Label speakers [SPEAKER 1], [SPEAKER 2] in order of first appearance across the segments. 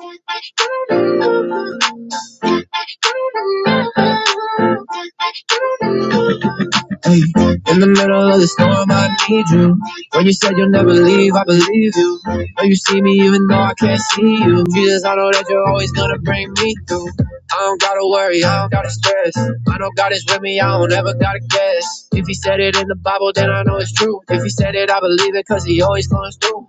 [SPEAKER 1] Hey, in the middle of the storm, I need you. When you said you'll never leave, I believe you. Now you see me even though I can't see you. Jesus, I know that you're always gonna bring me through. I don't gotta worry, I don't gotta stress. I know God is with me, I don't ever gotta guess. If he said it in the Bible, then I know it's true. If he said it, I believe it, cause he always comes through.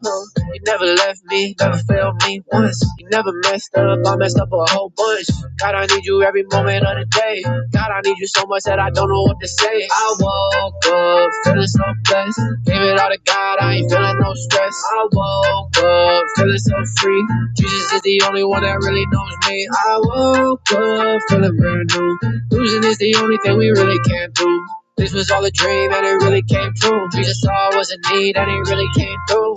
[SPEAKER 1] You never left me, never failed me once. You never messed up, I messed up a whole bunch. God, I need you every moment of the day. God, I need you so much that I don't know what to say. I woke up feeling so blessed. Gave it all to God, I ain't feeling no stress. I woke up feeling so free. Jesus is the only one that really knows me. I woke up feeling brand new. Losing is the only thing we really can't do. This was all a dream and it really came true. Jesus saw I was in need and he really came through.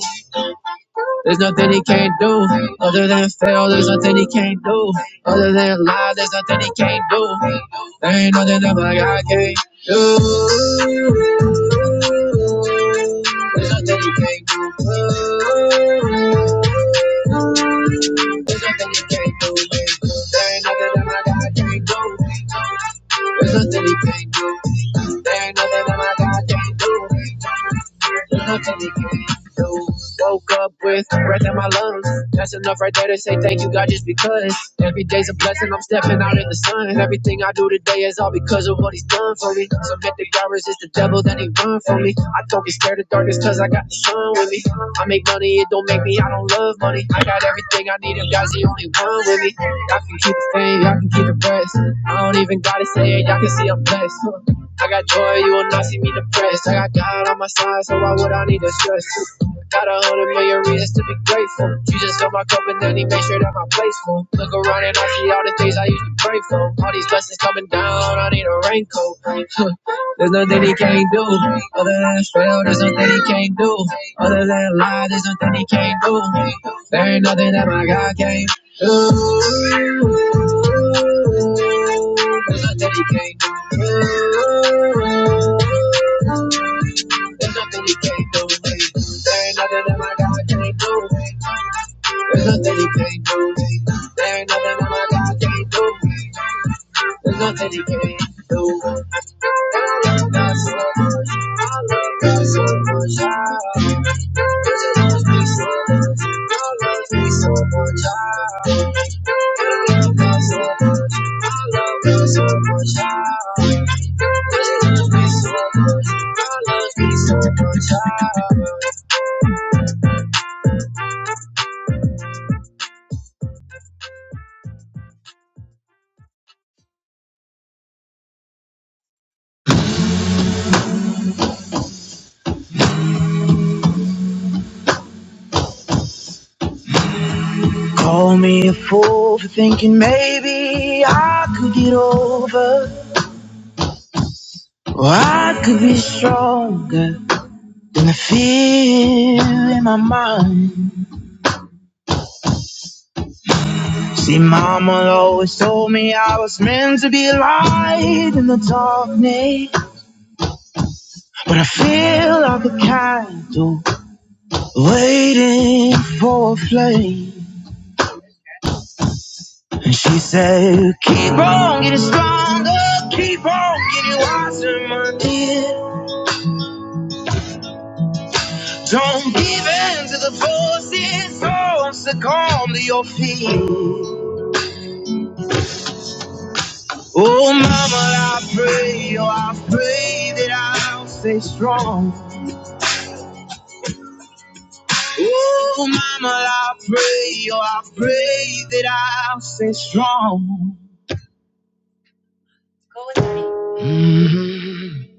[SPEAKER 1] There's nothing he can't do other than fail. There's nothing he can't do other than lie. There's nothing he can't do. There ain't nothing that my God can't do. There's nothing he can't do. There's nothing he can't do. There ain't nothing that my God can't do. There's nothing he can't do. There ain't nothing that my God can't do. Nothing to give you. can do. Woke up with breath in my lungs. That's enough right there to say thank you, God, just because. Every day's a blessing. I'm stepping out in the sun. Everything I do today is all because of what He's done for me. Submit to God, resist the devil, then He run from me. I don't be scared of darkness, cause I got the sun with me. I make money, it don't make me. I don't love money. I got everything I need, and God's the only one with me. I can keep the fame, I can keep the rest. I don't even gotta say it, y'all can see I'm blessed. I got joy, you will not see me depressed. I got God on my side, so why would I need to stress? Got a hundred million reasons to be grateful. You just fill my cup and then he make sure that my place full. Look around and I see all the things I used to pray for. All these blessings coming down, I need a raincoat. there's nothing he can't do. Other than fail, there's nothing he can't do. Other than lie, there's nothing he can't do. There ain't nothing that my God can't there's nothing he can't do. There's nothing he can't do. There ain't nothing that my God can't do. me. There's nothing he can't do. me. There ain't nothing that my God can't do. me. There's nothing he can't do. me love God so much. I love God so much. I love me so much. I love me so much. I love God so much. I love God so much. I love me so much. I love me so much. Call me a fool for thinking maybe I could get over. Or I could longer in my mind. See, mama always told me I was meant to be a light in the darkness. But I feel like a candle waiting for a flame. And she said, keep on getting stronger, keep on getting wiser, my dear. Don't give in to the forces, don't succumb to your fears. Oh, mama, I pray, oh, I pray that I'll stay strong. Oh, mama, I pray, oh, I pray that I'll stay strong. Go with me. Mhm.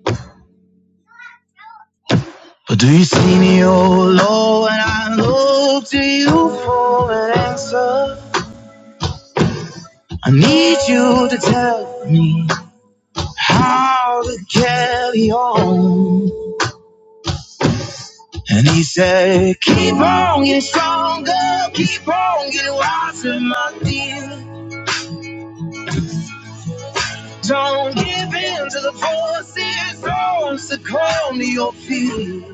[SPEAKER 1] But do you see me, oh Lord, when I look to you for an answer? I need you to tell me how to carry on. And he said, Keep on getting stronger, keep on getting wiser, my dear. Don't give in to the voices that succumb to your feet.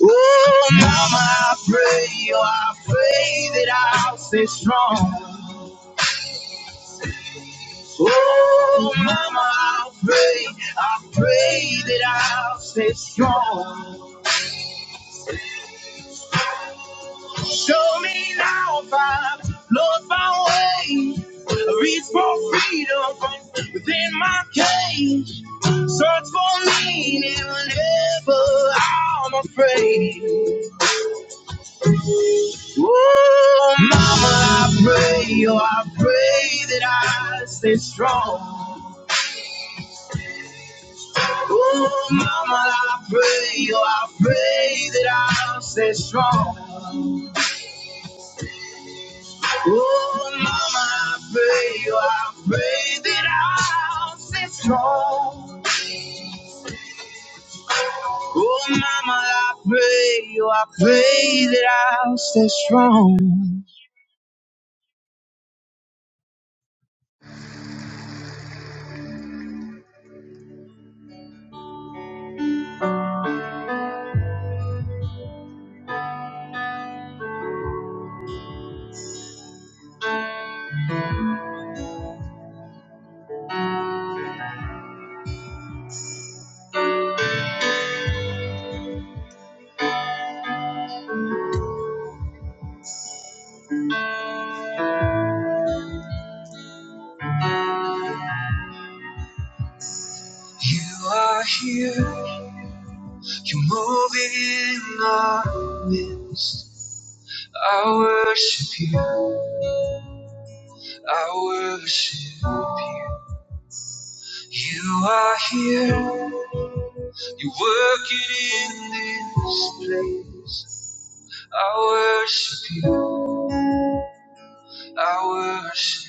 [SPEAKER 1] Oh, mama, I pray, oh, I pray that I'll stay strong. Oh, mama, I pray, I pray that I'll stay strong. Show me now if I've lost my way. I Reach for freedom from within my cage. Search for meaning whenever I'm afraid. Oh, mama, I pray, oh, I pray that I stay strong. Oh, mama, I pray, oh, I pray that I'll stay strong. Oh, mama, I pray, oh, I pray that I'll stay strong. Oh, mama, I pray, oh, I pray that I'll stay strong. You are here, you're moving in our midst. I worship you, I worship you. You are here, you're working in this place. I worship you, I worship,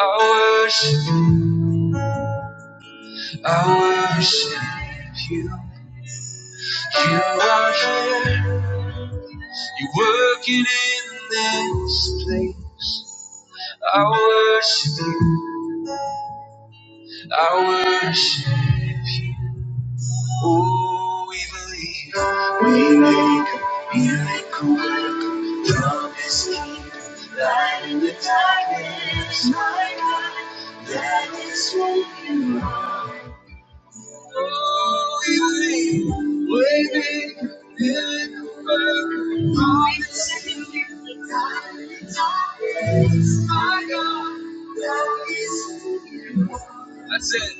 [SPEAKER 1] I worship, I worship. You are here, you're working in this. I worship, I worship. Oh, we believe, we believe. That's it.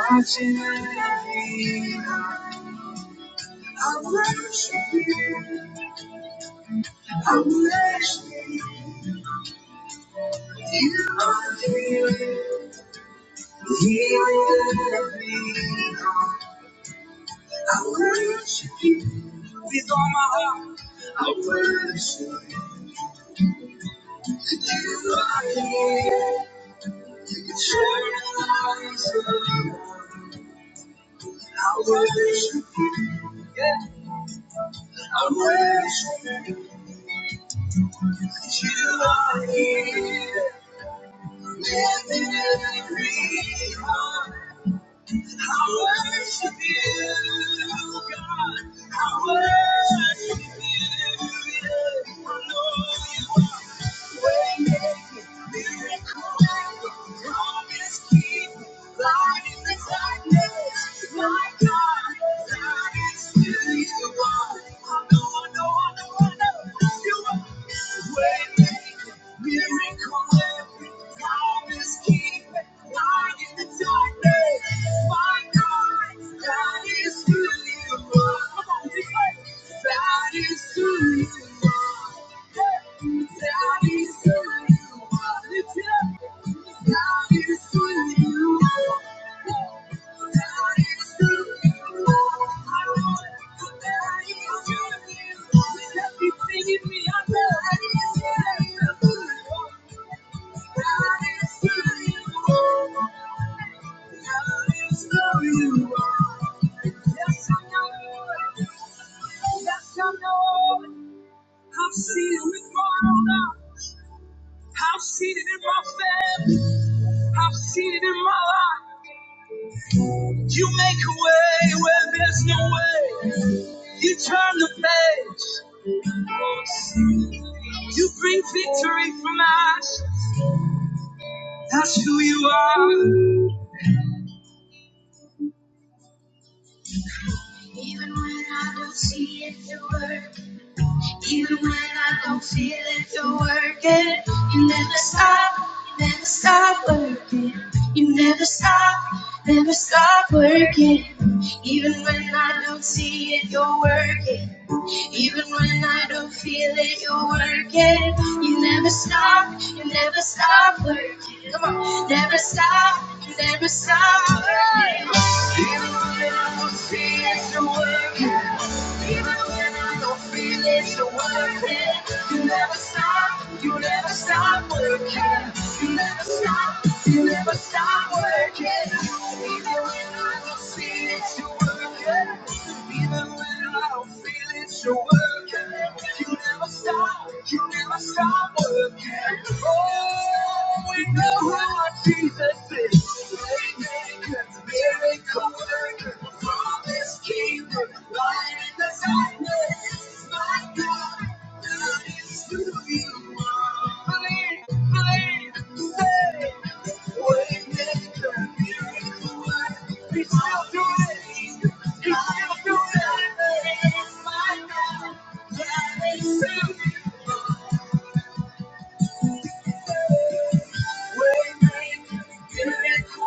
[SPEAKER 1] I worship you, God. I worship you. I know you are. Darkness, my God, that is who you are. That is who you are. That is who you are. That is who you are. That is who you are. That is who you are. Everything in me, I'm that is who you are. Yes, I know. I've seen it with my own eyes. I've seen it in my family. I've seen it in my life. You make a way where there's no way. You turn the page. You bring victory from ash. That's who you are. Even when I don't see it the word. Even when I don't feel it, you're working. You never stop, you never stop working. You never stop, never stop working. Even when I don't see it, you're working. Even when I don't feel it, you're working. You never stop, you never stop working. Come on, never stop, you never stop working. Even when I don't feel it, you're working. Even when I don't feel it, you're working. You never stop, you never stop working. You never stop, you never stop working. Even when I don't feel it, you're working. Even when I don't it's your working. You never stop. You never stop working. We know how Jesus is. Waymaker, miracle worker, promise keeper, light in the darkness. My God, that is who you are. Believe, believe, say. Waymaker, miracle worker, He's still doing it. He's still doing it. My God, miracle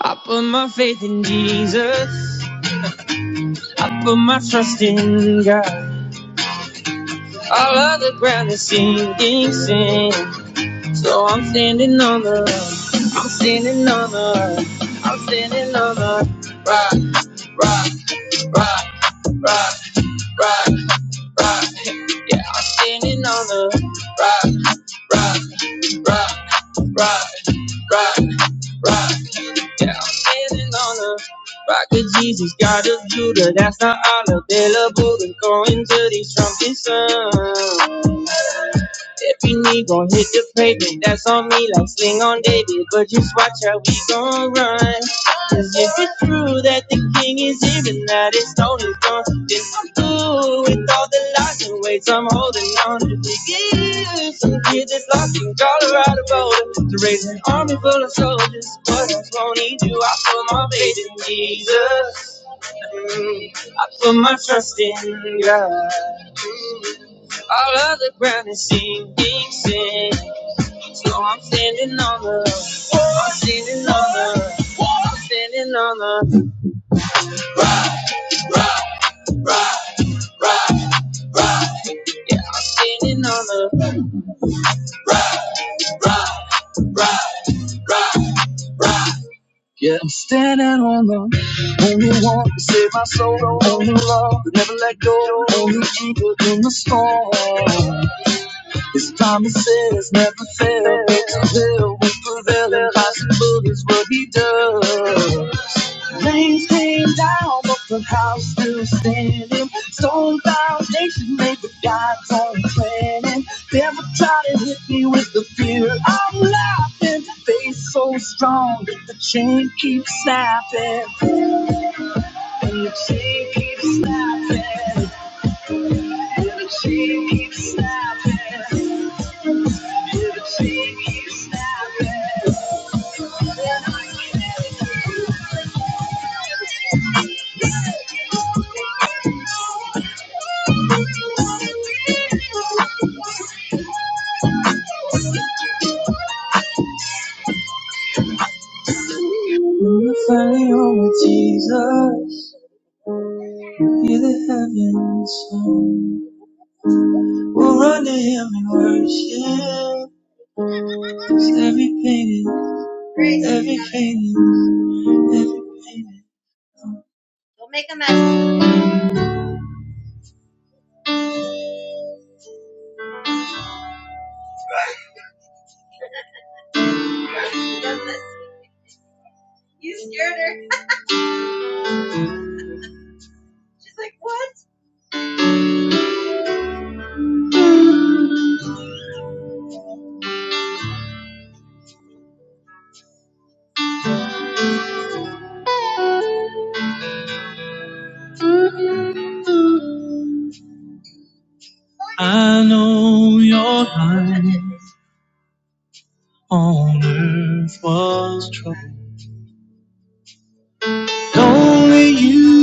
[SPEAKER 1] I put my faith in Jesus. I put my trust in God. all of the ground is sinking sand. So I'm standing on the, rock, I'm standing on the. rock. standing on the rock, rock, rock, rock, rock, rock. Yeah, standing on the rock, rock, rock, rock, rock, rock. Yeah, I'm standing on the rock of Jesus, God of Judah. That's not all available. And going to these trumpets. If you need, gon' hit the pavement. That's on me, like sling on David. But just watch how we gon' run. Cause if it's true that the king is here and that his throne is gone, then I'm through with all the lies and ways I'm holding on to. Give some kid that's lost in Colorado Boulder to raise an army full of soldiers. But I won't need you. I put my faith in Jesus. Mm, I put my trust in God. All other ground is sinking sand. So I'm standing on the, I'm standing on the, I'm standing on the, standing on the. Yeah, I want to save my soul, love, but never let go, only you. This time is ever tell if I'm still standing. Stone foundation made with God's own planning. Never try to hit me with the fear I'm laughing. Faith so strong that the chain keeps snapping, and the chain keeps snapping. We're finally home with Jesus. Hear the heavens song. We'll run to Him and worship. 'Cause every pain is Grace, every- Don't make a mess. She does this. You scared her. She's like, what? What? I know your heart on earth was troubled. Only you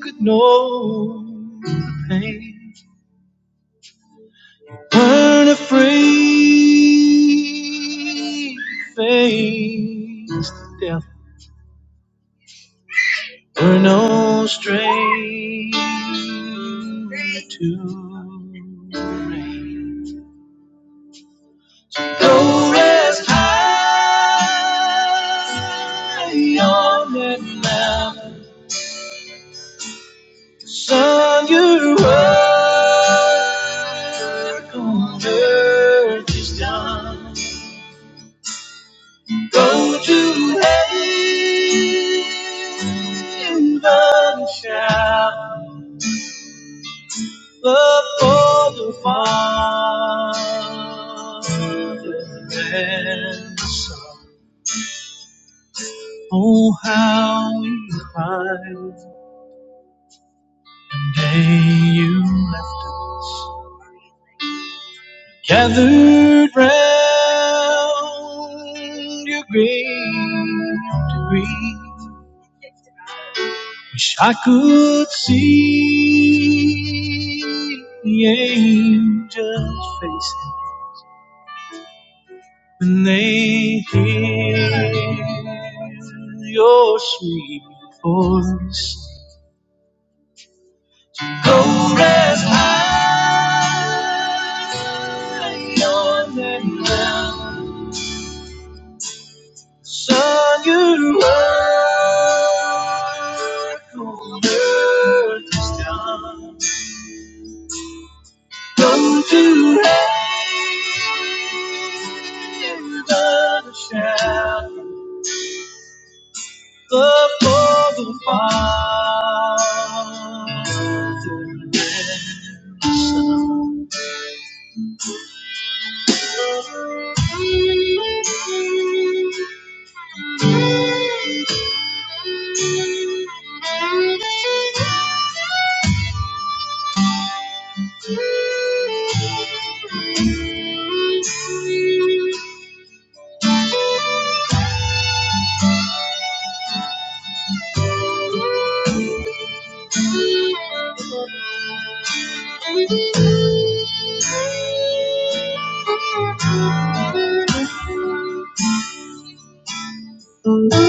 [SPEAKER 1] could know the pain. Earn a free face death. We're no stranger to rain. Go rest high on that mountain. Son, your work on earth is done. Go to heaven in the shadow of the Father's hands. Oh, how we find the day you left us gathered round your grave to grieve. Wish I could see the angel's face When they hear your sweet voice, cold as iron and round, sun you work on earth is done. Go to heaven, shout the for the Father. Thank you. Go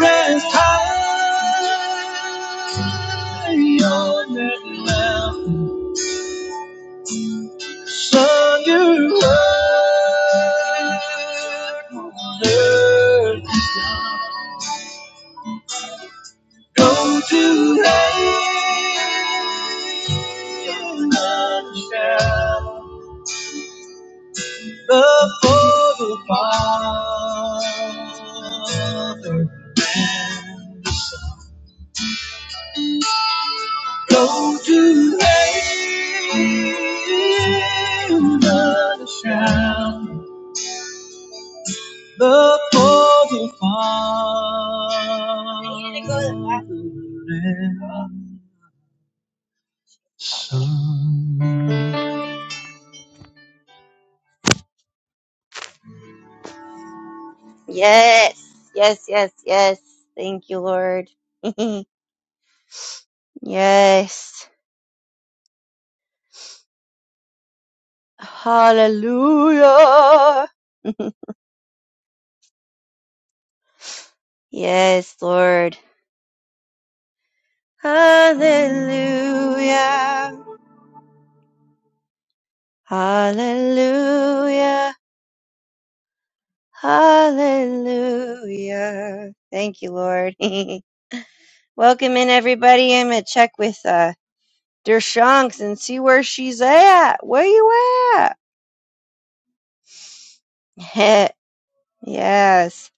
[SPEAKER 1] rest high on that mountain. Song your word, go to heaven. Yes, yes, yes, yes. Thank you, Lord. yes. Hallelujah. Yes, Lord. Hallelujah. Hallelujah. Hallelujah. Thank you, Lord. Welcome in, everybody. I'm going to check with uh, Dershanks and see where she's at. Where you at? yes.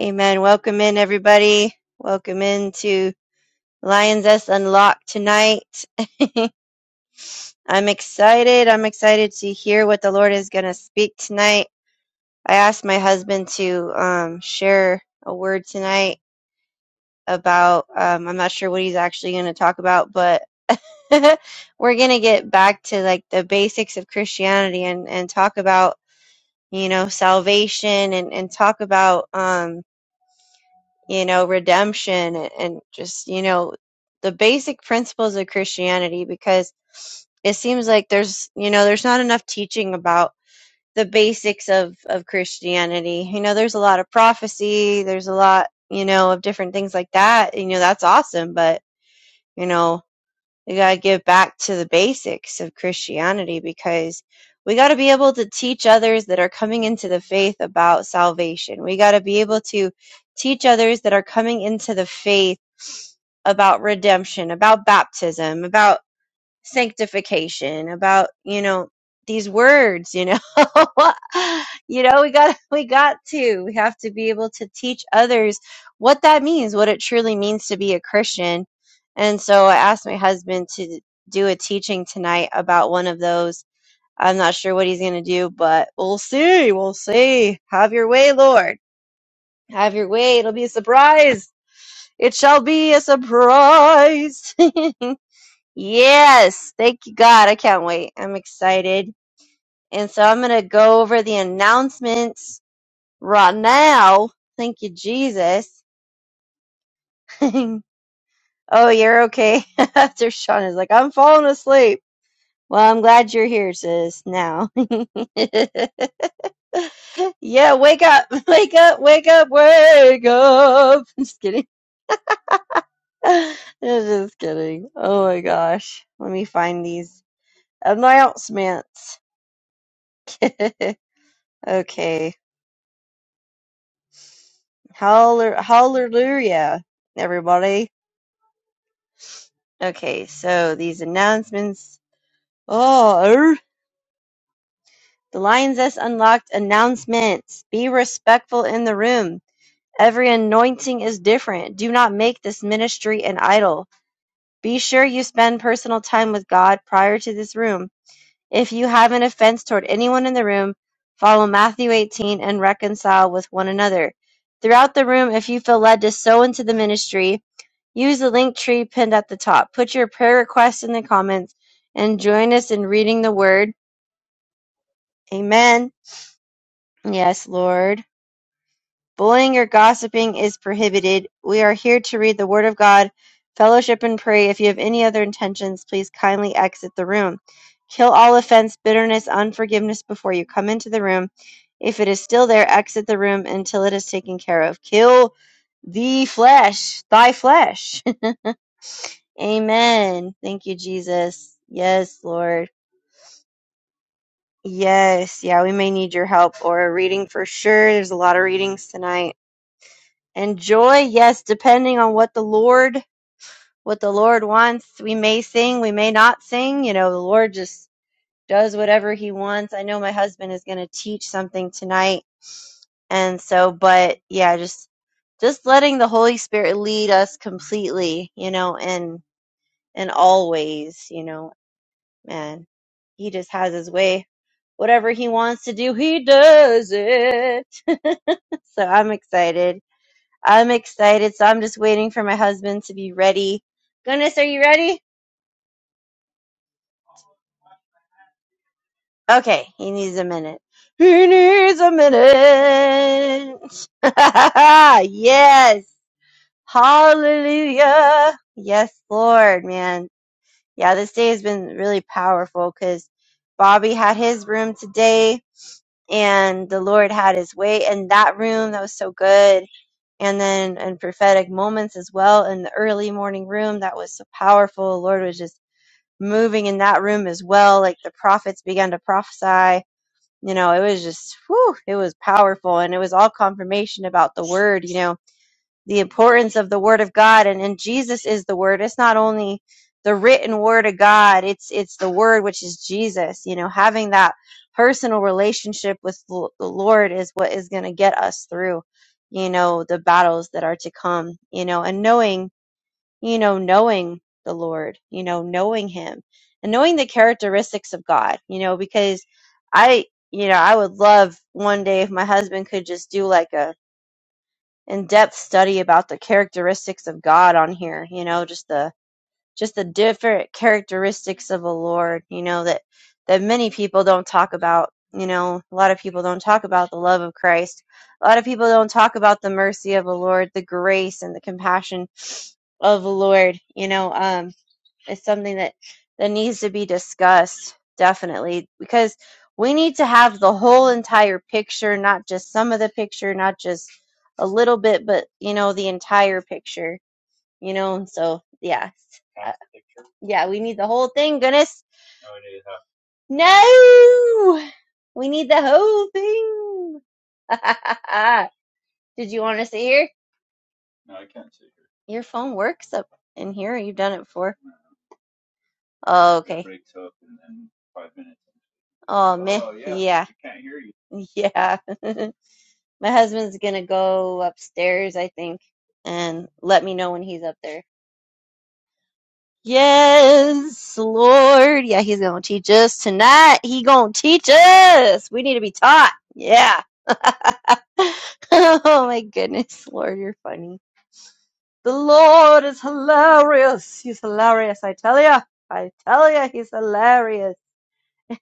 [SPEAKER 1] Amen. Welcome in, everybody. Welcome in to Lions S Unlocked tonight. I'm excited. I'm excited to hear what the Lord is going to speak tonight. I asked my husband to um, share a word tonight about um, I'm not sure what he's actually going to talk about, but we're going to get back to like the basics of Christianity and and talk about you know salvation and and talk about um you know redemption and, and just you know the basic principles of Christianity because it seems like there's you know there's not enough teaching about the basics of of Christianity. You know, there's a lot of prophecy, there's a lot, you know, of different things like that. You know, that's awesome, but you know, we got to give back to the basics of Christianity because we got to be able to teach others that are coming into the faith about salvation. We got to be able to teach others that are coming into the faith about redemption, about baptism, about sanctification about you know these words you know you know we got we got to we have to be able to teach others what that means what it truly means to be a christian and so i asked my husband to do a teaching tonight about one of those i'm not sure what he's going to do but we'll see we'll see have your way lord have your way it'll be a surprise it shall be a surprise Yes, thank you, God. I can't wait. I'm excited. And so I'm going to go over the announcements right now. Thank you, Jesus. oh, you're okay. After Sean is like, I'm falling asleep. Well, I'm glad you're here, sis, now. yeah, wake up, wake up, wake up, wake up. I'm just kidding. I'm just kidding. Oh my gosh. Let me find these announcements. okay. Hallel Hallelujah, everybody. Okay, so these announcements. Oh, er. the Lion's S unlocked announcements. Be respectful in the room. Every anointing is different. Do not make this ministry an idol. Be sure you spend personal time with God prior to this room. If you have an offense toward anyone in the room, follow Matthew 18 and reconcile with one another. Throughout the room, if you feel led to sow into the ministry, Use the link tree pinned at the top. Put your prayer requests in the comments and join us in reading the word. Amen. Yes, Lord. Bullying or gossiping is prohibited. We are here to read the word of God, fellowship, and pray. If you have any other intentions, please kindly exit the room. Kill all offense, bitterness, unforgiveness before you come into the room. If it is still there, exit the room until it is taken care of. Kill the flesh, thy flesh. Amen. Thank you, Jesus. Yes, Lord. Yes. Yeah, we may need your help or a reading for sure. There's a lot of readings tonight. And joy, yes, depending on what the Lord, what the Lord wants. We may sing, we may not sing. You know, the Lord just does whatever he wants. I know my husband is going to teach something tonight. And so, but yeah, just just letting the Holy Spirit lead us completely, you know, and and always, you know. man, he just has his way. Whatever he wants to do, he does it. so I'm excited. I'm excited. So I'm just waiting for my husband to be ready. Goodness, are you ready? Okay, he needs a minute. He needs a minute. yes. Hallelujah. Yes, Lord, man. Yeah, this day has been really powerful because Bobby had his room today and the Lord had his way in that room. That was so good. And then in prophetic moments as well in the early morning room, that was so powerful. The Lord was just moving in that room as well. Like the prophets began to prophesy. You know, it was just, whew, it was powerful. And it was all confirmation about the word, you know the importance of the word of god and, and jesus is the word it's not only the written word of god it's it's the word which is jesus you know having that personal relationship with the the lord is what is going to get us through you know the battles that are to come you know and knowing you know knowing the lord you know knowing him and knowing the characteristics of god you know because i you know i would love one day if my husband could just do like a in-depth study about the characteristics of God on here, you know, just the just the different characteristics of the Lord, you know, that that many people don't talk about, you know, a lot of people don't talk about the love of Christ. A lot of people don't talk about the mercy of the Lord, the grace and the compassion of the Lord, you know, um it's something that that needs to be discussed definitely because we need to have the whole entire picture, not just some of the picture, not just a little bit, but you know the entire picture. You know, and so yeah, uh, yeah, we need the whole thing. Goodness, no, we need the whole thing. Did you want to sit here? Your phone works up in here. You've done it before. Oh, okay. breaks up in, in five minutes. Oh, man. Oh yeah, Yeah. we can't hear you. Yeah. My husband's gonna go upstairs, I think, and let me know when he's up there. Yes, Lord. Yeah, he's gonna teach us tonight. He gonna teach us. We need to be taught. Yeah. Oh my goodness, Lord, you're funny. The Lord is hilarious. He's hilarious, I tell ya. I tell ya, he's hilarious.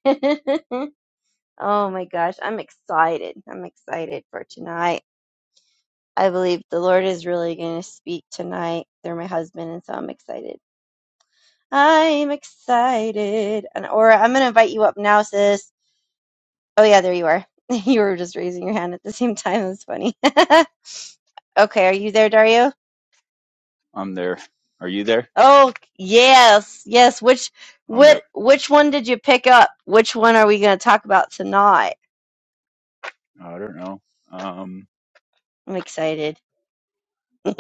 [SPEAKER 1] Oh my gosh, I'm excited. I'm excited for tonight. I believe the Lord is really going to speak tonight through my husband, and so I'm excited. I'm excited. And Aura, I'm going to invite you up now, sis. Oh, yeah, there you are. You were just raising your hand at the same time. That's funny. okay, are you there, Dario?
[SPEAKER 2] I'm there. Are you there?
[SPEAKER 1] Oh, yes, yes. Which,
[SPEAKER 2] I'm there.
[SPEAKER 1] what, which one did you pick up? Which one are we going to talk about tonight?
[SPEAKER 2] I don't know. Um,
[SPEAKER 1] I'm excited.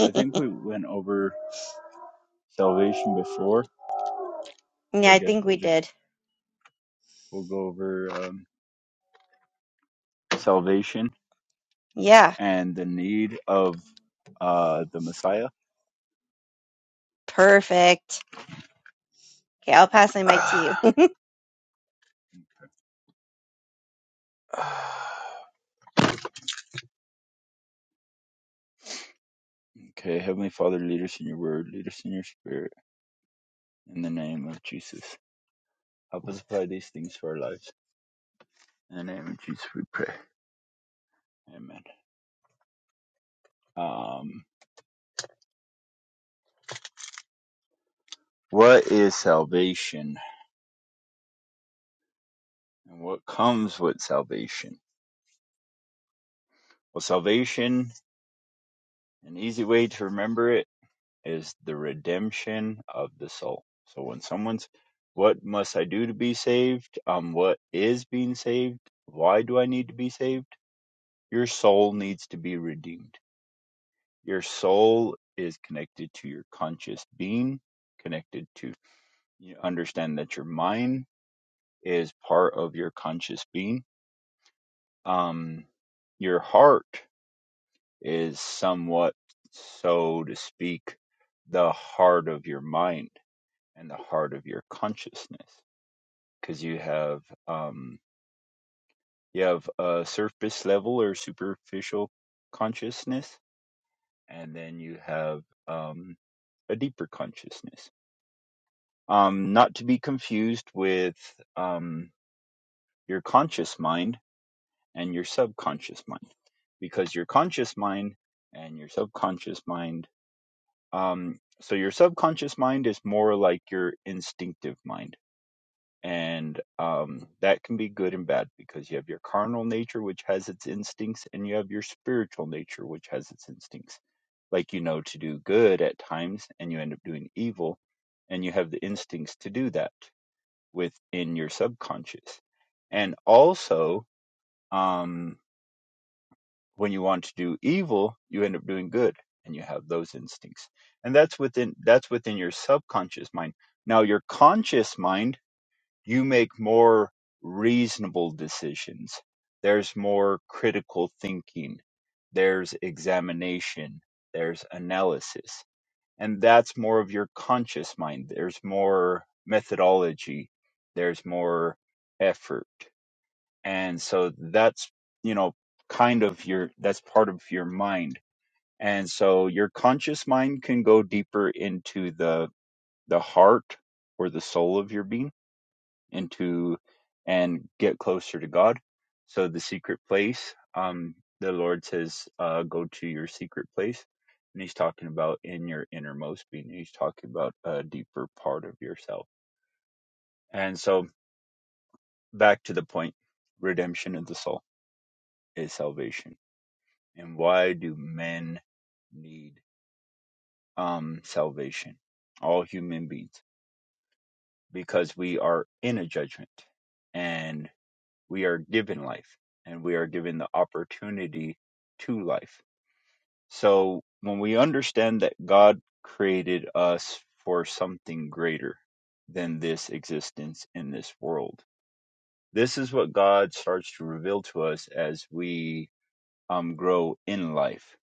[SPEAKER 2] I think we went over salvation before, but
[SPEAKER 1] Yeah,
[SPEAKER 2] I
[SPEAKER 1] I
[SPEAKER 2] guess
[SPEAKER 1] think we
[SPEAKER 2] we'll just
[SPEAKER 1] did.
[SPEAKER 2] we'll go over um, salvation
[SPEAKER 1] Yeah,
[SPEAKER 2] and the need of uh, the Messiah.
[SPEAKER 1] perfect. Okay, I'll pass my mic to you.
[SPEAKER 2] Okay, Heavenly Father, lead us in your word, lead us in your spirit, in the name of Jesus. Help us apply these things to our lives. In the name of Jesus, we pray. Amen. Um, what is salvation, and what comes with salvation? Well, salvation, an easy way to remember it is the redemption of the soul. So when someone's, what must I do to be saved? Um, what is being saved? Why do I need to be saved? Your soul needs to be redeemed. Your soul is connected to your conscious being, connected to, you understand that your mind is part of your conscious being. Um, your heart is somewhat, so to speak, the heart of your mind and the heart of your consciousness, because you have um, you have a surface level or superficial consciousness, and then you have um, a deeper consciousness. Um, not to be confused with um, your conscious mind and your subconscious mind, because your conscious mind and your subconscious mind Um, so your subconscious mind is more like your instinctive mind. And um, that can be good and bad because you have your carnal nature, which has its instincts, and you have your spiritual nature, which has its instincts. Like you know to do good at times and you end up doing evil, and you have the instincts to do that within your subconscious. And also, um, when you want to do evil, you end up doing good and you have those instincts. And that's within that's within your subconscious mind. Now your conscious mind, you make more reasonable decisions. There's more critical thinking. There's examination. There's analysis. And that's more of your conscious mind. There's more methodology. There's more effort and so that's you know kind of your that's part of your mind and so your conscious mind can go deeper into the the heart or the soul of your being into and get closer to god so the secret place um the lord says uh go to your secret place and he's talking about in your innermost being he's talking about a deeper part of yourself and so back to the point redemption of the soul is salvation And why do men need um salvation? All human beings. Because we are in a judgment and we are given life and we are given the opportunity to life. So when we understand that God created us for something greater than this existence in this world. This is what God starts to reveal to us as we um grow in life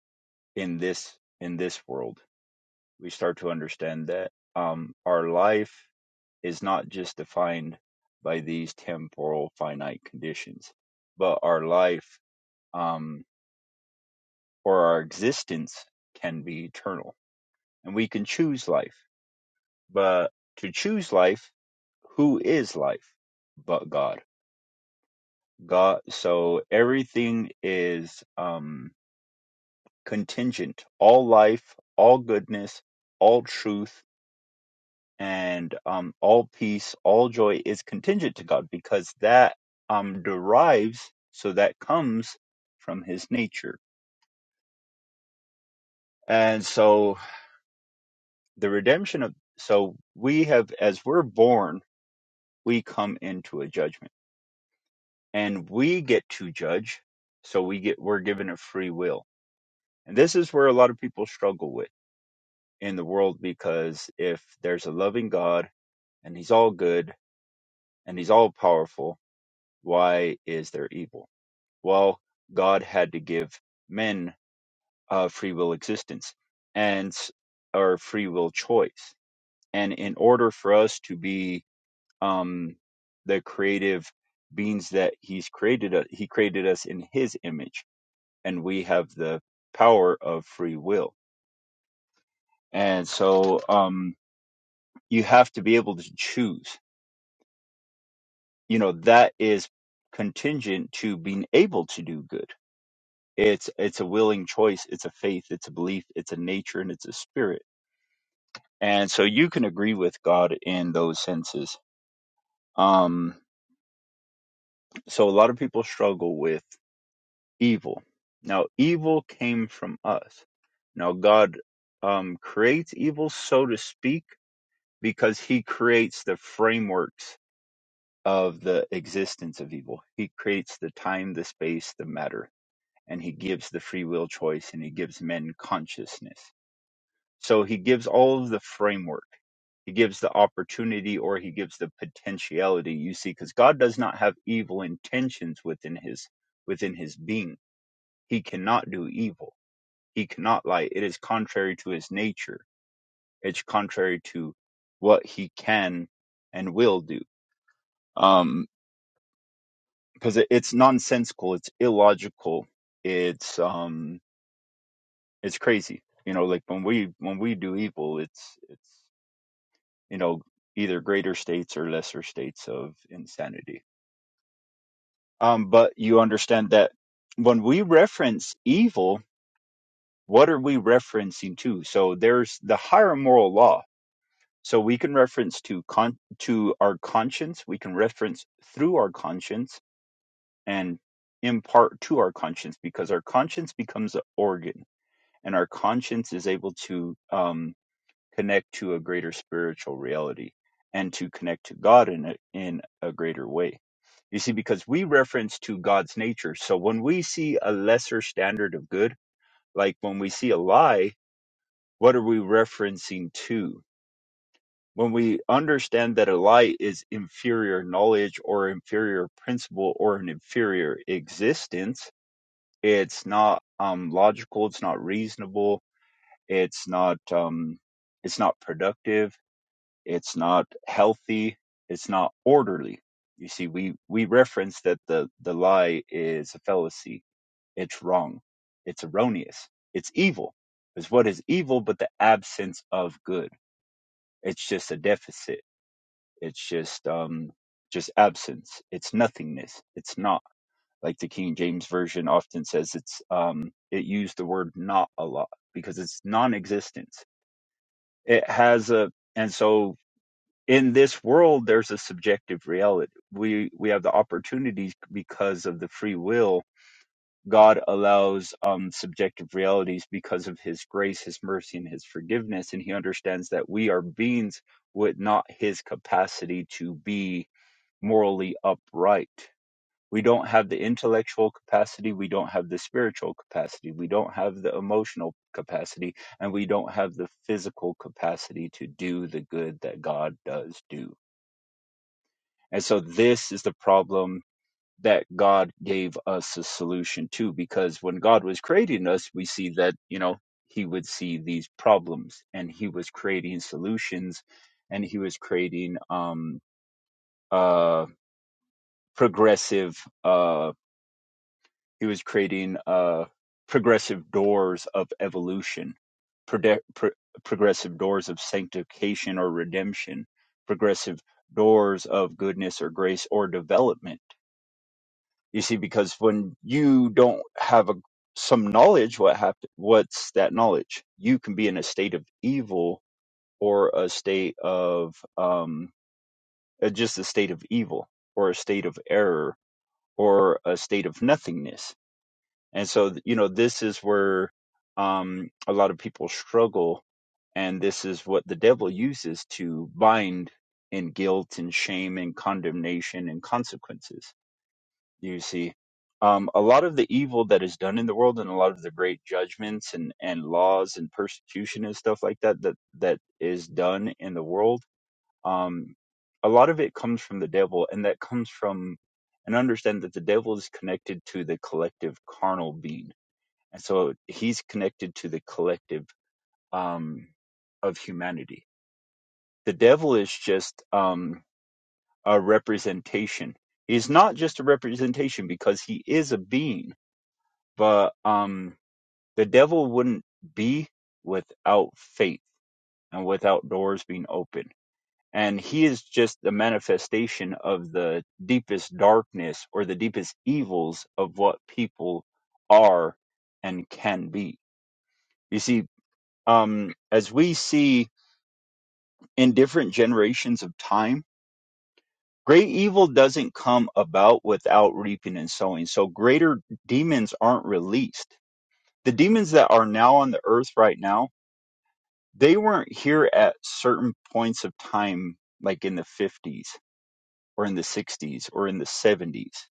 [SPEAKER 2] in this in this world we start to understand that um, our life is not just defined by these temporal finite conditions, but our life um, or our existence can be eternal. And we can choose life. But to choose life, who is life but God? God. So everything is um, contingent. All life, all goodness, all truth and um, all peace, all joy is contingent to God because that um, derives, so that comes from His nature. And so the redemption of, so we have, as we're born, we come into a judgment and we get to judge. So we get, we're given a free will. And this is where a lot of people struggle with in the world because if there's a loving God and He's all good and He's all powerful, why is there evil? well, God had to give men a free will existence and our free will choice. And in order for us to be um, the creative beings that He's created, us, He created us in His image, and we have the power of free will. And so um, you have to be able to choose. You know that is contingent to being able to do good It's it's a willing choice, it's a faith, it's a belief, it's a nature and it's a spirit. And so you can agree with God in those senses. Um so a lot of people struggle with evil. Now evil came from us. Now God um creates evil so to speak because he creates the frameworks of the existence of evil. He creates the time, the space, the matter, and he gives the free will choice and he gives men consciousness. So he gives all of the framework. He gives the opportunity or he gives the potentiality. You see, because God does not have evil intentions within his within his being. He cannot do evil. He cannot lie. It is contrary to his nature. It's contrary to what he can and will do. Um, because it, it's nonsensical. It's illogical. It's um, it's crazy. You know, like when we when we do evil, it's it's you know either greater states or lesser states of insanity um but you understand that when we reference evil what are we referencing to so there's the higher moral law so we can reference to con- to our conscience we can reference through our conscience and impart to our conscience because our conscience becomes an organ and our conscience is able to um, connect to a greater spiritual reality and to connect to god in a, in a greater way You see, because we reference to God's nature. So when we see a lesser standard of good, like when we see a lie, what are we referencing to? When we understand that a lie is inferior knowledge or inferior principle or an inferior existence, it's not um, logical, it's not reasonable, it's not um, it's not productive it's not healthy it's not orderly you see we we reference that the the lie is a fallacy it's wrong it's erroneous it's evil is what is evil but the absence of good it's just a deficit it's just um just absence it's nothingness it's not like the king james version often says it's um it used the word not a lot because it's non-existence it has a and so in this world there's a subjective reality we we have the opportunities because of the free will god allows um subjective realities because of his grace his mercy and his forgiveness and he understands that we are beings with not his capacity to be morally upright we don't have the intellectual capacity we don't have the spiritual capacity we don't have the emotional capacity and we don't have the physical capacity to do the good that god does do and so this is the problem that God gave us a solution to because when God was creating us, we see that, you know, he would see these problems and he was creating solutions and he was creating um uh progressive uh he was creating uh progressive doors of evolution prode- pro- progressive doors of sanctification or redemption progressive doors of goodness or grace or development You see, because when you don't have a, some knowledge, what happen, what's that knowledge? You can be in a state of evil or a state of um, uh, just a state of evil or a state of error or a state of nothingness. And so, th- you know, this is where um, a lot of people struggle. And this is what the devil uses to bind in guilt and shame and condemnation and consequences you see um, a lot of the evil that is done in the world and a lot of the great judgments and, and laws and persecution and stuff like that that that is done in the world um, a lot of it comes from the devil and that comes from and understand that the devil is connected to the collective carnal being and so he's connected to the collective um, of humanity the devil is just um, a representation he's not just a representation because he is a being but um the devil wouldn't be without faith and without doors being open and he is just the manifestation of the deepest darkness or the deepest evils of what people are and can be you see um as we see in different generations of time great evil doesn't come about without reaping and sowing so greater demons aren't released the demons that are now on the earth right now they weren't here at certain points of time, like in the 50s or in the 60s or in the 70s.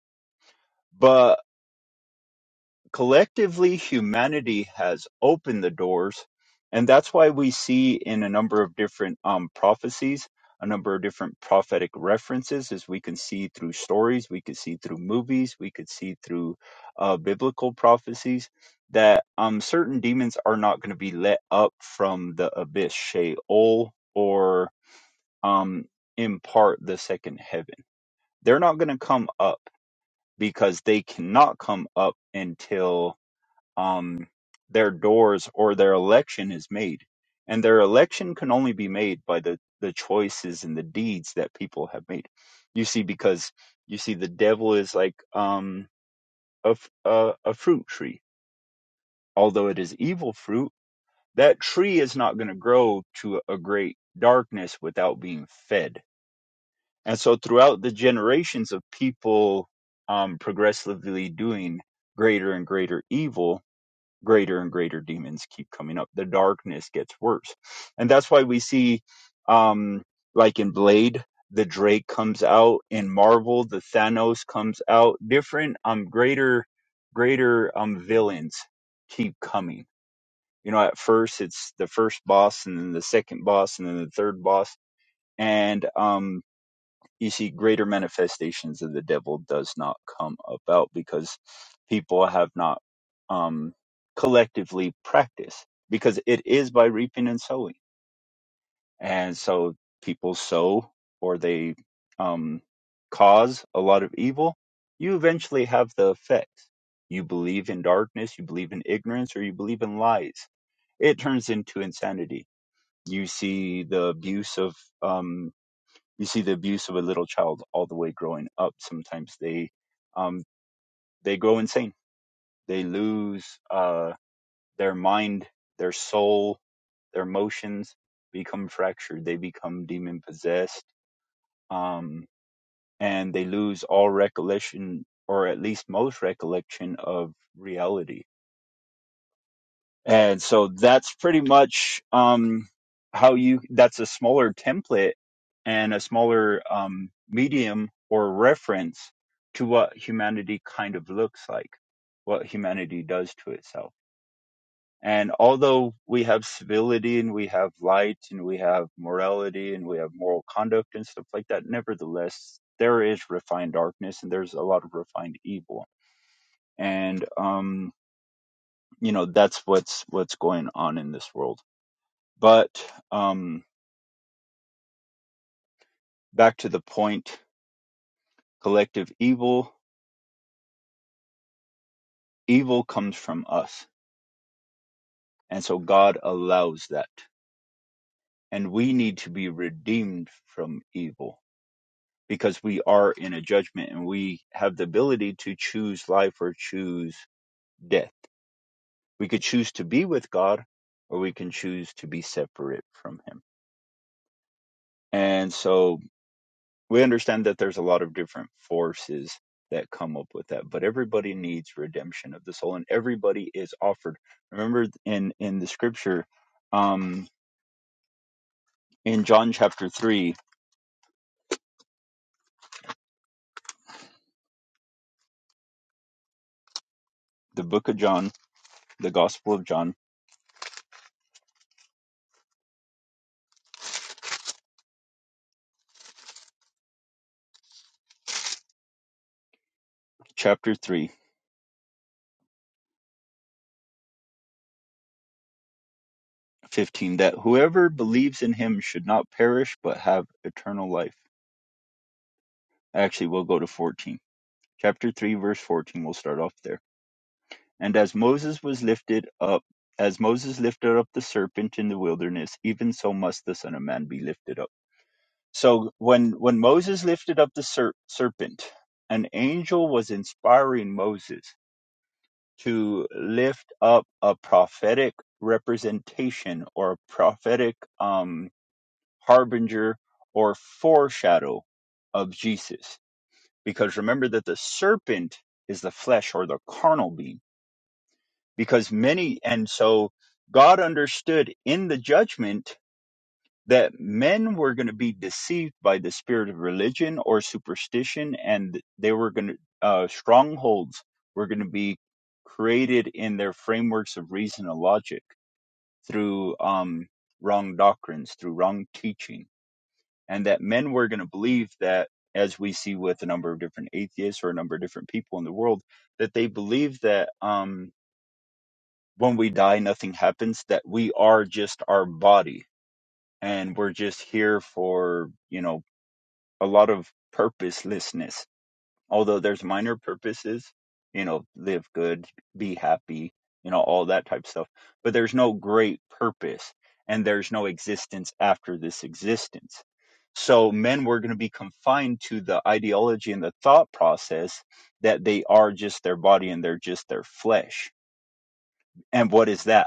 [SPEAKER 2] But collectively, humanity has opened the doors. And that's why we see in a number of different um, prophecies, a number of different prophetic references, as we can see through stories, we could see through movies, we could see through uh, biblical prophecies, that um, certain demons are not going to be let up from the abyss, Sheol, or um, impart the second heaven. They're not going to come up because they cannot come up until um, their doors or their election is made. And their election can only be made by the, the choices and the deeds that people have made. You see, because you see, the devil is like um, a, f- a, a fruit tree. Although it is evil fruit, that tree is not going to grow to a great darkness without being fed And so throughout the generations of people um, progressively doing greater and greater evil, greater and greater demons keep coming up. The darkness gets worse. And that's why we see, um, like in Blade, the Drake comes out. In Marvel, the Thanos comes out. Different, um, greater, greater, um, villains keep coming. You know, at first it's the first boss and then the second boss and then the third boss. And, um, you see greater manifestations of the devil does not come about because people have not um, collectively practiced because it is by reaping and sowing and so people sow or they um, cause a lot of evil you eventually have the effects you believe in darkness you believe in ignorance or you believe in lies it turns into insanity you see the abuse of um, you see the abuse of a little child all the way growing up sometimes they um they go insane they lose uh their mind their soul their emotions become fractured they become demon possessed um and they lose all recollection or at least most recollection of reality And so that's pretty much um, how you, that's a smaller template and a smaller um, medium or reference to what humanity kind of looks like, what humanity does to itself. And although we have civility and we have light and we have morality and we have moral conduct and stuff like that, nevertheless, there is refined darkness and there's a lot of refined evil. And, um, you know, that's what's, what's going on in this world but um, back to the point, collective evil, evil comes from us. And so God allows that. And we need to be redeemed from evil because we are in a judgment and we have the ability to choose life or choose death. We could choose to be with God or we can choose to be separate from Him. And so we understand that there's a lot of different forces that come up with that but everybody needs redemption of the soul and everybody is offered remember in in the scripture um in john chapter 3 the book of john the gospel of john chapter three, fifteen, that whoever believes in him should not perish but have eternal life actually we'll go to 14 chapter 3 verse 14 we'll start off there And as Moses was lifted up, as Moses lifted up the serpent in the wilderness, even so must the Son of Man be lifted up. So when when Moses lifted up the ser- serpent, an angel was inspiring Moses to lift up a prophetic representation or a prophetic um, harbinger or foreshadow of Jesus. Because remember that the serpent is the flesh or the carnal being because many and so God understood in the judgment that men were going to be deceived by the spirit of religion or superstition and they were going to uh, strongholds were going to be created in their frameworks of reason and logic through um, wrong doctrines through wrong teaching and that men were going to believe that as we see with a number of different atheists or a number of different people in the world that they believe that um, when we die, nothing happens, that we are just our body and we're just here for, you know, a lot of purposelessness. Although there's minor purposes, you know, live good, be happy, you know, all that type stuff. But there's no great purpose and there's no existence after this existence. So men were going to be confined to the ideology and the thought process that they are just their body and they're just their flesh. And what is that?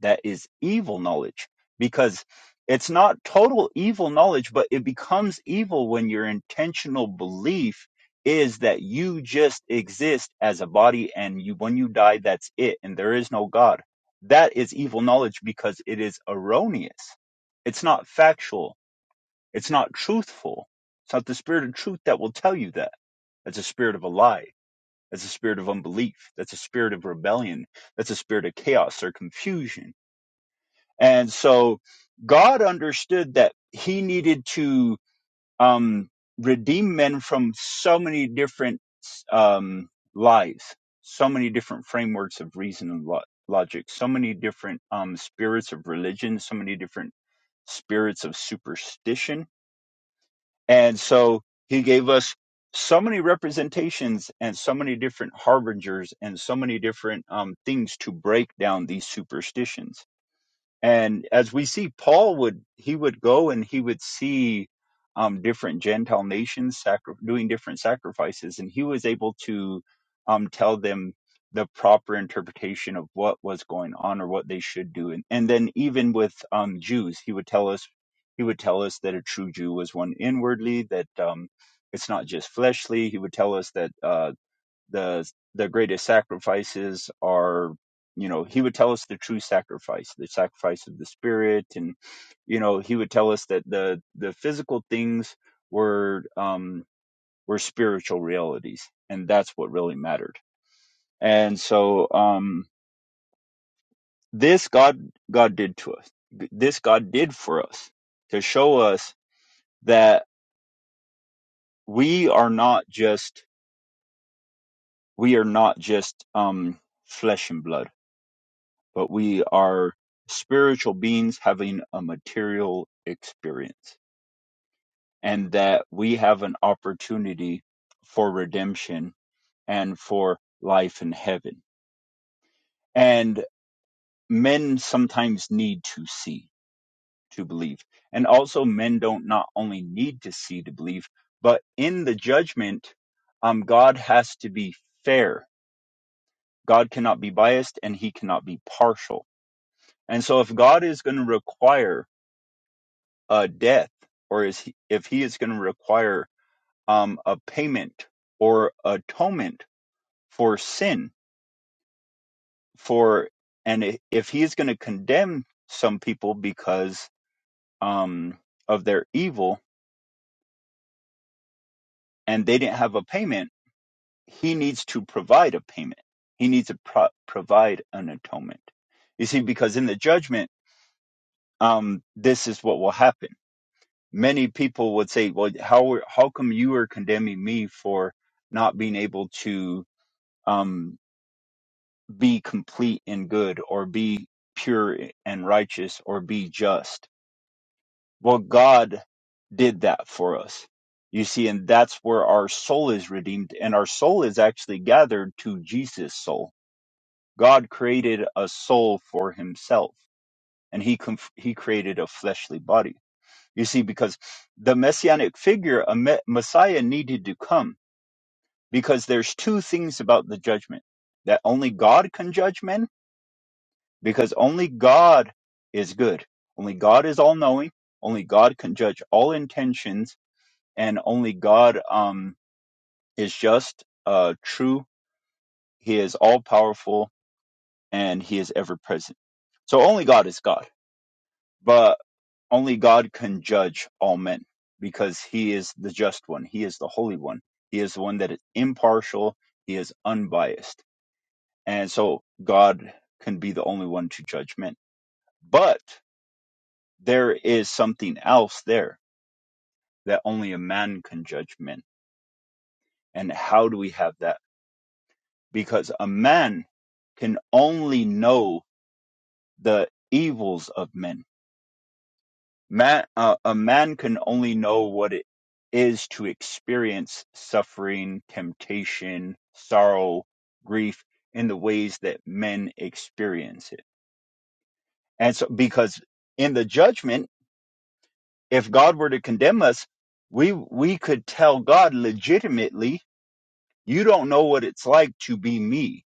[SPEAKER 2] that is evil knowledge because it's not total evil knowledge, but it becomes evil when your intentional belief is that you just exist as a body and you when you die that's it and there is no god that is evil knowledge because it is erroneous it's not factual it's not truthful it's not the spirit of truth that will tell you that that's a spirit of a lie that's a spirit of unbelief that's a spirit of rebellion that's a spirit of chaos or confusion and so God understood that he needed to um, redeem men from so many different um, lies, so many different frameworks of reason and lo- logic, so many different um, spirits of religion, so many different spirits of superstition. And so he gave us so many representations and so many different harbingers and so many different um, things to break down these superstitions and as we see paul would he would go and he would see um, different gentile nations sacri- doing different sacrifices and he was able to um, tell them the proper interpretation of what was going on or what they should do and, and then even with um, jews he would tell us he would tell us that a true jew was one inwardly that um, it's not just fleshly he would tell us that uh, the the greatest sacrifices are you know he would tell us the true sacrifice the sacrifice of the spirit and you know he would tell us that the the physical things were um were spiritual realities and that's what really mattered and so um this god god did to us this god did for us to show us that we are not just we are not just um flesh and blood but we are spiritual beings having a material experience, and that we have an opportunity for redemption and for life in heaven. And men sometimes need to see to believe. And also, men don't not only need to see to believe, but in the judgment, um, God has to be fair. God cannot be biased and he cannot be partial. And so, if God is going to require a death or is he, if he is going to require um, a payment or atonement for sin for and if he is going to condemn some people because um, of their evil and they didn't have a payment he needs to provide a payment he needs to pro- provide an atonement you see because in the judgment um, this is what will happen many people would say well how how come you are condemning me for not being able to um, be complete and good or be pure and righteous or be just. Well, God did that for us. You see, and that's where our soul is redeemed, and our soul is actually gathered to Jesus' soul. God created a soul for himself, and he, conf- he created a fleshly body. You see, because the messianic figure, a me- Messiah, needed to come because there's two things about the judgment that only God can judge men because only God is good. Only God is all knowing. Only God can judge all intentions, and only God um, is just, uh, true. He is all powerful, and He is ever present. So only God is God, but only God can judge all men because He is the just one. He is the holy one. He is the one that is impartial. He is unbiased, and so God can be the only one to judge men. But there is something else there that only a man can judge men. And how do we have that? Because a man can only know the evils of men. Man, uh, a man can only know what it is to experience suffering, temptation, sorrow, grief in the ways that men experience it. And so, because in the judgment, if God were to condemn us, we, we could tell God legitimately You don't know what it's like to be me.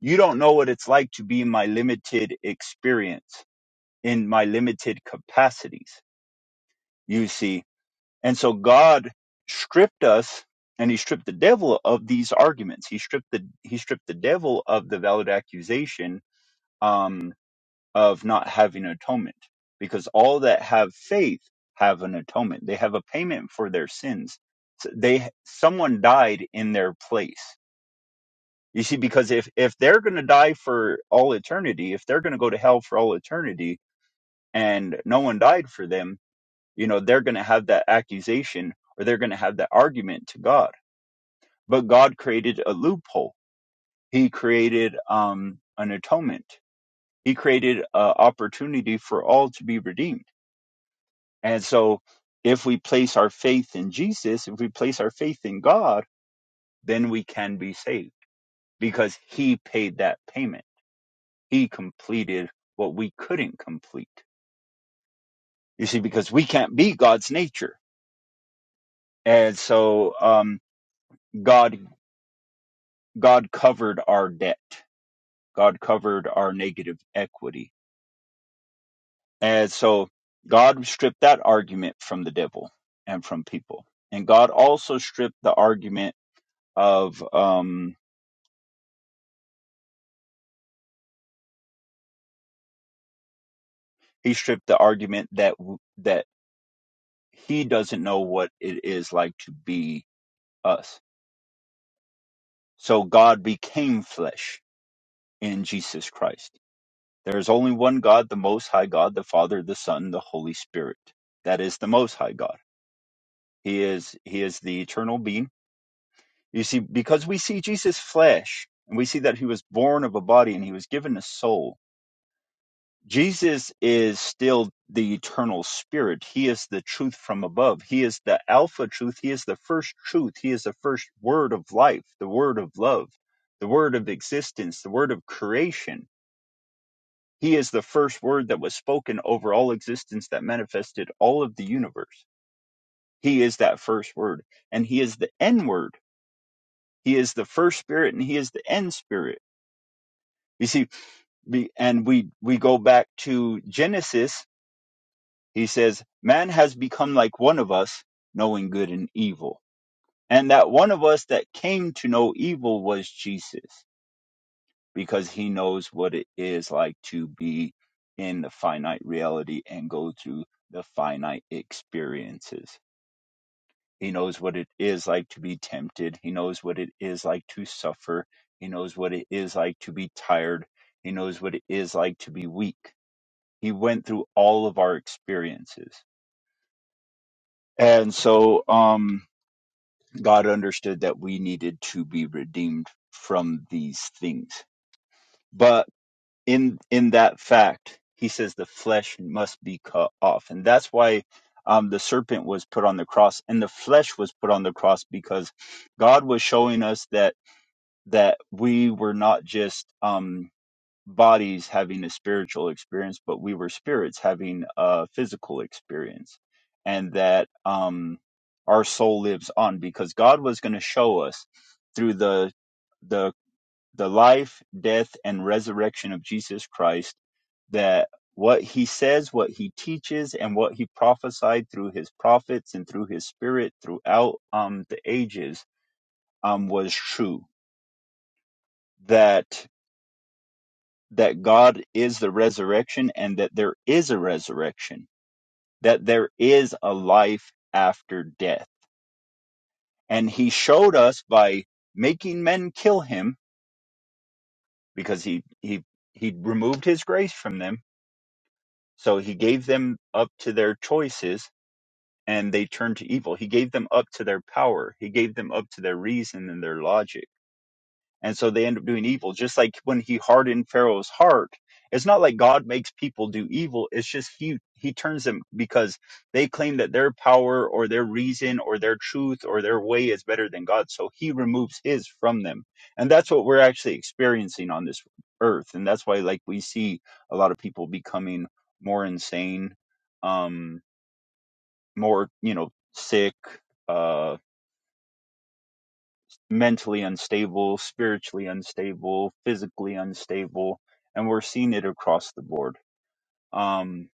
[SPEAKER 2] You don't know what it's like to be in my limited experience, in my limited capacities, you see. And so God stripped us and he stripped the devil of these arguments. He stripped the he stripped the devil of the valid accusation um, of not having atonement. Because all that have faith have an atonement. They have a payment for their sins. So They someone died in their place You see, because if if they're going to die for all eternity, if they're going to go to hell for all eternity, and no one died for them, you know, they're going to have that accusation or they're going to have that argument to God. But God created a loophole. He created um, an atonement. He created an opportunity for all to be redeemed. And so, if we place our faith in Jesus, if we place our faith in God, then we can be saved because He paid that payment He completed what we couldn't complete. You see, because we can't be God's nature. And so um, God God covered our debt. God covered our negative equity. And so God stripped that argument from the devil and from people. And God also stripped the argument of um, he stripped the argument that that he doesn't know what it is like to be us. So God became flesh in Jesus Christ There is only one God, the Most High God, the Father, the Son, the Holy Spirit. That is the Most High God. He is He is the eternal being. You see, because we see Jesus' flesh, and we see that he was born of a body and he was given a soul. Jesus is still the eternal spirit. He is the truth from above. He is the alpha truth. He is the first truth. He is the first word of life, the word of love, the word of existence, the word of creation He is the first word that was spoken over all existence that manifested all of the universe. He is that first word, and he is the N word. He is the first spirit, and he is the end spirit. You see, be- and we we go back to Genesis. He says, "Man has become like one of us, knowing good and evil." And that one of us that came to know evil was Jesus. because he knows what it is like to be in the finite reality and go through the finite experiences. He knows what it is like to be tempted. He knows what it is like to suffer. He knows what it is like to be tired. He knows what it is like to be weak. He went through all of our experiences. And so um, God understood that we needed to be redeemed from these things. But in in that fact he says the flesh must be cut off and that's why um, the serpent was put on the cross and the flesh was put on the cross because god was showing us that that we were not just um, bodies having a spiritual experience but we were spirits having a physical experience and that um, our soul lives on because god was going to show us through the the the life, death, and resurrection of Jesus Christ, that what he says, what he teaches, and what he prophesied through his prophets and through his spirit throughout um, the ages um, was true. That that God is the resurrection, and that there is a resurrection, that there is a life after death, and he showed us by making men kill him because he he he removed his grace from them So he gave them up to their choices and they turned to evil. He gave them up to their power. He gave them up to their reason and their logic and so they end up doing evil just like when he hardened pharaoh's heart it's not like god makes people do evil it's just he he turns them because they claim that their power or their reason or their truth or their way is better than god so he removes his from them and that's what we're actually experiencing on this earth and that's why like we see a lot of people becoming more insane um more you know sick uh mentally unstable, spiritually unstable, physically unstable, and we're seeing it across the board. Um,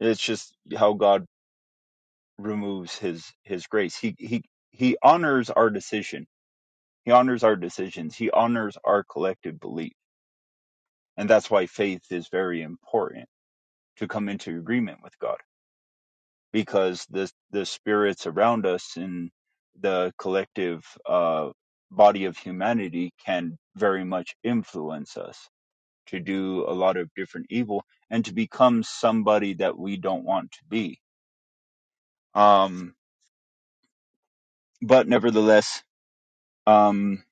[SPEAKER 2] it's just how God removes His His grace. He He He honors our decision. He honors our decisions. He honors our collective belief, and that's why faith is very important to come into agreement with God because the the spirits around us in the collective uh, body of humanity can very much influence us to do a lot of different evil and to become somebody that we don't want to be. Um, but nevertheless, um,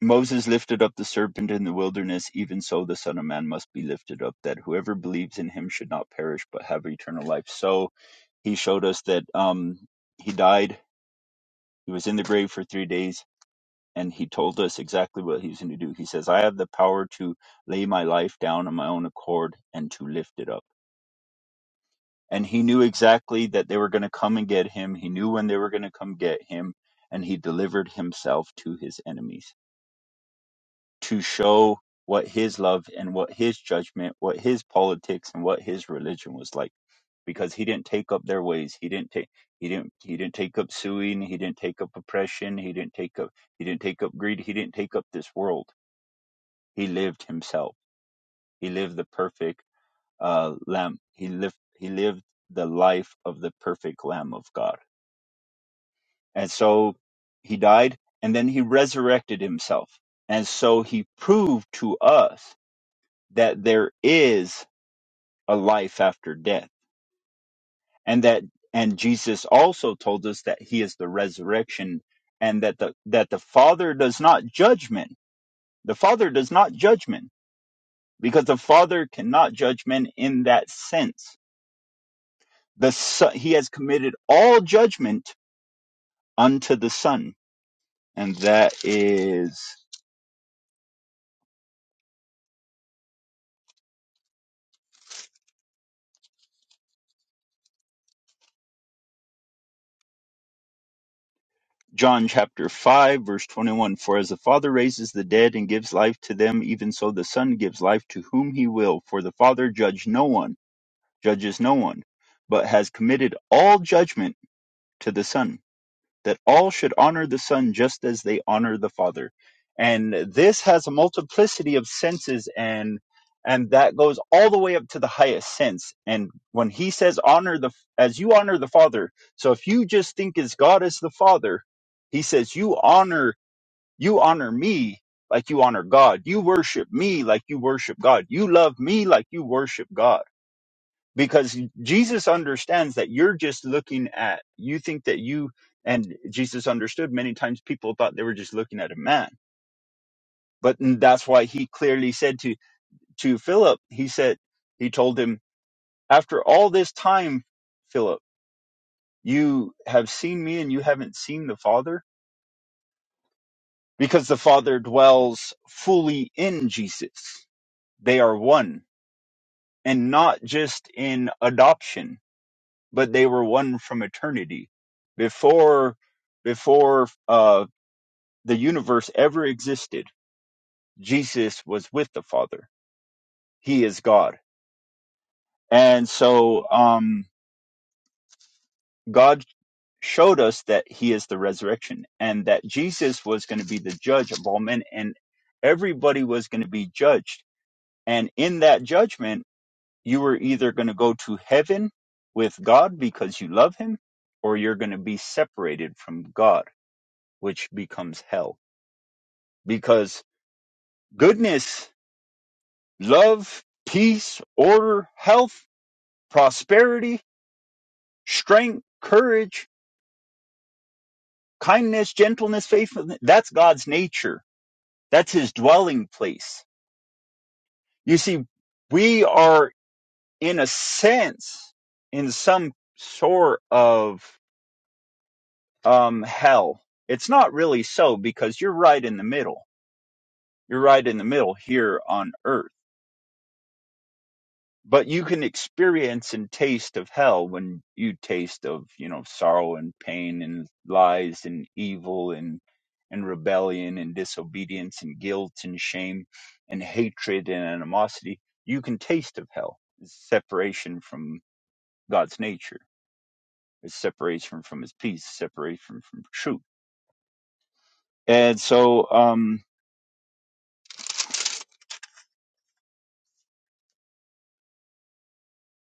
[SPEAKER 2] Moses lifted up the serpent in the wilderness, even so the Son of Man must be lifted up, that whoever believes in him should not perish but have eternal life. So he showed us that um, he died, he was in the grave for three days, and he told us exactly what he was going to do. He says, I have the power to lay my life down on my own accord and to lift it up and he knew exactly that they were going to come and get him. He knew when they were going to come get him, and he delivered himself to his enemies to show what his love and what his judgment, what his politics and what his religion was like because he didn't take up their ways. He didn't take he didn't he didn't take up suing, he didn't take up oppression, he didn't take up he didn't take up greed, he didn't take up this world. He lived himself. He lived the perfect uh lamb. He lived he lived the life of the perfect lamb of God And so he died and then he resurrected himself. And so he proved to us that there is a life after death and that and Jesus also told us that he is the resurrection and that the that the father does not judge men. The father does not judge men because the father cannot judge men in that sense. The son, he has committed all judgment unto the son and that is John chapter 5, verse 21 For as the Father raises the dead and gives life to them, even so the Son gives life to whom he will. For the Father judged no one, judges no one, but has committed all judgment to the Son that all should honor the Son just as they honor the Father. And this has a multiplicity of senses and and that goes all the way up to the highest sense. And when he says honor the as you honor the Father, so if you just think as God as the Father, he says you honor you honor me like you honor God. You worship me like you worship God. You love me like you worship God because Jesus understands that you're just looking at, you think that you, and Jesus understood many times people thought they were just looking at a man. But that's why he clearly said to, to Philip, he said, he told him, after all this time, Philip, you have seen me and you haven't seen the Father because the Father dwells fully in Jesus. They are one and not just in adoption but they were one from eternity before before uh the universe ever existed jesus was with the father he is god and so um god showed us that he is the resurrection and that jesus was going to be the judge of all men and everybody was going to be judged and in that judgment you were either going to go to heaven with god because you love him or you're going to be separated from god which becomes hell because goodness, love, peace, order, health, prosperity, strength, courage, kindness, gentleness, faithfulness. That's God's nature. That's his dwelling place. You see, we are in a sense in some sort of um, hell. It's not really so because you're right in the middle. You're right in the middle here on earth but you can experience and taste of hell when you taste of you know sorrow and pain and lies and evil and and rebellion and disobedience and guilt and shame and hatred and animosity you can taste of hell it's separation from god's nature it's separation from his peace separation from truth and so um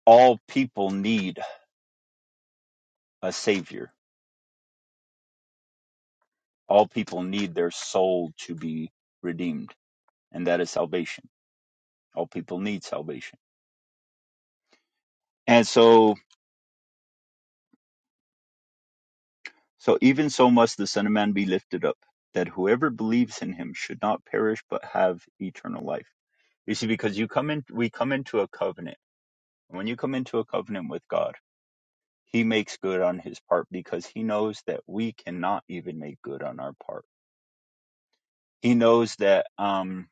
[SPEAKER 2] all people need a savior all people need their soul to be redeemed and that is salvation All people need salvation. And so, so even so must the Son of Man be lifted up, that whoever believes in him should not perish but have eternal life. You see, because you come in, we come into a covenant. And When you come into a covenant with God, he makes good on his part because he knows that we cannot even make good on our part. He knows that, um,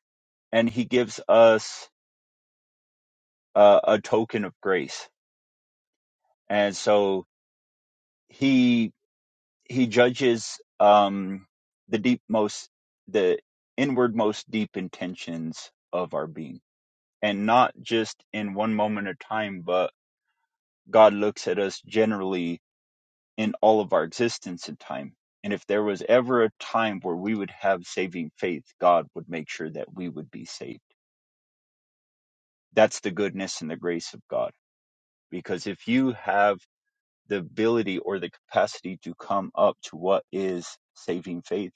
[SPEAKER 2] and he gives us uh, a token of grace. And so he he judges um, the deep most the inward most deep intentions of our being and not just in one moment of time but god looks at us generally in all of our existence in time and if there was ever a time where we would have saving faith god would make sure that we would be saved that's the goodness and the grace of god because if you have the ability or the capacity to come up to what is saving faith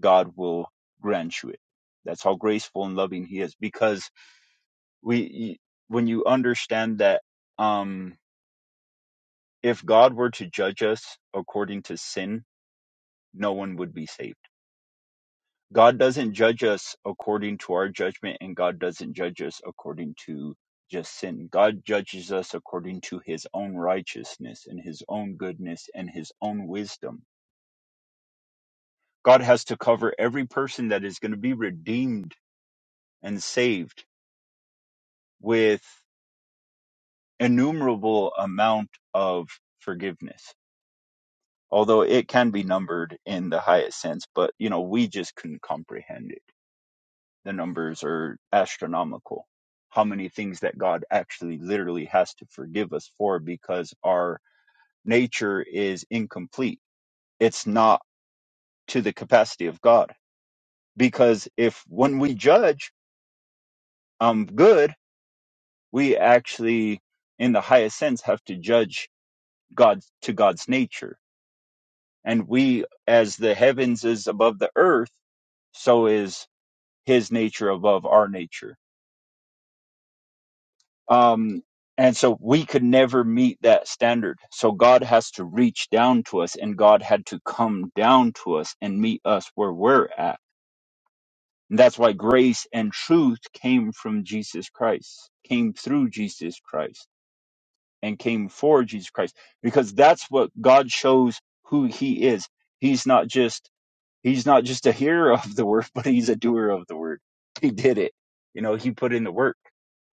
[SPEAKER 2] God will grant you it. That's how graceful and loving He is. Because we, when you understand that, um, if God were to judge us according to sin, no one would be saved. God doesn't judge us according to our judgment, and God doesn't judge us according to just sin. God judges us according to His own righteousness and His own goodness and His own wisdom. God has to cover every person that is going to be redeemed and saved with innumerable amount of forgiveness although it can be numbered in the highest sense but you know we just couldn't comprehend it the numbers are astronomical how many things that god actually literally has to forgive us for because our nature is incomplete it's not to the capacity of god because if when we judge um good we actually in the highest sense have to judge god to god's nature And we, as the heavens is above the earth, so is his nature above our nature. Um, and so we could never meet that standard. So God has to reach down to us, and God had to come down to us and meet us where we're at. And that's why grace and truth came from Jesus Christ, came through Jesus Christ, and came for Jesus Christ, because that's what God shows who He is. He's not just He's not just a hearer of the word, but he's a doer of the word. He did it. You know, he put in the work.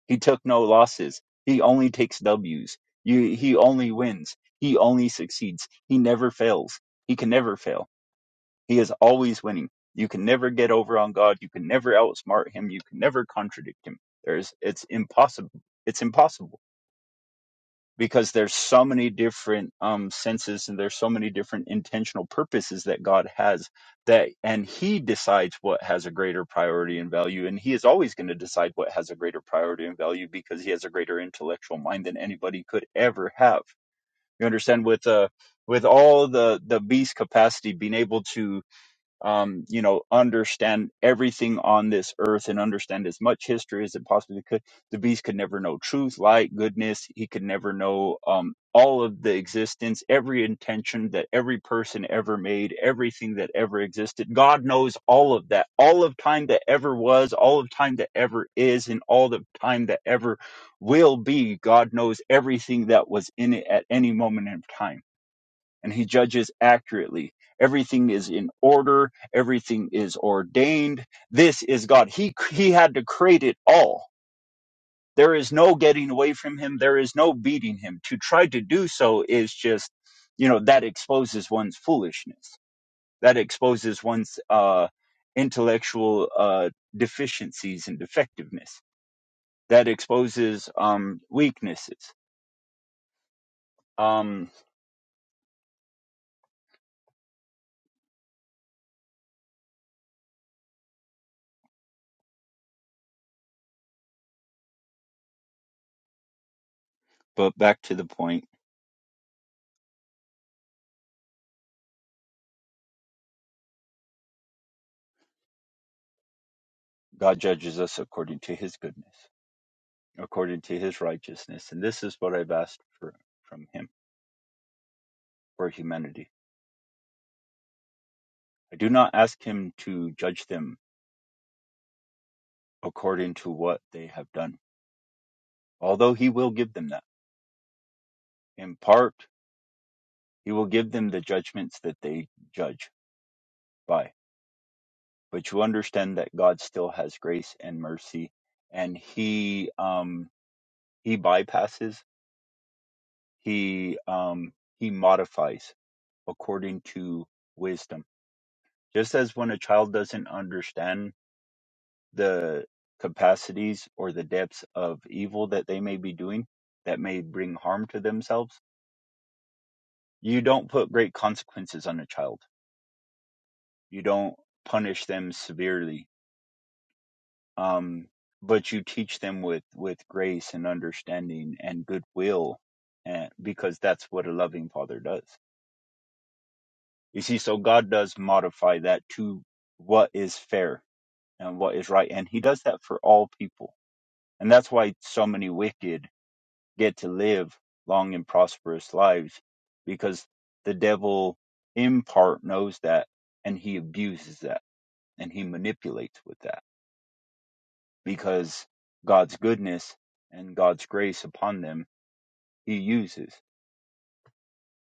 [SPEAKER 2] He took no losses. He only takes W's. You, he only wins. He only succeeds. He never fails. He can never fail. He is always winning. You can never get over on God. You can never outsmart him. You can never contradict him. There's, it's impossible. It's impossible because there's so many different um, senses and there's so many different intentional purposes that God has that and he decides what has a greater priority and value and he is always going to decide what has a greater priority and value because he has a greater intellectual mind than anybody could ever have you understand with uh with all the the beast capacity being able to um, you know, understand everything on this earth and understand as much history as it possibly could. The beast could never know truth, light, goodness. He could never know um, all of the existence, every intention that every person ever made, everything that ever existed. God knows all of that, all of time that ever was, all of time that ever is, and all of time that ever will be. God knows everything that was in it at any moment in time and he judges accurately. Everything is in order, everything is ordained. This is God. He he had to create it all. There is no getting away from him, there is no beating him. To try to do so is just, you know, that exposes one's foolishness. That exposes one's uh intellectual uh deficiencies and defectiveness. That exposes um weaknesses. Um but back to the point, God judges us according to his goodness. according to his righteousness, and this is what I've asked for from him for humanity. I do not ask him to judge them according to what they have done, although he will give them that. In part, he will give them the judgments that they judge by. But you understand that God still has grace and mercy, and he um, he bypasses, he um, he modifies according to wisdom. Just as when a child doesn't understand the capacities or the depths of evil that they may be doing that may bring harm to themselves. You don't put great consequences on a child. You don't punish them severely. Um, but you teach them with, with grace and understanding and goodwill and, because that's what a loving father does. You see, so God does modify that to what is fair and what is right. And he does that for all people. And that's why so many wicked get to live long and prosperous lives because the devil in part knows that and he abuses that and he manipulates with that because God's goodness and God's grace upon them he uses.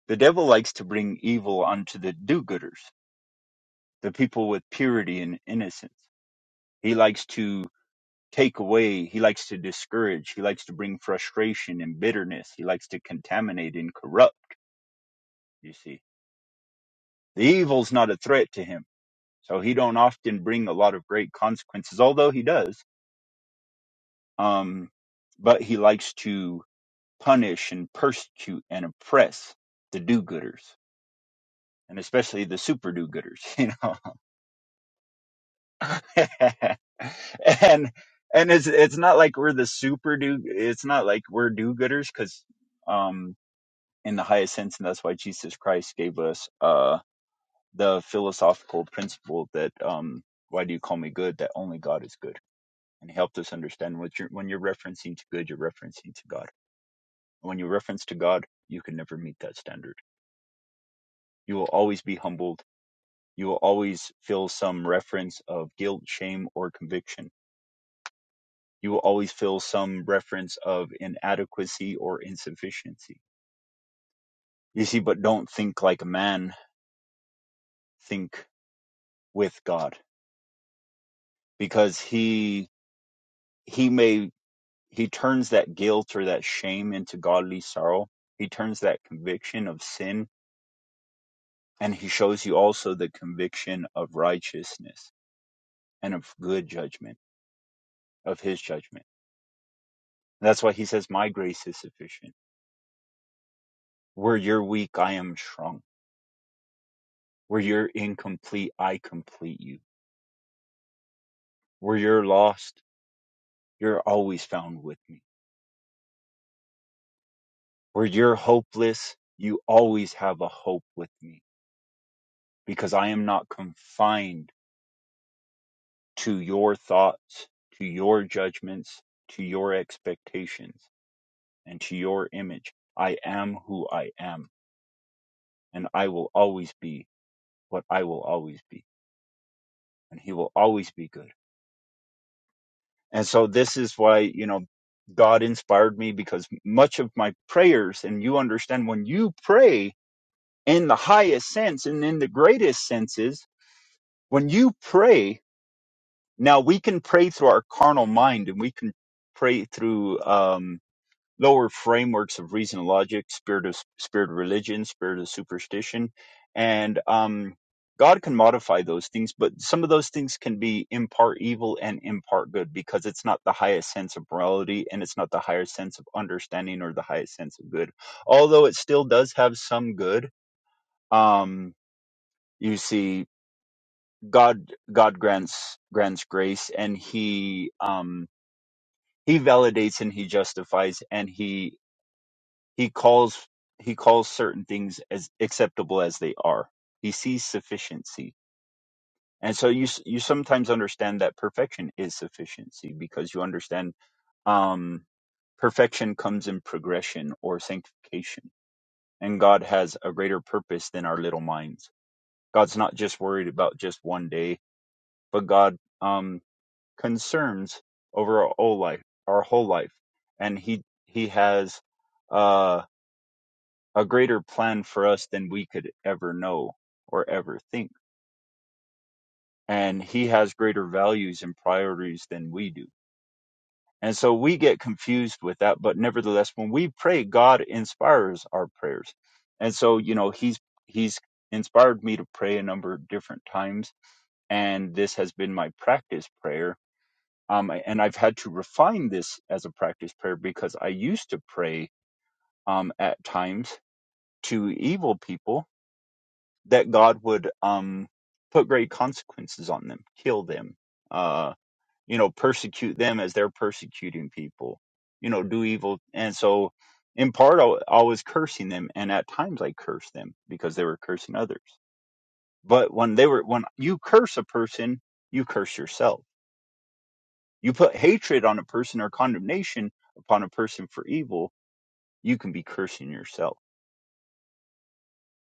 [SPEAKER 2] The devil likes to bring evil onto the do gooders, the people with purity and innocence. He likes to take away, he likes to discourage, he likes to bring frustration and bitterness, he likes to contaminate and corrupt, you see The evil's not a threat to him, so he don't often bring a lot of great consequences, although he does. Um, but he likes to punish and persecute and oppress the do-gooders, and especially the super do-gooders, you know. and and it's it's not like we're the super do. It's not like we're do-gooders because um, in the highest sense, and that's why Jesus Christ gave us uh, the philosophical principle that um, why do you call me good? That only God is good and helped us understand what you're when you're referencing to good, you're referencing to God. And when you reference to God, you can never meet that standard. You will always be humbled. You will always feel some reference of guilt, shame, or conviction. You will always feel some reference of inadequacy or insufficiency. You see, but don't think like a man, think with God. Because he he may he turns that guilt or that shame into godly sorrow. He turns that conviction of sin And he shows you also the conviction of righteousness and of good judgment, of his judgment. And that's why he says, My grace is sufficient. Where you're weak, I am strong. Where you're incomplete, I complete you. Where you're lost, you're always found with me. Where you're hopeless, you always have a hope with me because I am not confined to your thoughts, to your judgments, to your expectations, and to your image. I am who I am and I will always be what I will always be, and He will always be good. And so this is why, you know, God inspired me because much of my prayers, and you understand when you pray in the highest sense and in the greatest senses, when you pray, now we can pray through our carnal mind and we can pray through, um lower frameworks of reason and logic, spirit of spirit of religion, spirit of superstition, and um, God can modify those things, but some of those things can be in part evil and in part good because it's not the highest sense of morality and it's not the higher sense of understanding or the highest sense of good. Although it still does have some good. Um, you see, God God grants grants grace, and He um, He validates and He justifies, and He He calls he calls certain things as acceptable as they are. He sees sufficiency, and so you s- you sometimes understand that perfection is sufficiency because you understand um, perfection comes in progression or sanctification, and God has a greater purpose than our little minds. God's not just worried about just one day, but God um, concerns over our whole life, our whole life, and he he has. uh, a greater plan for us than we could ever know or ever think. And he has greater values and priorities than we do. And so we get confused with that. But nevertheless, when we pray, God inspires our prayers. And so, you know, he's, he's inspired me to pray a number of different times. And this has been my practice prayer. Um, and I've had to refine this as a practice prayer because I used to pray um, at times to evil people that God would um, put great consequences on them, kill them, uh, you know, persecute them as they're persecuting people, you know, do evil. And so, in part, I, I was cursing them, and at times I cursed them because they were cursing others. But when they were, when you curse a person, you curse yourself. You put hatred on a person or condemnation upon a person for evil, you can be cursing yourself.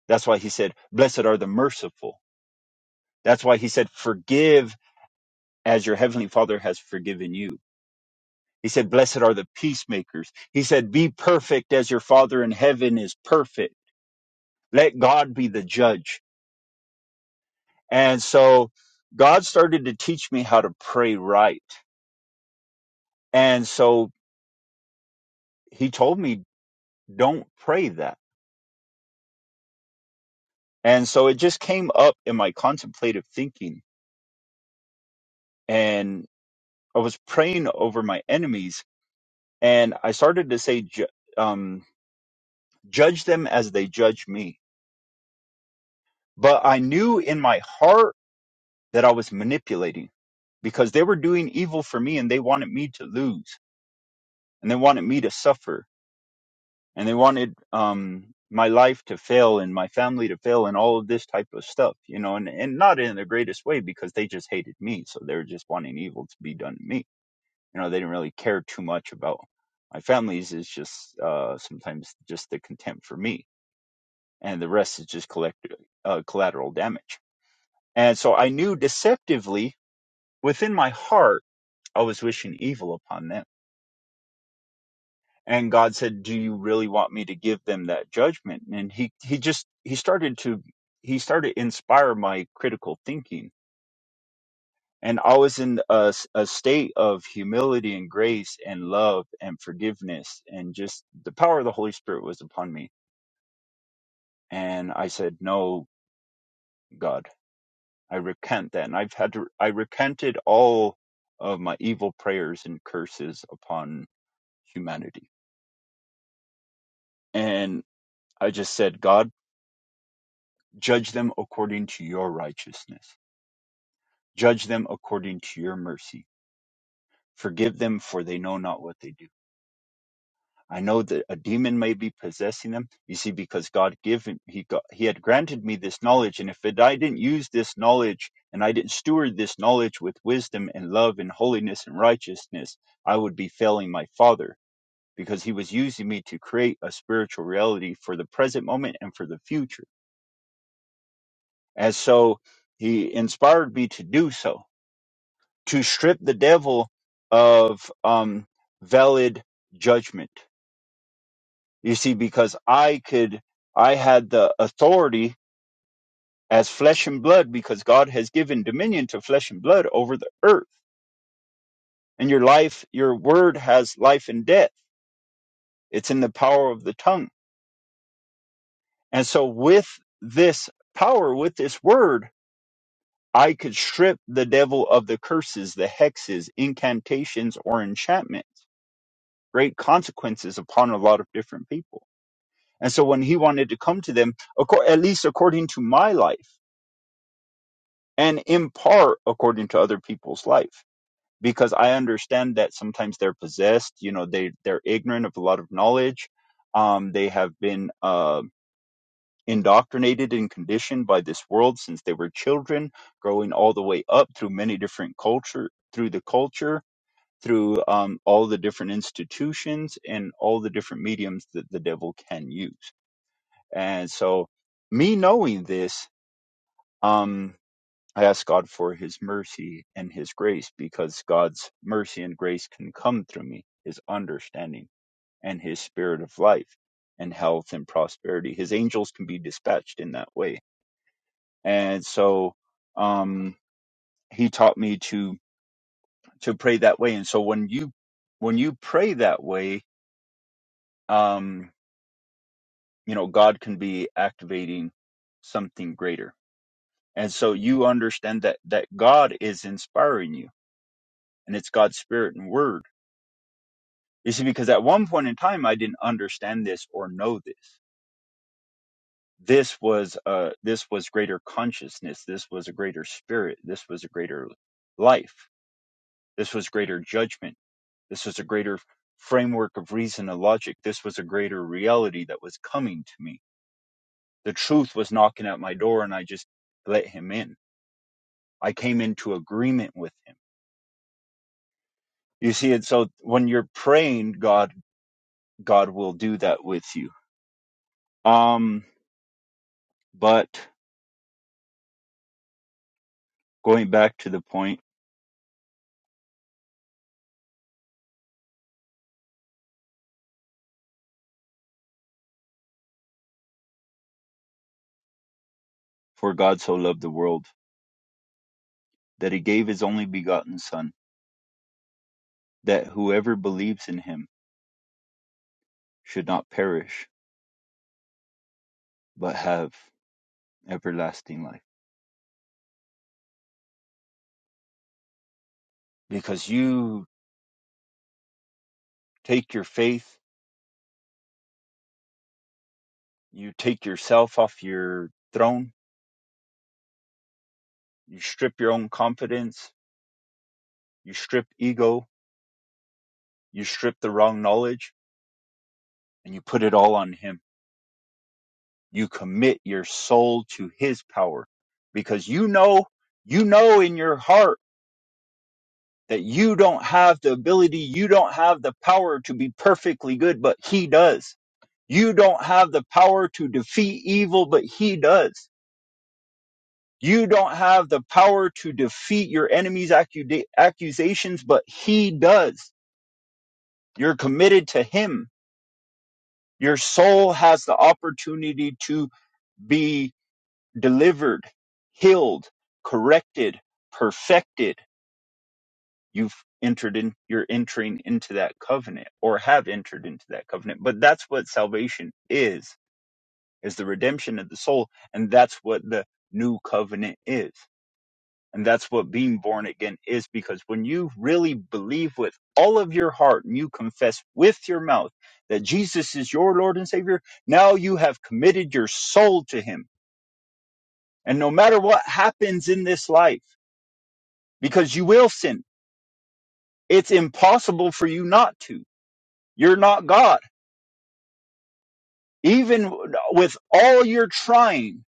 [SPEAKER 2] That's why he said, "Blessed are the merciful." That's why he said, "Forgive." as your heavenly father has forgiven you. He said, blessed are the peacemakers. He said, be perfect as your father in heaven is perfect. Let God be the judge. And so God started to teach me how to pray right. And so he told me, don't pray that. And so it just came up in my contemplative thinking and I was praying over my enemies and I started to say, ju- um, judge them as they judge me. But I knew in my heart that I was manipulating because they were doing evil for me and they wanted me to lose and they wanted me to suffer and they wanted um my life to fail and my family to fail and all of this type of stuff, you know, and, and not in the greatest way because they just hated me. So they were just wanting evil to be done to me. You know, they didn't really care too much about my families is just uh sometimes just the contempt for me and the rest is just collect uh, collateral damage. And so I knew deceptively within my heart I was wishing evil upon them. And God said, Do you really want me to give them that judgment? And he, he just, he started to, he started to inspire my critical thinking. And I was in a, s- a state of humility and grace and love and forgiveness. And just the power of the Holy Spirit was upon me. And I said, No, God, I recant that. And I've had to, I recanted all of my evil prayers and curses upon humanity. And I just said, God, Judge them according to your righteousness. Judge them according to your mercy. Forgive them, for they know not what they do. I know that a demon may be possessing them. You see, because God given He got, He had granted me this knowledge, and if it, I didn't use this knowledge and I didn't steward this knowledge with wisdom and love and holiness and righteousness, I would be failing my Father because He was using me to create a spiritual reality for the present moment and for the future. And so He inspired me to do so to strip the devil of um, valid judgment. You see, because I could, I had the authority as flesh and blood, because God has given dominion to flesh and blood over the earth. And your life, your word has life and death. It's in the power of the tongue. And so, with this power, with this word, I could strip the devil of the curses, the hexes, incantations, or enchantments, great consequences upon a lot of different people And so when he wanted to come to them, acco- at least according to my life, and in part according to other people's life, because I understand that sometimes they're possessed, you know, they, they're ignorant of a lot of knowledge. Um, they have been uh, indoctrinated and conditioned by this world since they were children, growing all the way up through many different culture, through the culture, through um, all the different institutions and all the different mediums that the devil can use And so, me knowing this, um, I ask God for His mercy and His grace because God's mercy and grace can come through me, His understanding and His spirit of life and health and prosperity. His angels can be dispatched in that way. And so, um, He taught me to to pray that way. And so, when you when you pray that way, um, you know, God can be activating something greater And so you understand that that God is inspiring you and it's God's spirit and word. You see, because at one point in time I didn't understand this or know this. This was uh this was greater consciousness, this was a greater spirit, this was a greater life, this was greater judgment, this was a greater framework of reason and logic, this was a greater reality that was coming to me. The truth was knocking at my door and I just let him in. I came into agreement with him. You see it so when you're praying, God God will do that with you. Um but going back to the point, for God so loved the world that he gave his only begotten son, that whoever believes in him should not perish, but have everlasting life. Because you take your faith, you take yourself off your throne, you strip your own confidence, you strip ego, you strip the wrong knowledge, and you put it all on him you commit your soul to his power because you know you know in your heart that you don't have the ability you don't have the power to be perfectly good but he does you don't have the power to defeat evil but he does you don't have the power to defeat your enemy's accuda- accusations but he does you're committed to him your soul has the opportunity to be delivered, healed, corrected, perfected. You've entered in, you're entering into that covenant or have entered into that covenant. But that's what salvation is, is the redemption of the soul. And that's what the new covenant is. And that's what being born again is because when you really believe with all of your heart and you confess with your mouth that Jesus is your Lord and Savior, now you have committed your soul to Him. And no matter what happens in this life, because you will sin. It's impossible for you not to. You're not God. Even with all your trying,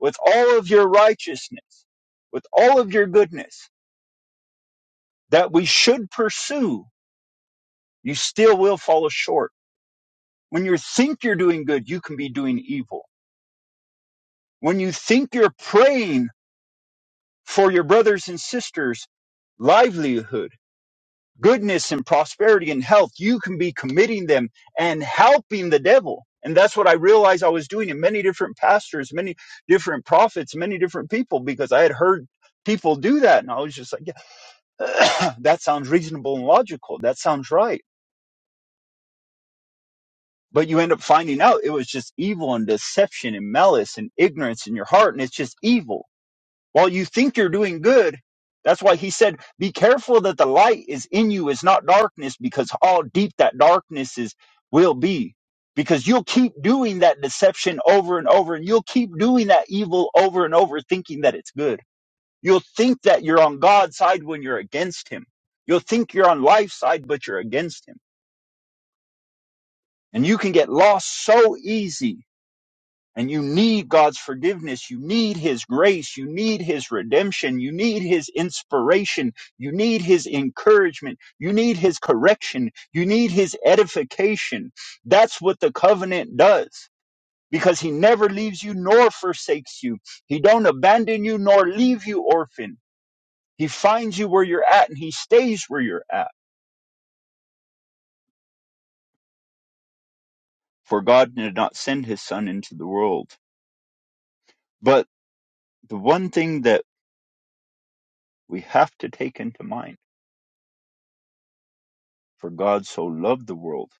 [SPEAKER 2] with all of your righteousness, with all of your goodness that we should pursue, you still will fall short. When you think you're doing good, you can be doing evil. When you think you're praying for your brothers and sisters' livelihood, goodness and prosperity and health, you can be committing them and helping the devil. And that's what I realized I was doing in many different pastors, many different prophets, many different people, because I had heard people do that. And I was just like, yeah, that sounds reasonable and logical. That sounds right. But you end up finding out it was just evil and deception and malice and ignorance in your heart. And it's just evil while you think you're doing good. That's why he said, Be careful that the light is in you is not darkness, because how deep that darkness is will be. Because you'll keep doing that deception over and over, and you'll keep doing that evil over and over, thinking that it's good. You'll think that you're on God's side when you're against him. You'll think you're on life's side, but you're against him. And you can get lost so easy And you need God's forgiveness. You need His grace. You need His redemption. You need His inspiration. You need His encouragement. You need His correction. You need His edification. That's what the covenant does because He never leaves you nor forsakes you. He don't abandon you nor leave you orphan. He finds you where you're at and He stays where you're at. For God did not send His Son into the world. But the one thing that we have to take into mind For God so loved the world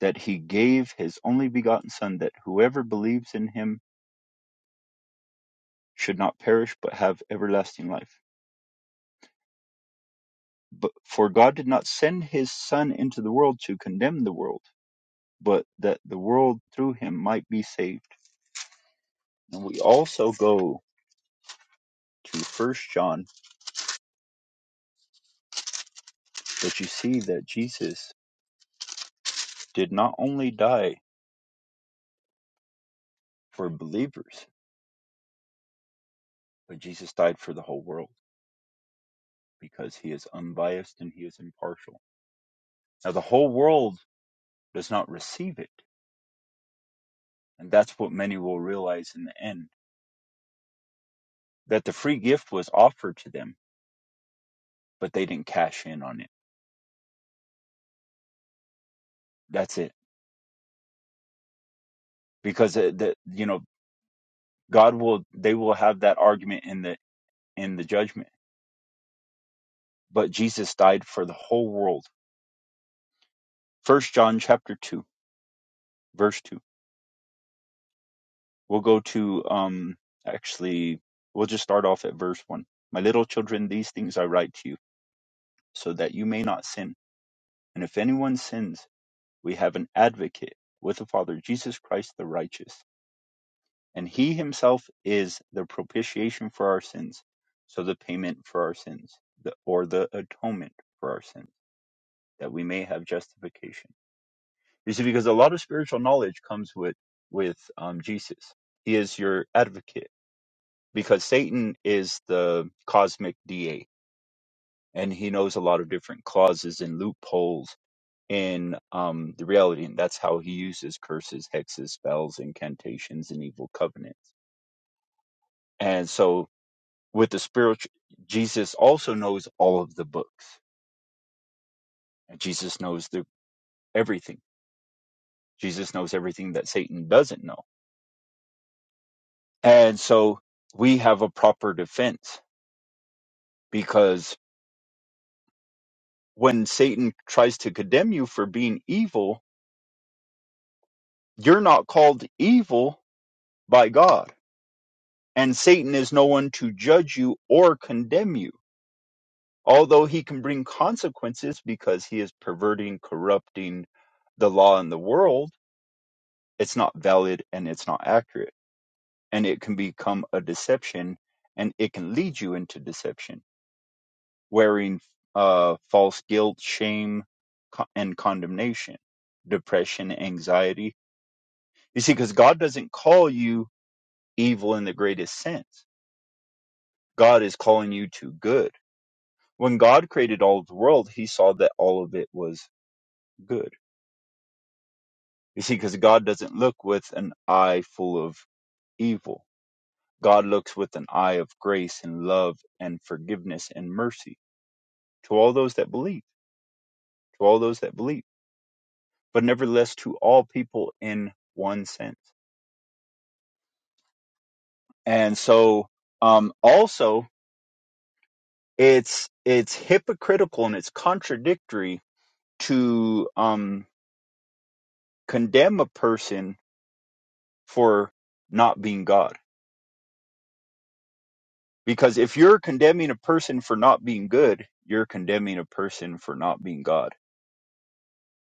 [SPEAKER 2] that he gave his only begotten Son, that whoever believes in him should not perish but have everlasting life. But for God did not send his Son into the world to condemn the world, but that the world through him might be saved. And we also go to First John, but you see that Jesus did not only die for believers, but Jesus died for the whole world because he is unbiased and he is impartial. Now, the whole world does not receive it And that's what many will realize in the end that the free gift was offered to them, but they didn't cash in on it. That's it. Because uh, the, you know, God will, they will have that argument in the, in the judgment, but Jesus died for the whole world. First John chapter two, verse two. We'll go to, um, actually, we'll just start off at verse one. My little children, these things I write to you so that you may not sin. And if anyone sins, we have an advocate with the Father, Jesus Christ the righteous. and he himself is the propitiation for our sins so the payment for our sins the, or the atonement for our sins that we may have justification you see because a lot of spiritual knowledge comes with with um, jesus he is your advocate because satan is the cosmic da and he knows a lot of different clauses and loopholes in um, the reality and that's how he uses curses hexes spells incantations and evil covenants and so with the spiritual jesus also knows all of the books and jesus knows the everything jesus knows everything that satan doesn't know and so we have a proper defense because when satan tries to condemn you for being evil you're not called evil by god and satan is no one to judge you or condemn you although he can bring consequences because he is perverting corrupting the law in the world it's not valid and it's not accurate and it can become a deception and it can lead you into deception wearing uh, false guilt shame co- and condemnation depression anxiety you see because god doesn't call you evil in the greatest sense god is calling you to good when god created all of the world he saw that all of it was good you see because god doesn't look with an eye full of evil god looks with an eye of grace and love and forgiveness and mercy to all those that believe, to all those that believe, but nevertheless to all people in one sense. And so, um, also, it's it's hypocritical and it's contradictory to um, condemn a person for not being God, because if you're condemning a person for not being good, you're condemning a person for not being God.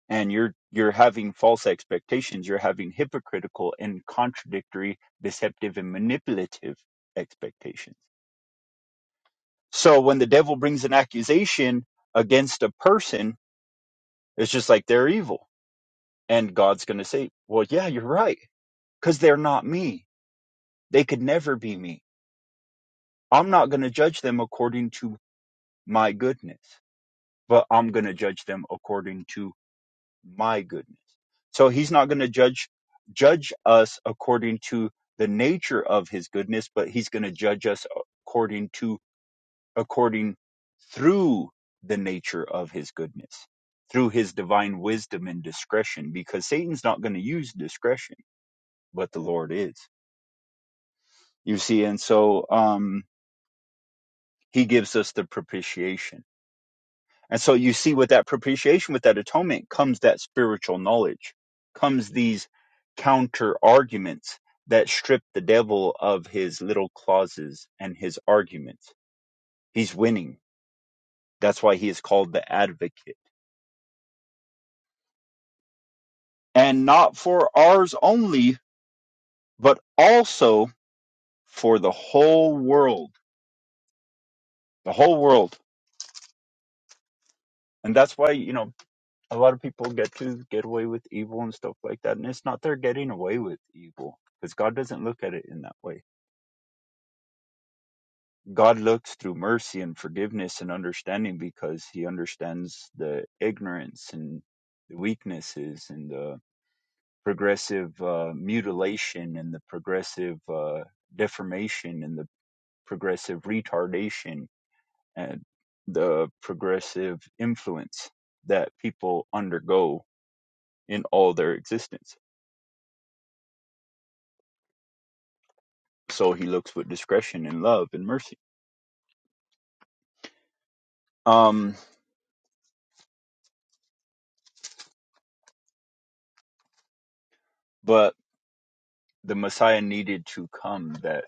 [SPEAKER 2] and you're you're having false expectations you're having hypocritical and contradictory deceptive and manipulative expectations so when the devil brings an accusation against a person it's just like they're evil and god's going to say well yeah you're right cuz they're not me they could never be me i'm not going to judge them according to my goodness but i'm going to judge them according to my goodness so he's not going to judge judge us according to the nature of his goodness but he's going to judge us according to according through the nature of his goodness through his divine wisdom and discretion because satan's not going to use discretion but the lord is you see and so um he gives us the propitiation And so you see with that propitiation, with that atonement comes that spiritual knowledge, comes these counter arguments that strip the devil of his little clauses and his arguments. He's winning. That's why he is called the advocate. And not for ours only, but also for the whole world. The whole world. And that's why, you know, a lot of people get to get away with evil and stuff like that. And it's not they're getting away with evil because God doesn't look at it in that way God looks through mercy and forgiveness and understanding because he understands the ignorance and the weaknesses and the progressive uh, mutilation and the progressive uh, deformation and the progressive retardation and the progressive influence that people undergo in all their existence. So he looks with discretion and love and mercy. Um, but the Messiah needed to come that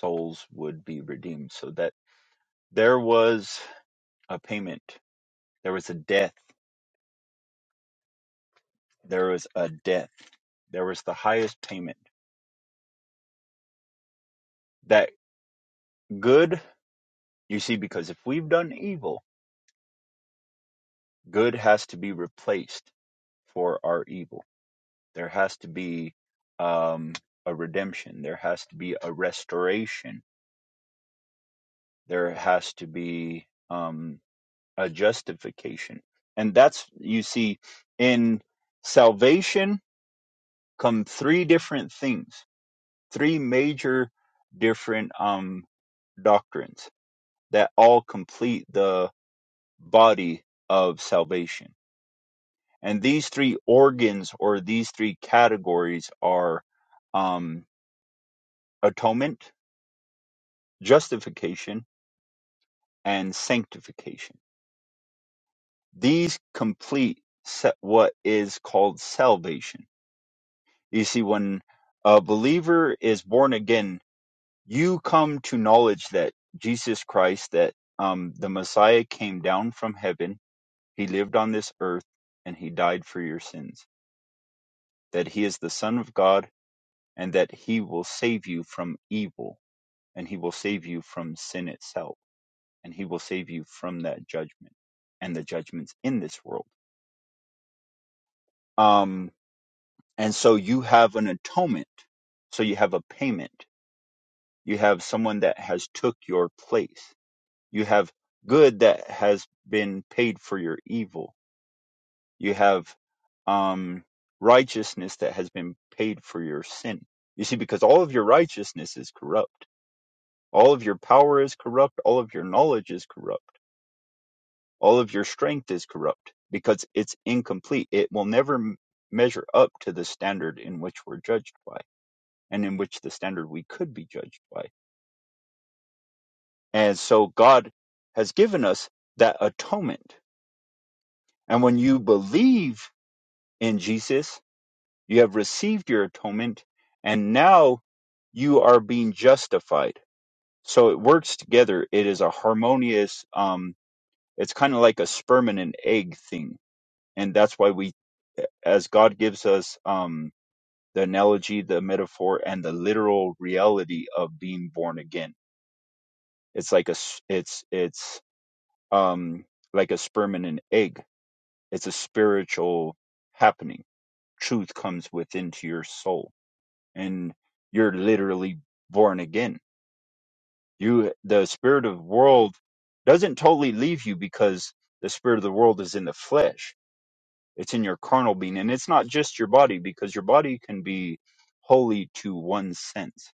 [SPEAKER 2] souls would be redeemed. So that there was a payment, there was a death, there was a death, there was the highest payment. That good, you see, because if we've done evil, good has to be replaced for our evil. There has to be um, a redemption, there has to be a restoration, there has to be um, a justification. And that's, you see, in salvation come three different things, three major different um, doctrines that all complete the body of salvation. And these three organs or these three categories are um, atonement, justification, and sanctification. These complete se- what is called salvation. You see, when a believer is born again, you come to knowledge that Jesus Christ, that um, the Messiah came down from heaven, he lived on this earth, and he died for your sins, that he is the Son of God, and that he will save you from evil, and he will save you from sin itself, and he will save you from that judgment and the judgments in this world. Um, and so you have an atonement, so you have a payment, you have someone that has took your place You have good that has been paid for your evil. You have um, righteousness that has been paid for your sin. You see, because all of your righteousness is corrupt. All of your power is corrupt. All of your knowledge is corrupt. All of your strength is corrupt because it's incomplete. It will never m- measure up to the standard in which we're judged by and in which the standard we could be judged by. And so God has given us that atonement. And when you believe in Jesus. You have received your atonement, and now you are being justified. So it works together. It is a harmonious. Um, it's kind of like a sperm and an egg thing, and that's why we, as God gives us um, the analogy, the metaphor, and the literal reality of being born again. It's like a. s- It's it's um like a sperm and an egg. It's a spiritual happening. Truth comes within to your soul and you're literally born again. You the spirit of the world doesn't totally leave you because the spirit of the world is in the flesh. It's in your carnal being and it's not just your body because your body can be holy to one sense.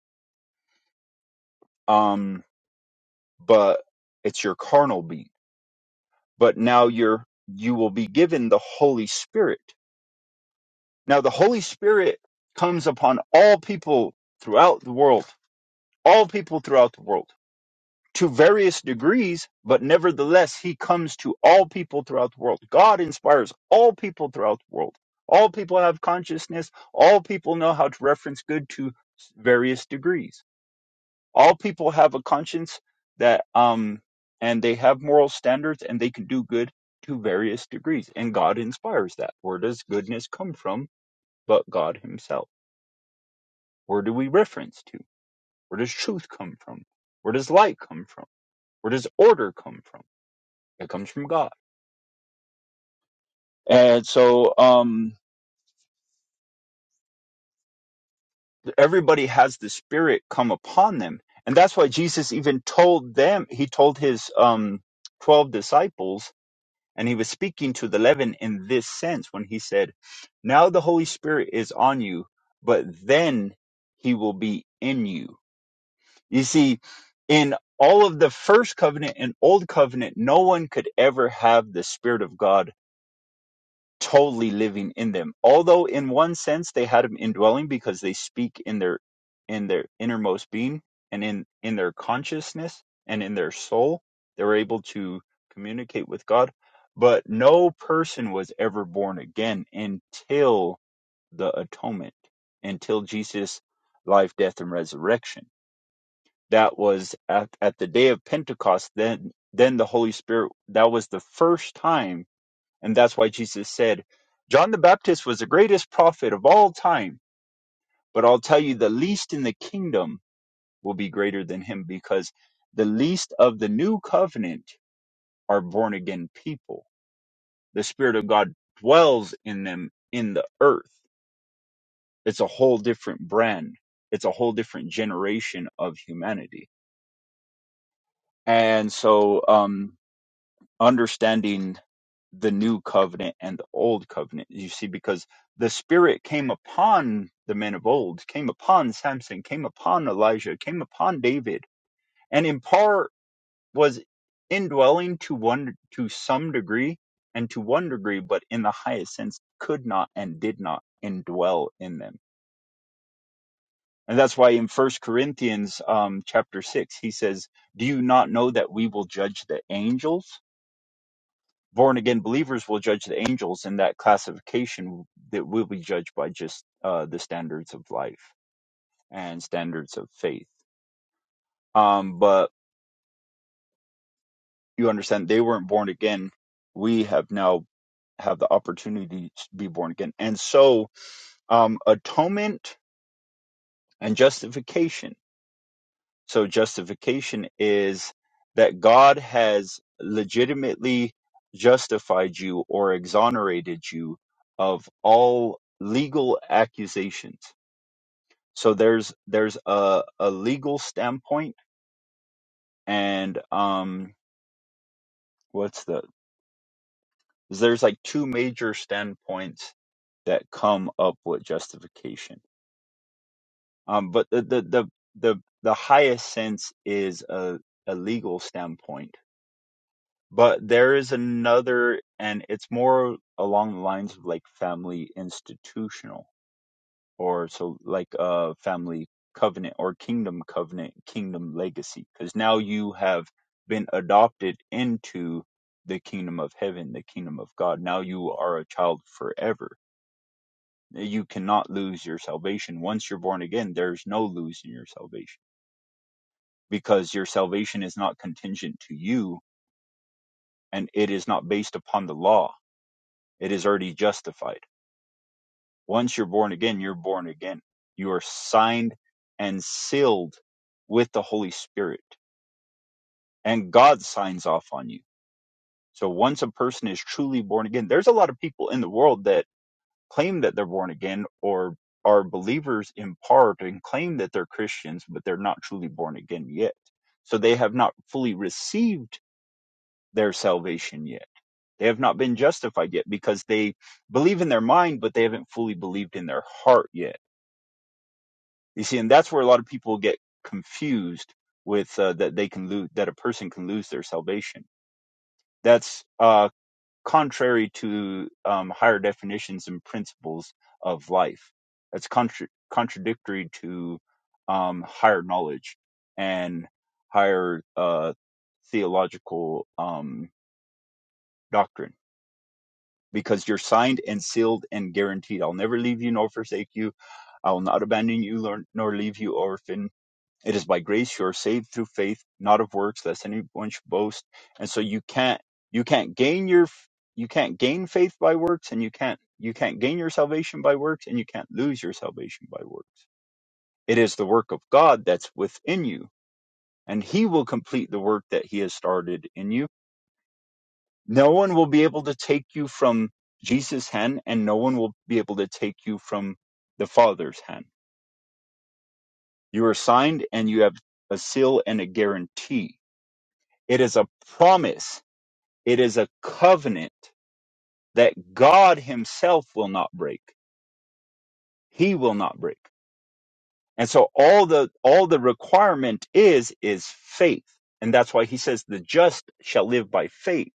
[SPEAKER 2] Um but it's your carnal being. But now you're you will be given the Holy Spirit. Now the Holy Spirit comes upon all people throughout the world. All people throughout the world to various degrees, but nevertheless, he comes to all people throughout the world. God inspires all people throughout the world. All people have consciousness. All people know how to reference good to various degrees. All people have a conscience that, um, and they have moral standards and they can do good to various degrees. And God inspires that. Where does goodness come from but God Himself? Where do we reference to? Where does truth come from? Where does light come from? Where does order come from? It comes from God. And so um, everybody has the Spirit come upon them. And that's why Jesus even told them, he told his um, 12 disciples, and he was speaking to the 11 in this sense when he said, Now the Holy Spirit is on you, but then he will be in you. You see, in all of the first covenant and old covenant, no one could ever have the Spirit of God totally living in them. Although in one sense they had them indwelling because they speak in their in their innermost being and in in their consciousness and in their soul, they were able to communicate with God. But no person was ever born again until the atonement, until Jesus' life, death, and resurrection. That was at, at the day of Pentecost. Then, then the Holy Spirit. That was the first time and that's why Jesus said, John the Baptist was the greatest prophet of all time, but I'll tell you, the least in the kingdom will be greater than him because the least of the new covenant are born again people. The Spirit of God dwells in them in the earth. It's a whole different brand, it's a whole different generation of humanity. And so, um, understanding. the new covenant and the old covenant. You see, because the Spirit came upon the men of old, came upon Samson, came upon Elijah, came upon David, and in part was indwelling to one to some degree and to one degree, but in the highest sense could not and did not indwell in them. And that's why in First Corinthians um, chapter six he says, "Do you not know that we will judge the angels?" born again believers will judge the angels, and that classification that will be judged by just uh, the standards of life and standards of faith. Um, but you understand they weren't born again. We have now have the opportunity to be born again, and so um, atonement and justification So justification is that God has legitimately justified you or exonerated you of all legal accusations. So there's there's a, a legal standpoint and um what's the there's like two major standpoints that come up with justification. Um but the the the the, the highest sense is a, a legal standpoint But there is another, and it's more along the lines of like family institutional, or so like a family covenant or kingdom covenant, kingdom legacy, because now you have been adopted into the kingdom of heaven, the kingdom of God. Now you are a child forever. You cannot lose your salvation. Once you're born again, there's no losing your salvation because your salvation is not contingent to you and it is not based upon the law It is already justified. Once you're born again, you're born again. You are signed and sealed with the Holy Spirit, and God signs off on you. So once a person is truly born again, there's a lot of people in the world that claim that they're born again or are believers in part and claim that they're Christians, but they're not truly born again yet. So they have not fully received their salvation yet. They have not been justified yet because they believe in their mind, but they haven't fully believed in their heart yet You see, and that's where a lot of people get confused with uh, that they can lose that a person can lose their salvation. That's uh, contrary to um, higher definitions and principles of life. That's contra- contradictory to um, higher knowledge and higher uh, theological um, doctrine. Because you're signed and sealed and guaranteed. I'll never leave you nor forsake you. I will not abandon you nor nor leave you orphan It is by grace you are saved through faith, not of works, lest anyone should boast. And so you can't you can't gain your you can't gain faith by works, and you can't you can't gain your salvation by works, and you can't lose your salvation by works. It is the work of God that's within you, and He will complete the work that He has started in you. No one will be able to take you from Jesus' hand, and no one will be able to take you from the Father's hand. You are signed, and you have a seal and a guarantee It is a promise. It is a covenant that God himself will not break. He will not break. And so all the, all the requirement is, is faith. And that's why he says the just shall live by faith.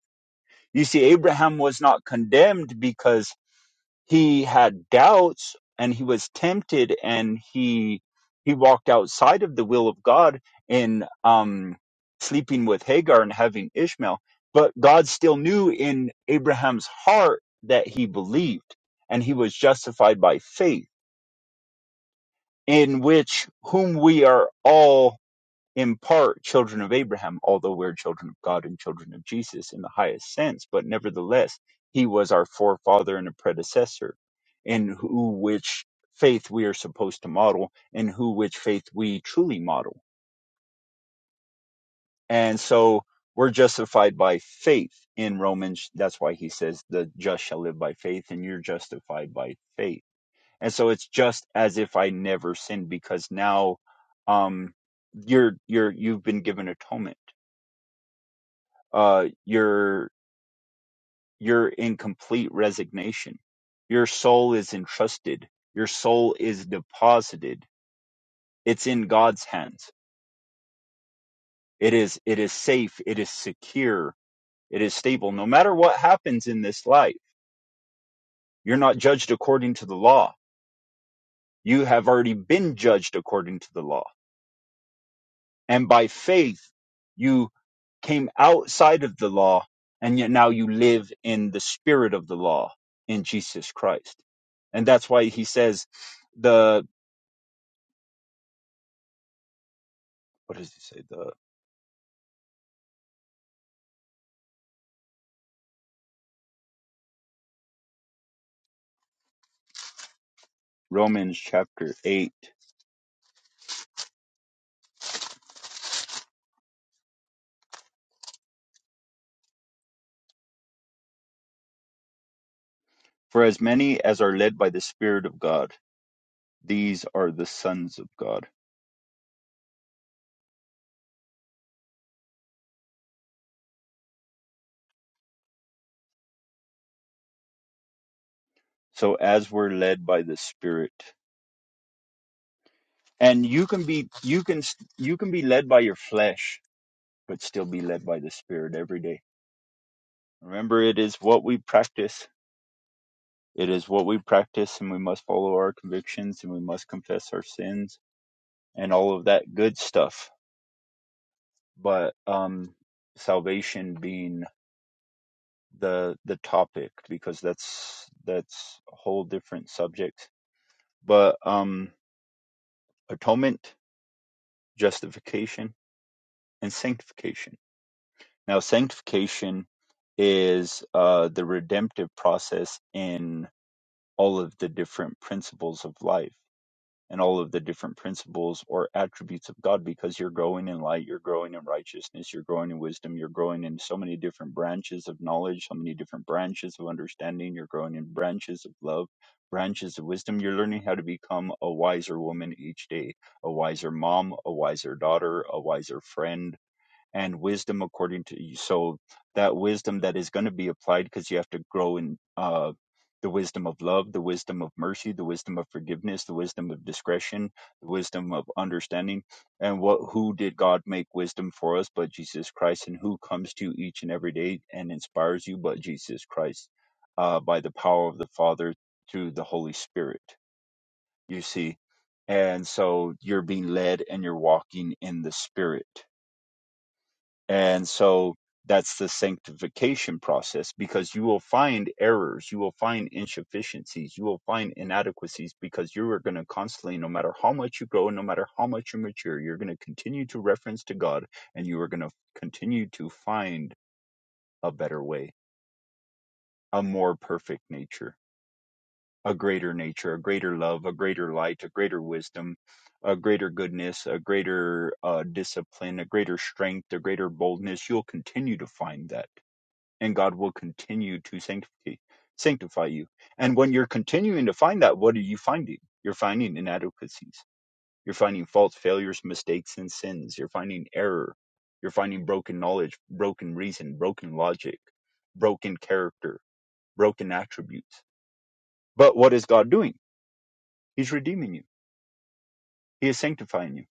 [SPEAKER 2] You see, Abraham was not condemned because he had doubts and he was tempted and he he walked outside of the will of God in um sleeping with Hagar and having Ishmael but God still knew in Abraham's heart that he believed and he was justified by faith in which whom we are all in part children of Abraham, although we're children of God and children of Jesus in the highest sense, but nevertheless, he was our forefather and a predecessor, in who which faith we are supposed to model, and who which faith we truly model. And so we're justified by faith in Romans. That's why he says, the just shall live by faith, and you're justified by faith. And so it's just as if I never sinned because now um, you're you're you've been given atonement uh, you're you're in complete resignation. Your soul is entrusted. Your soul is deposited. It's in God's hands. It is it is safe. It is secure. It is stable. No matter what happens in this life, you're not judged according to the law. You have already been judged according to the law And by faith, you came outside of the law and yet now you live in the spirit of the law in Jesus Christ. And that's why he says the, what does he say? The Romans chapter eight, for as many as are led by the spirit of God, these are the sons of God. So as we're led by the spirit and you can be, you can, you can be led by your flesh, but still be led by the spirit every day. Remember, it is what we practice It is what we practice, and we must follow our convictions, and we must confess our sins, and all of that good stuff. But um, salvation being the the topic, because that's that's a whole different subject. But um, atonement, justification, and sanctification. Now, sanctification is uh, the redemptive process in all of the different principles of life and all of the different principles or attributes of God because you're growing in light, you're growing in righteousness, you're growing in wisdom, you're growing in so many different branches of knowledge, so many different branches of understanding, you're growing in branches of love, branches of wisdom. You're learning how to become a wiser woman each day, a wiser mom, a wiser daughter, a wiser friend, and wisdom according to you. So that wisdom that is going to be applied because you have to grow in uh, the wisdom of love, the wisdom of mercy, the wisdom of forgiveness, the wisdom of discretion, the wisdom of understanding. And what who did God make wisdom for us but Jesus Christ? And who comes to you each and every day and inspires you but Jesus Christ uh, by the power of the Father through the Holy Spirit? You see. And so you're being led and you're walking in the Spirit and so that's the sanctification process because you will find errors, you will find insufficiencies, you will find inadequacies because you are going to constantly, no matter how much you grow, no matter how much you mature, you're going to continue to reference to God and you are going to continue to find a better way, a more perfect nature, a greater nature, a greater love, a greater light, a greater wisdom, a greater goodness, a greater uh, discipline, a greater strength, a greater boldness. You'll continue to find that and God will continue to sanctify sanctify you. And when you're continuing to find that, what are you finding? You're finding inadequacies. You're finding faults, failures, mistakes, and sins. You're finding error. You're finding broken knowledge, broken reason, broken logic, broken character, broken attributes. But what is God doing? He's redeeming you. He is sanctifying you.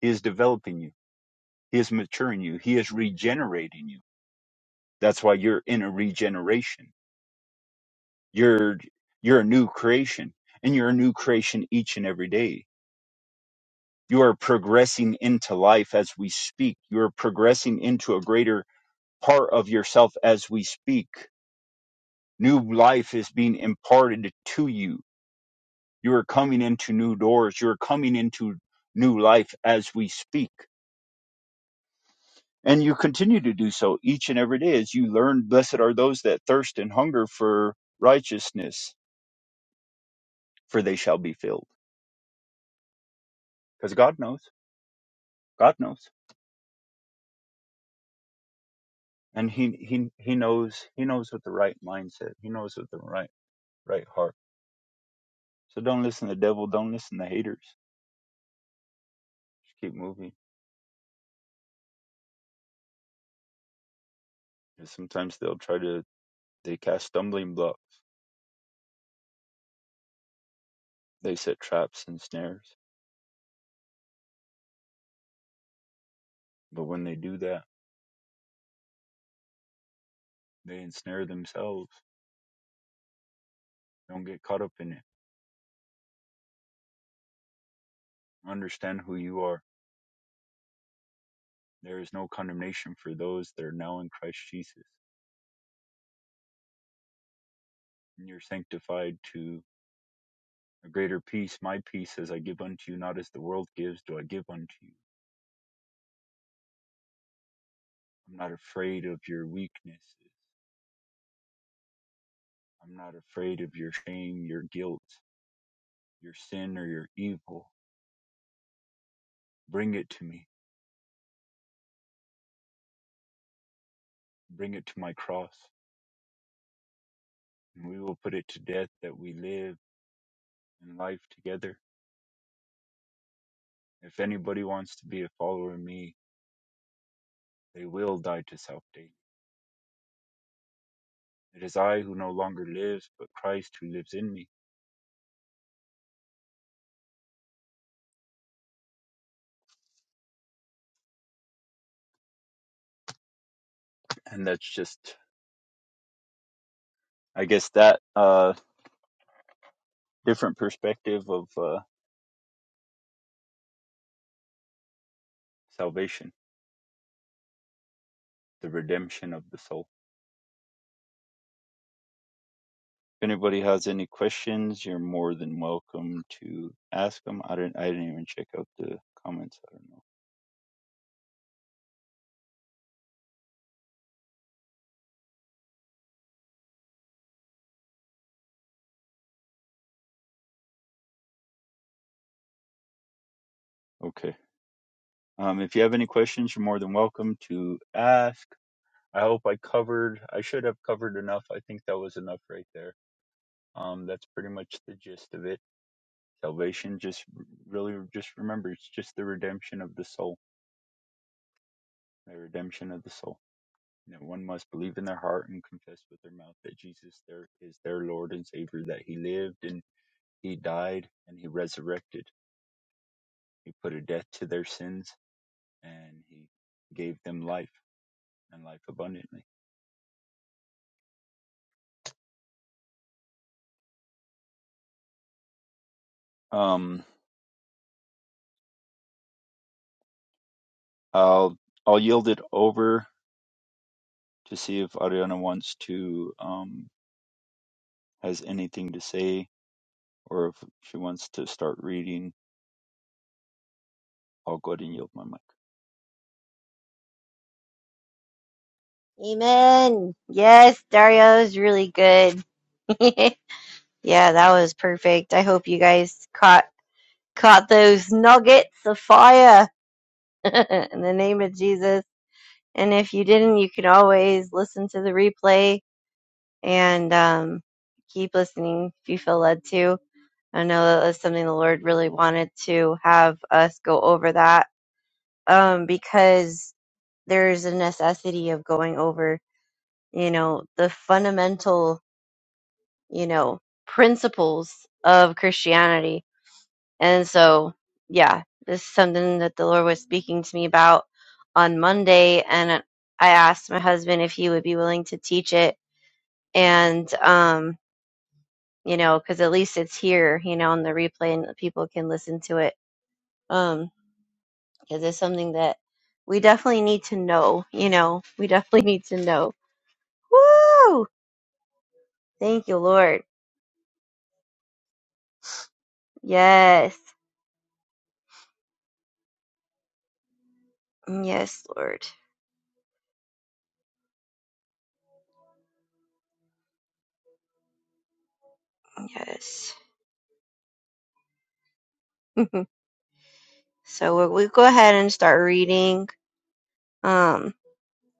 [SPEAKER 2] He is developing you. He is maturing you. He is regenerating you. That's why you're in a regeneration You're you're a new creation and you're a new creation each and every day. You are progressing into life as we speak. You're progressing into a greater part of yourself as we speak. New life is being imparted to you. You are coming into new doors. You're coming into new life as we speak. And you continue to do so each and every day as you learn. Blessed are those that thirst and hunger for righteousness, for they shall be filled. Because God knows. God knows. and he he he knows he knows what the right mindset he knows what the right right heart so don't listen to the devil don't listen to haters just keep moving and sometimes they'll try to they cast stumbling blocks they set traps and snares but when they do that they ensnare themselves don't get caught up in it understand who you are there is no condemnation for those that are now in christ jesus and you're sanctified to a greater peace my peace as i give unto you not as the world gives do i give unto you I'm not afraid of your weaknesses. I'm not afraid of your shame, your guilt, your sin, or your evil. Bring it to me. Bring it to my cross, and we will put it to death that we live in life together. If anybody wants to be a follower of me, they will die to self daily. It is I who no longer lives, but Christ who lives in me. And that's just, I guess, that uh, different perspective of uh, salvation, the redemption of the soul. If anybody has any questions, you're more than welcome to ask them. I didn't I didn't even check out the comments. I don't know. Okay. Um, if you have any questions, you're more than welcome to ask. I hope I covered. I should have covered enough. I think that was enough right there. Um, that's pretty much the gist of it. Salvation just really just remember it's just the redemption of the soul. The redemption of the soul. You know, one must believe in their heart and confess with their mouth that Jesus there is their Lord and Savior, that He lived and He died and he resurrected. He put a death to their sins and he gave them life and life abundantly. Um, I'll I'll yield it over to see if Ariana wants to um has anything to say or if she wants to start reading. I'll go ahead and yield my mic.
[SPEAKER 1] Amen. Yes, Dario's really good. yeah, that was perfect. I hope you guys caught caught those nuggets of fire in the name of Jesus. And if you didn't, you can always listen to the replay and um, keep listening if you feel led to. I know that was something the Lord really wanted to have us go over that um, because there's a necessity of going over you know, the fundamental, you know, principles of Christianity. And so, yeah, this is something that the Lord was speaking to me about on Monday. And I asked my husband if he would be willing to teach it. And, um, you know, because at least it's here, you know, on the replay and people can listen to it. Um, because it's something that we definitely need to know, you know, we definitely need to know. Woo! Thank you, Lord. Yes. Yes, Lord. Yes. so we'll, we'll go ahead and start reading. Um,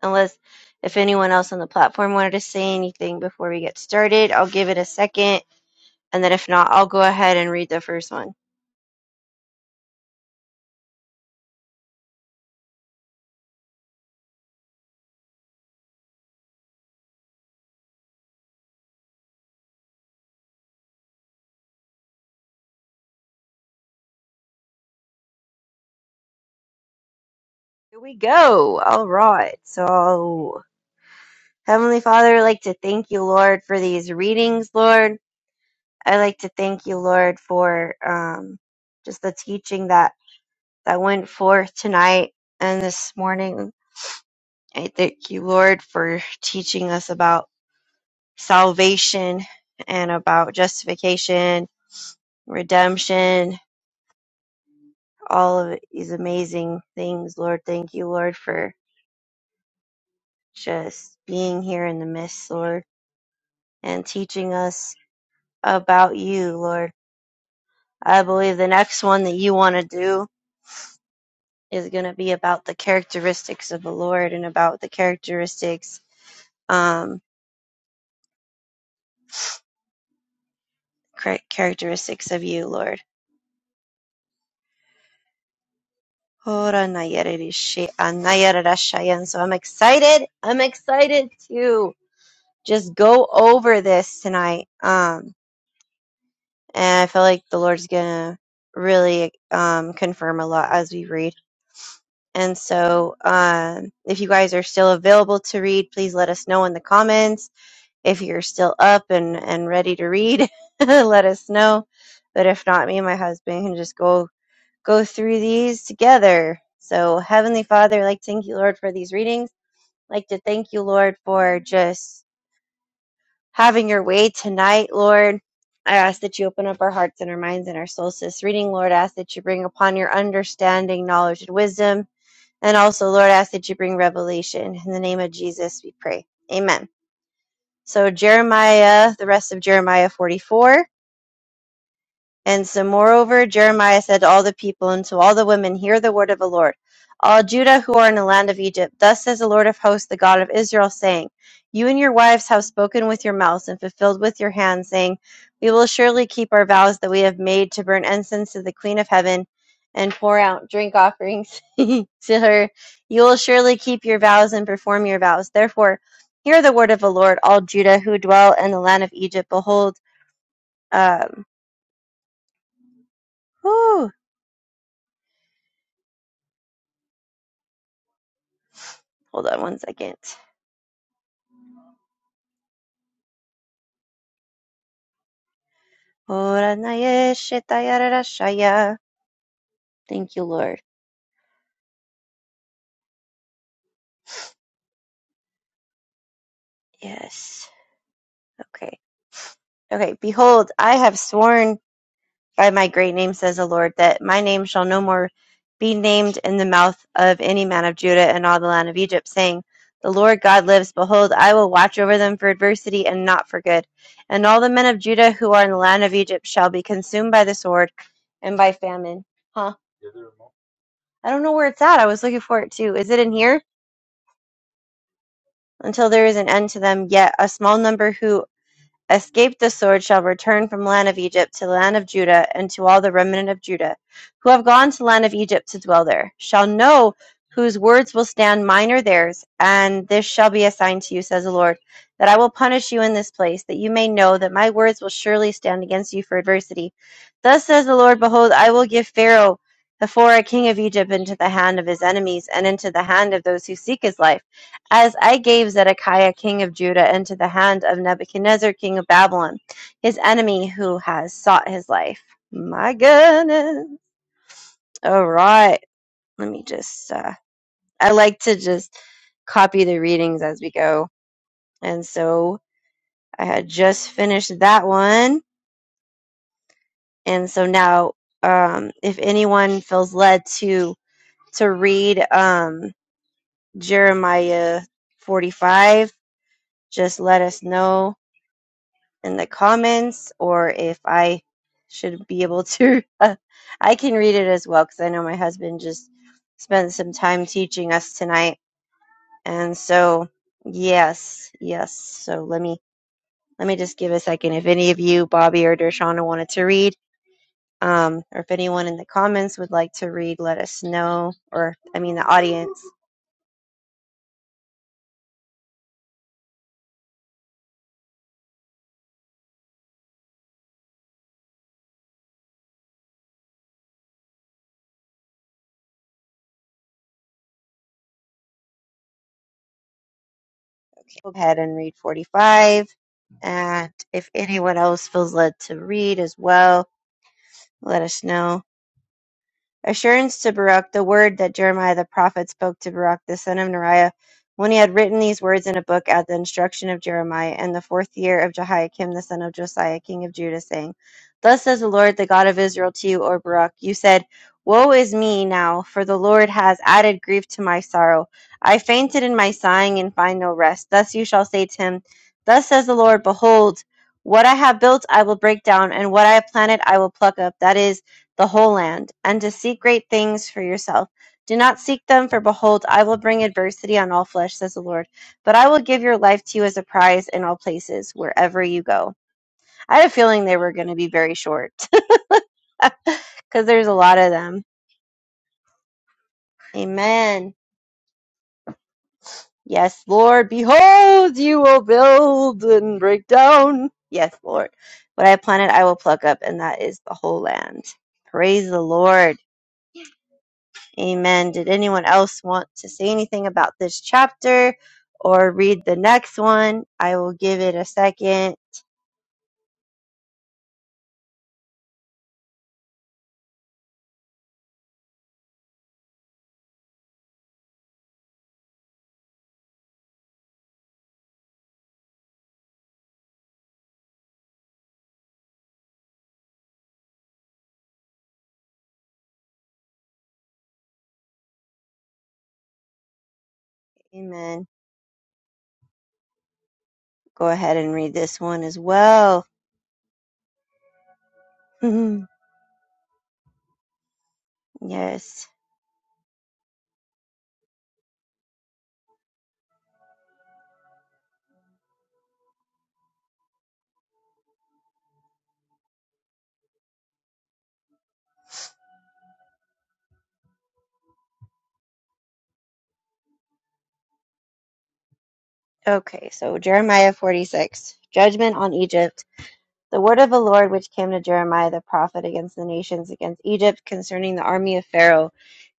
[SPEAKER 1] unless if anyone else on the platform wanted to say anything before we get started, I'll give it a second. And then if not, I'll go ahead and read the first one. Here we go. All right. So, Heavenly Father, I'd like to thank you, Lord, for these readings, Lord. I'd like to thank you, Lord, for um, just the teaching that, that went forth tonight and this morning. I thank you, Lord, for teaching us about salvation and about justification, redemption, all of these amazing things, Lord. Thank you, Lord, for just being here in the midst, Lord, and teaching us about you, Lord. I believe the next one that you want to do is going to be about the characteristics of the Lord and about the characteristics, um, char- characteristics of you, Lord. Ora nayaririshi, anayararashayan. So I'm excited. I'm excited to just go over this tonight. Um, and I feel like the Lord's gonna really um, confirm a lot as we read. And so, um, if you guys are still available to read, please let us know in the comments. If you're still up and and ready to read, let us know. But if not, me and my husband can just go go through these together. So, Heavenly Father, I'd like to thank you, Lord, for these readings. I'd like to thank you, Lord, for just having your way tonight, Lord. I ask that you open up our hearts and our minds and our souls to this reading, Lord. I ask that you bring upon your understanding, knowledge, and wisdom. And also, Lord, I ask that you bring revelation. In the name of Jesus, we pray. Amen. So, Jeremiah, the rest of Jeremiah 44. And so, moreover, Jeremiah said to all the people and to all the women, Hear the word of the Lord. All Judah who are in the land of Egypt, thus says the Lord of hosts, the God of Israel, saying, You and your wives have spoken with your mouths and fulfilled with your hands, saying, We will surely keep our vows that we have made to burn incense to the Queen of Heaven and pour out drink offerings to her. You will surely keep your vows and perform your vows. Therefore, hear the word of the Lord, all Judah who dwell in the land of Egypt. Behold, um, whew, Hold on one second. Thank you, Lord. Yes. Okay. Okay. Behold, I have sworn by my great name, says the Lord, that my name shall no more be named in the mouth of any man of Judah and all the land of Egypt, saying, The Lord God lives. Behold, I will watch over them for adversity and not for good. And all the men of Judah who are in the land of Egypt shall be consumed by the sword and by famine. Huh. I don't know where it's at. I was looking for it too. Is it in here? until there is an end to them. Yet a small number who escape the sword shall return from the land of Egypt to the land of Judah, and to all the remnant of Judah who have gone to the land of Egypt to dwell there shall know whose words will stand mine or theirs, and this shall be a sign to you, says the Lord, that I will punish you in this place, that you may know that my words will surely stand against you for adversity. Thus says the Lord, behold, I will give Pharaoh before a king of Egypt into the hand of his enemies and into the hand of those who seek his life as I gave Zedekiah king of Judah into the hand of Nebuchadnezzar king of Babylon, his enemy who has sought his life. My goodness. All right. Let me just, uh, I like to just copy the readings as we go. And so I had just finished that one. And so now, um, if anyone feels led to, to read, um, Jeremiah 45, just let us know in the comments or if I should be able to. uh, I can read it as well because I know my husband just spent some time teaching us tonight. And so, yes, yes. So let me let me just give a second. If any of you, Bobby or Dershana, wanted to read, um, or if anyone in the comments would like to read, let us know. Or I mean, the audience, go ahead and read 45. And if anyone else feels led to read as well, let us know. assurance to Baruch the word that Jeremiah the prophet spoke to Baruch the son of Neriah, when he had written these words in a book at the instruction of Jeremiah, in the fourth year of Jehoiakim the son of Josiah, king of Judah, saying, Thus says the Lord, the God of Israel, to you, O Baruch, you said, Woe is me now, for the Lord has added grief to my sorrow. I fainted in my sighing and find no rest. Thus you shall say to him, Thus says the Lord, Behold, what I have built I will break down, and what I have planted I will pluck up. That is, the whole land, and to seek great things for yourself. Do not seek them, for behold, I will bring adversity on all flesh, says the Lord. But I will give your life to you as a prize in all places, wherever you go. I had a feeling they were going to be very short, because there's a lot of them. Amen. Yes, Lord. Behold, you will build and break down. Yes, Lord. What I planted, I will pluck up, and that is the whole land. Praise the Lord. Amen. Did anyone else want to say anything about this chapter or read the next one? I will give it a second. Amen. Go ahead and read this one as well. yes. Okay, so Jeremiah 46, Judgment on Egypt. the word of the Lord which came to Jeremiah the prophet against the nations, against Egypt, concerning the army of Pharaoh,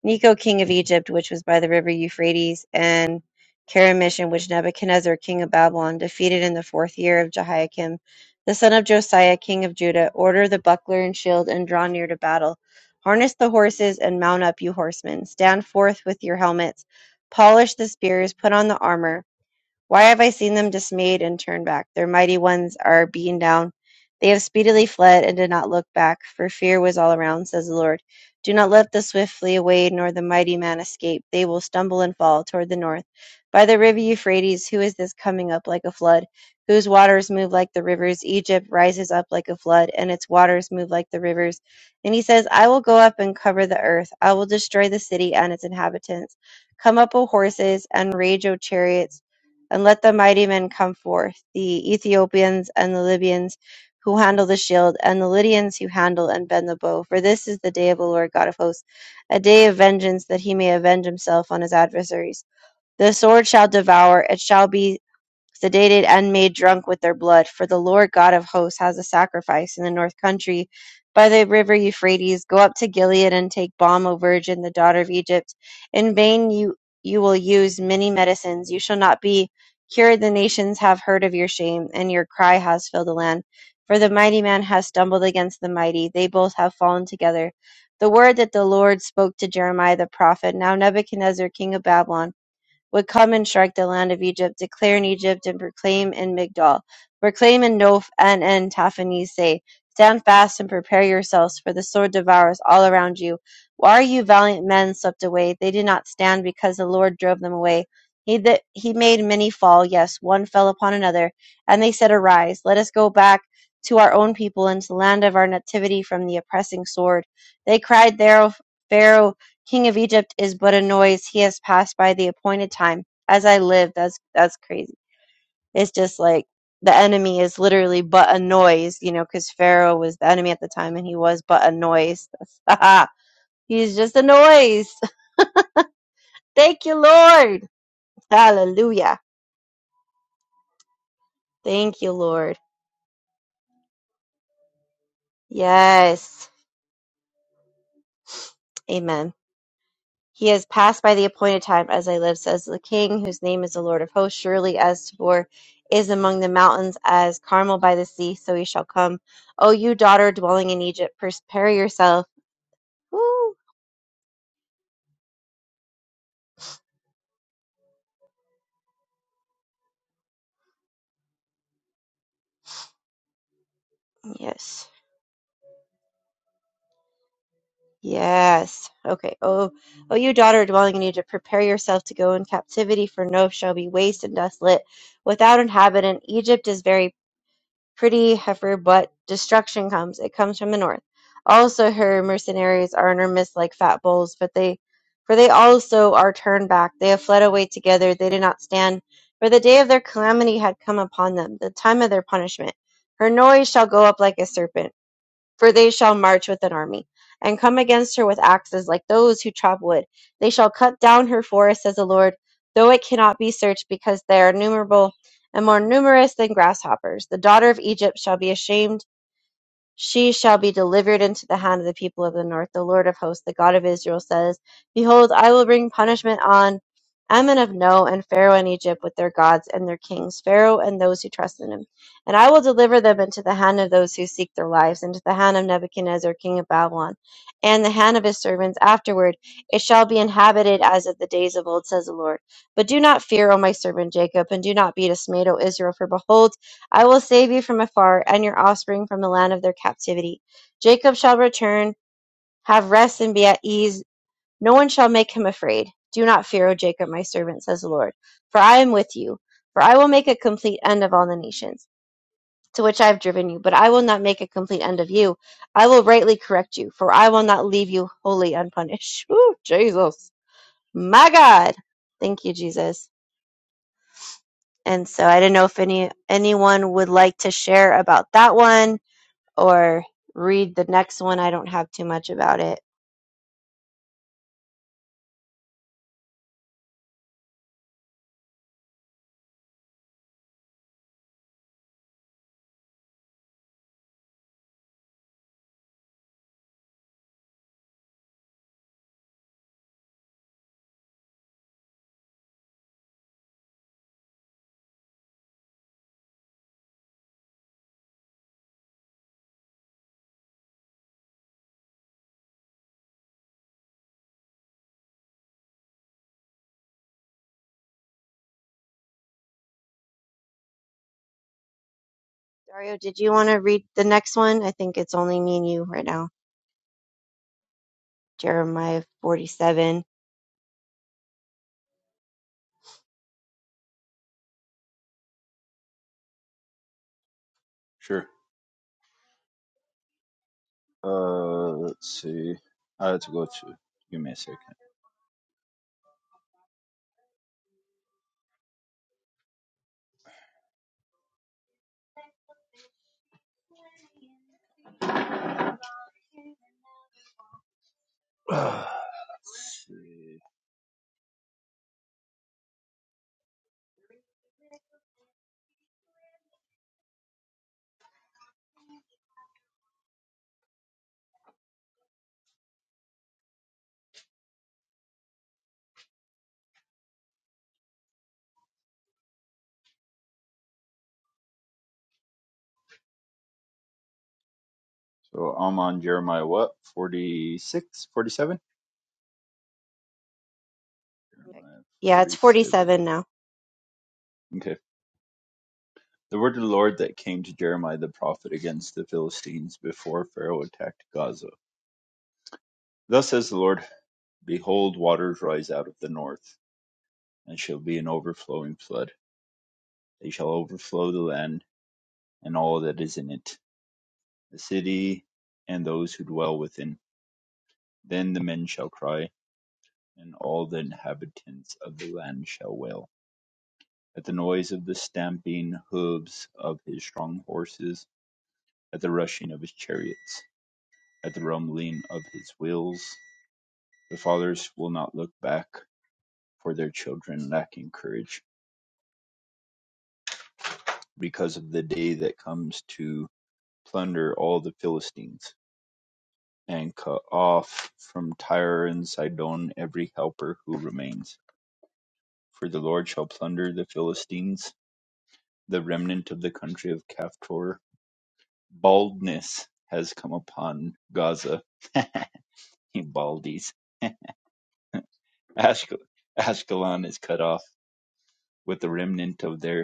[SPEAKER 1] Necho king of Egypt, which was by the river Euphrates, and Caramish, in which Nebuchadnezzar king of Babylon defeated in the fourth year of Jehoiakim, the son of Josiah king of Judah, order the buckler and shield, and draw near to battle. Harness the horses and mount up, you horsemen. Stand forth with your helmets. Polish the spears, put on the armor. Why have I seen them dismayed and turned back? Their mighty ones are beaten down. They have speedily fled and did not look back, for fear was all around, says the Lord. Do not let the swift flee away, nor the mighty man escape. They will stumble and fall toward the north. By the river Euphrates, who is this coming up like a flood? Whose waters move like the rivers? Egypt rises up like a flood, and its waters move like the rivers. And he says, I will go up and cover the earth. I will destroy the city and its inhabitants. Come up, O horses, and rage, O chariots and let the mighty men come forth, the Ethiopians and the Libyans who handle the shield, and the Lydians who handle and bend the bow. For this is the day of the Lord God of hosts, a day of vengeance, that he may avenge himself on his adversaries. The sword shall devour, it shall be sedated and made drunk with their blood. For the Lord God of hosts has a sacrifice in the north country by the river Euphrates. Go up to Gilead and take balm, O virgin, the daughter of Egypt. In vain you, you will use many medicines. You shall not be cured. The nations have heard of your shame, and your cry has filled the land. For the mighty man has stumbled against the mighty. They both have fallen together. The word that the Lord spoke to Jeremiah the prophet. Now Nebuchadnezzar, king of Babylon, would come and strike the land of Egypt, declare in Egypt and proclaim in Migdol, proclaim in Noph and in Taphanes, say, Stand fast and prepare yourselves, for the sword devours all around you. Why are you valiant men swept away? They did not stand because the Lord drove them away. He, that he made many fall, yes, one fell upon another, and they said, Arise, let us go back to our own people and to the land of our nativity from the oppressing sword. They cried, There, O Pharaoh, king of Egypt is but a noise. He has passed by the appointed time. As I live, that's that's crazy. It's just like the enemy is literally but a noise, you know, because Pharaoh was the enemy at the time, and he was but a noise. That's- He's just a noise. Thank you, Lord. Hallelujah. Thank you, Lord. Yes. Amen. He has passed by the appointed time, as I live, says the King, whose name is the Lord of hosts. Surely as Tabor is among the mountains, as Carmel by the sea, so he shall come. O you daughter dwelling in Egypt, prepare yourself. Woo! Yes. Yes. Okay. Oh, oh, you daughter dwelling in Egypt, prepare yourself to go in captivity, for Noph shall be waste and desolate, without inhabitant. Egypt is very pretty heifer, but destruction comes. It comes from the north. Also her mercenaries are in her midst like fat bulls, but they for they also are turned back. They have fled away together, they did not stand, for the day of their calamity had come upon them, the time of their punishment. Her noise shall go up like a serpent for they shall march with an army, and come against her with axes like those who chop wood. They shall cut down her forest, says the Lord, though it cannot be searched, because they are numerable and more numerous than grasshoppers. The daughter of Egypt shall be ashamed she shall be delivered into the hand of the people of the north. The Lord of hosts, the God of Israel, says, Behold, I will bring punishment on Ammon of No and Pharaoh in Egypt with their gods and their kings, Pharaoh and those who trust in him. And I will deliver them into the hand of those who seek their lives, into the hand of Nebuchadnezzar, king of Babylon, and the hand of his servants. Afterward, it shall be inhabited as of the days of old, says the Lord. But do not fear, O my servant Jacob, and do not be dismayed, O Israel, for behold, I will save you from afar, and your offspring from the land of their captivity. Jacob shall return, have rest, and be at ease. No one shall make him afraid. Do not fear, O Jacob, my servant, says the Lord, for I am with you. For I will make a complete end of all the nations to which I have driven you, but I will not make a complete end of you. I will rightly correct you, for I will not leave you wholly unpunished. Whew, Jesus, my God, thank you, Jesus. And so I didn't know if any anyone would like to share about that one or read the next one. I don't have too much about it. Dario, did you want to read the next one? I think it's only me and you right now. Jeremiah 47.
[SPEAKER 2] Sure. Uh, let's see. I have to go to. Give me a second. let's see. So I'm on Jeremiah what? 46, 47. Jeremiah
[SPEAKER 1] Yeah, it's
[SPEAKER 2] 47.
[SPEAKER 1] 47 now.
[SPEAKER 2] Okay. The word of the Lord that came to Jeremiah the prophet against the Philistines before Pharaoh attacked Gaza. Thus says the Lord Behold, waters rise out of the north, and shall be an overflowing flood. They shall overflow the land and all that is in it, the city and those who dwell within. Then the men shall cry, and all the inhabitants of the land shall wail. At the noise of the stamping hooves of his strong horses, at the rushing of his chariots At the rumbling of his wheels, the fathers will not look back, for their children lacking courage, because of the day that comes to plunder all the Philistines, and cut off from Tyre and Sidon every helper who remains. For the Lord shall plunder the Philistines, the remnant of the country of Caphtor. Baldness has come upon Gaza. He baldies. Ashkel- Ashkelon is cut off with the remnant of their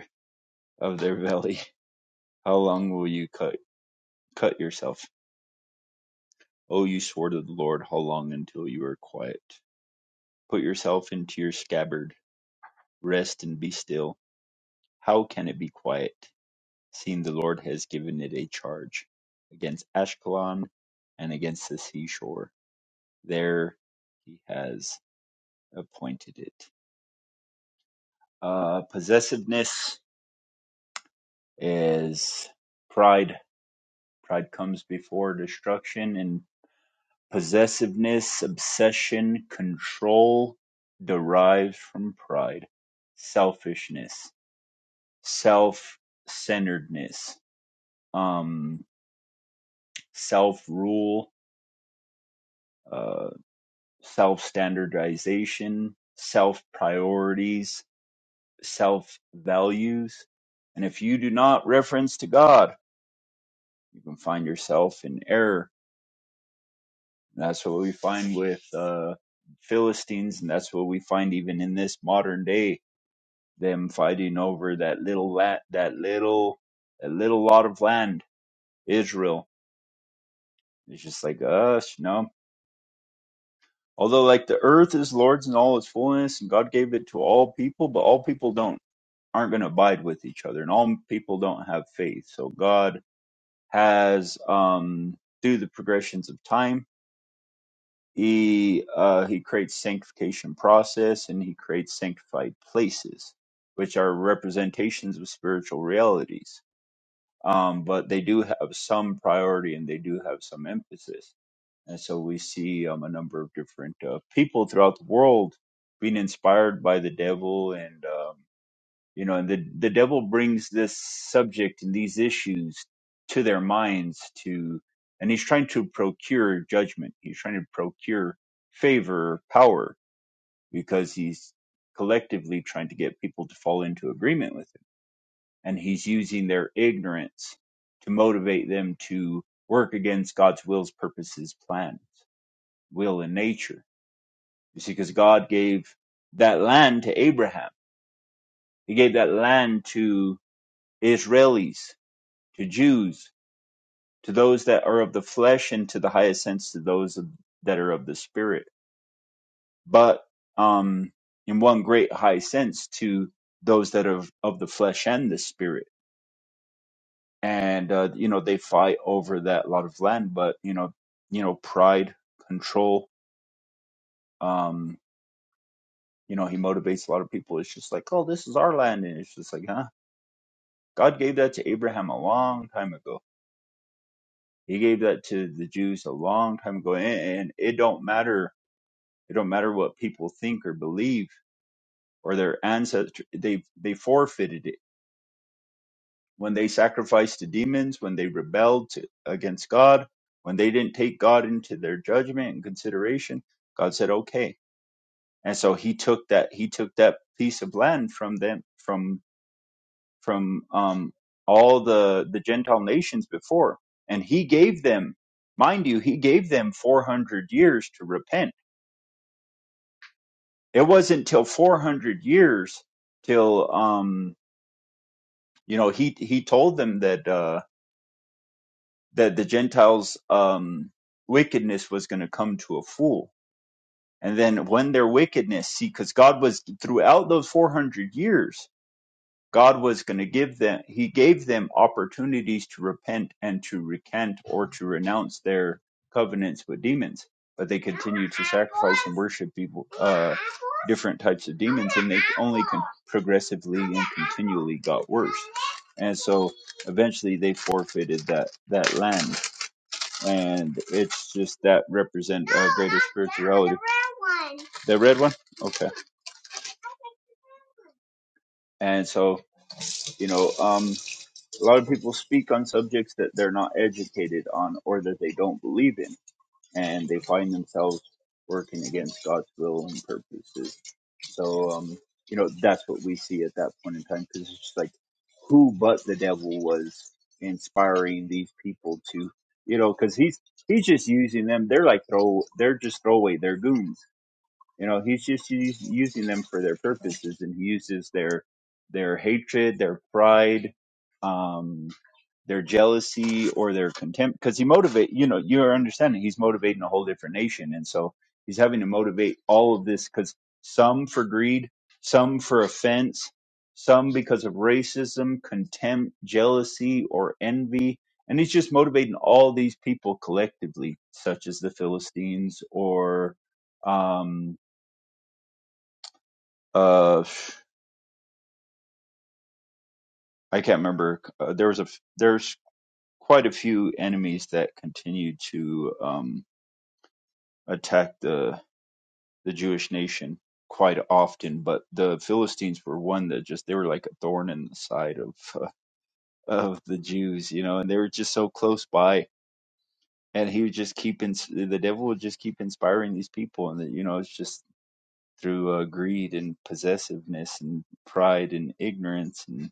[SPEAKER 2] of their belly. How long will you cut cut yourself? O you sword of the Lord, how long until you are quiet? Put yourself into your scabbard, rest and be still. How can it be quiet, seeing the Lord has given it a charge against Ashkelon and against the seashore? There he has appointed it. Uh, possessiveness is pride. Pride comes before destruction, and. Possessiveness, obsession, control derived from pride, selfishness, self-centeredness, um, self-rule, uh, self-standardization, self-priorities, self-values. And if you do not reference to God, you can find yourself in error. And That's what we find with uh, Philistines, and that's what we find even in this modern day them fighting over that little la- that little that little lot of land, Israel. It's just like us, you know. Although like the earth is Lord's and all its fullness, and God gave it to all people, but all people don't aren't going to abide with each other, and all people don't have faith. So God has um through the progressions of time, he uh he creates sanctification process and he creates sanctified places, which are representations of spiritual realities um, but they do have some priority and they do have some emphasis. And so we see um, a number of different uh, people throughout the world being inspired by the devil, and um, you know, and the the devil brings this subject and these issues to their minds to, and he's trying to procure judgment. He's trying to procure favor, power, because he's collectively trying to get people to fall into agreement with him and he's using their ignorance to motivate them to work against God's wills, purposes, plans, will, and nature. You see, because God gave that land to Abraham, He gave that land to Israelis, to Jews, to those that are of the flesh, and to the highest sense to those of, that are of the spirit. But um, in one great high sense, to those that are of, of the flesh and the spirit and uh, you know they fight over that lot of land but you know you know pride control um you know he motivates a lot of people it's just like oh this is our land and it's just like huh god gave that to abraham a long time ago he gave that to the jews a long time ago and, and it don't matter it don't matter what people think or believe or their ancestors they they forfeited it when they sacrificed to demons, when they rebelled to, against God, when they didn't take God into their judgment and consideration, God said, "Okay." And so He took that He took that piece of land from them from from um, all the the Gentile nations before, and He gave them, mind you, He gave them 400 years to repent. It wasn't till 400 years till um, you know He He told them that. Uh, that the Gentiles' um, wickedness was going to come to a full. And then when their wickedness, see, because God was throughout those 400 years, God was going to give them, He gave them opportunities to repent and to recant or to renounce their covenants with demons. But they continued to sacrifice and worship people, uh, different types of demons, and they only con- progressively and continually got worse. And so eventually they forfeited that, that land and it's just that represent uh, greater spirituality. The red one, okay. And so you know, um, a lot of people speak on subjects that they're not educated on or that they don't believe in, and they find themselves working against God's will and purposes. So um, you know, that's what we see at that point in time because it's just like who but the devil was inspiring these people to, you know, because he's he's just using them. They're like throw, they're just throwaway, they're goons You know, he's just u- using them for their purposes, and he uses their their hatred, their pride, um, their jealousy, or their contempt. Because he motivate, you know, you're understanding he's motivating a whole different nation, and so he's having to motivate all of this because some for greed, some for offense, some because of racism, contempt, jealousy, or envy. And he's just motivating all these people collectively, such as the Philistines or um, uh, I can't remember. Uh, there was a f- there's quite a few enemies that continued to um, attack the the Jewish nation quite often, but the Philistines were one that just they were like a thorn in the side of uh, of the Jews, you know, and they were just so close by. And he would just keep ins- the devil would just keep inspiring these people, and that you know, it's just through uh, greed and possessiveness and pride and ignorance and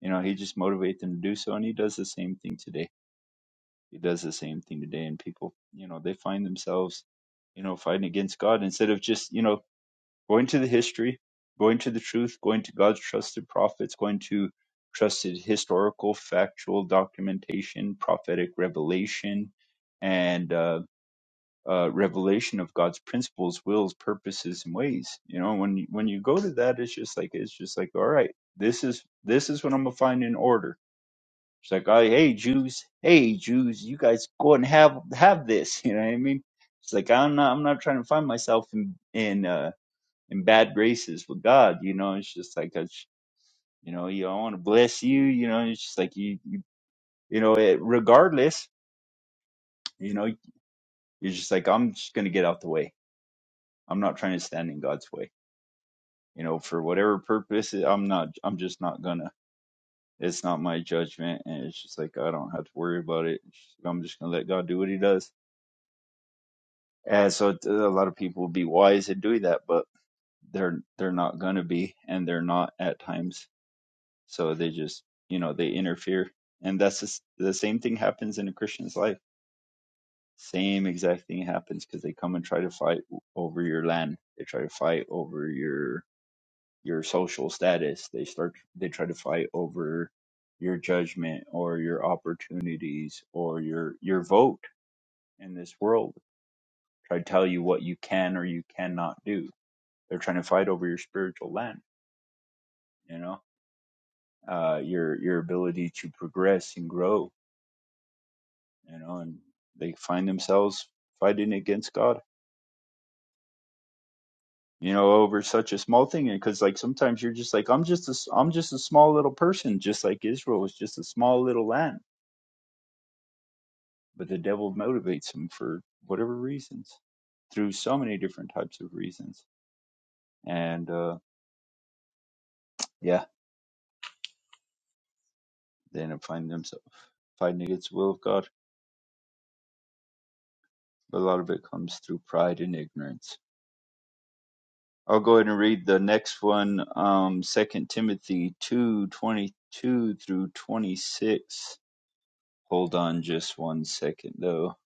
[SPEAKER 2] you know he just motivate them to do so and he does the same thing today He does the same thing today, and people, you know, they find themselves, you know, fighting against God instead of just, you know, going to the history, going to the truth, going to God's trusted prophets, going to trusted historical, factual documentation, prophetic revelation, and uh, uh, revelation of God's principles, wills, purposes, and ways. You know, when you- when you go to that, it's just like it's just like, all right, this is this is what I'm gonna find in order She's like, "Oh, hey Jews, hey Jews, you guys go and have have this. You know what I mean? She's like, I'm not, I'm not trying to find myself in in uh, in bad graces with God. You know, it's just like, that's- you know, you I want to bless you. You know, it's just like you, you, you know, it, regardless, you know, you're just like, I'm just gonna get out the way. I'm not trying to stand in God's way. You know, for whatever purpose, I'm not, I'm just not gonna. It's not my judgment, and it's just like I don't have to worry about it. It's just- like, I'm just gonna let God do what He does And so a lot of people would be wise in doing that, but they're they're not going to be, and they're not at times. So they just you know they interfere, and that's the the same thing happens in a Christian's life. Same exact thing happens because they come and try to fight over your land. They try to fight over your your social status. They start they try to fight over your judgment or your opportunities or your your vote in this world. Try to tell you what you can or you cannot do They're trying to fight over your spiritual land, you know, uh, your your ability to progress and grow, you know, and they find themselves fighting against God, you know, over such a small thing. And because like sometimes you're just like I'm just a s- I'm just a small little person, just like Israel was just a small little land, but the devil motivates them for whatever reasons, through so many different types of reasons, and uh, yeah, they end up finding themselves fighting against the will of God. But a lot of it comes through pride and ignorance I'll go ahead and read the next one, um, 2 Timothy two twenty two through 26. Hold on just one second, though.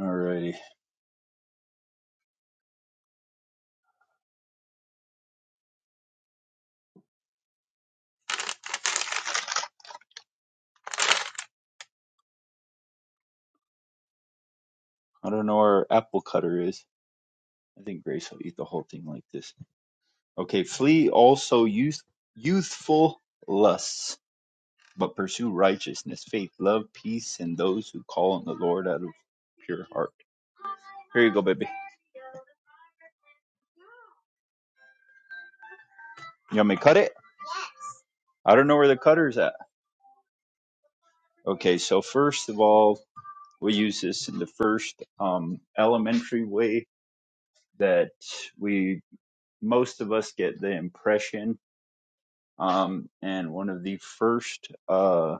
[SPEAKER 2] Alrighty. I don't know where our apple cutter is. I think Grace will eat the whole thing like this. Okay, flee also youth, youthful lusts, but pursue righteousness, faith, love, peace, and those who call on the Lord out of pure heart. Here you go, baby. You want me to cut it? I don't know where the cutter's at. Okay, so first of all, we use this in the first um, elementary way that we most of us get the impression um, and one of the first uh,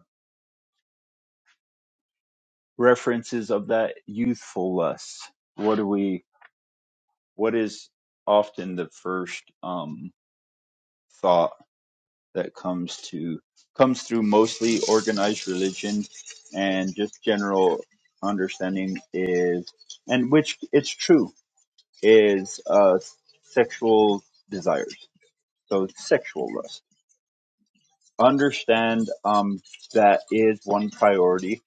[SPEAKER 2] references of that youthful lust what do we what is often the first um, thought that comes to comes through mostly organized religion and just general understanding is and which it's true is uh, sexual desires, so sexual lust. Understand um, that is one priority,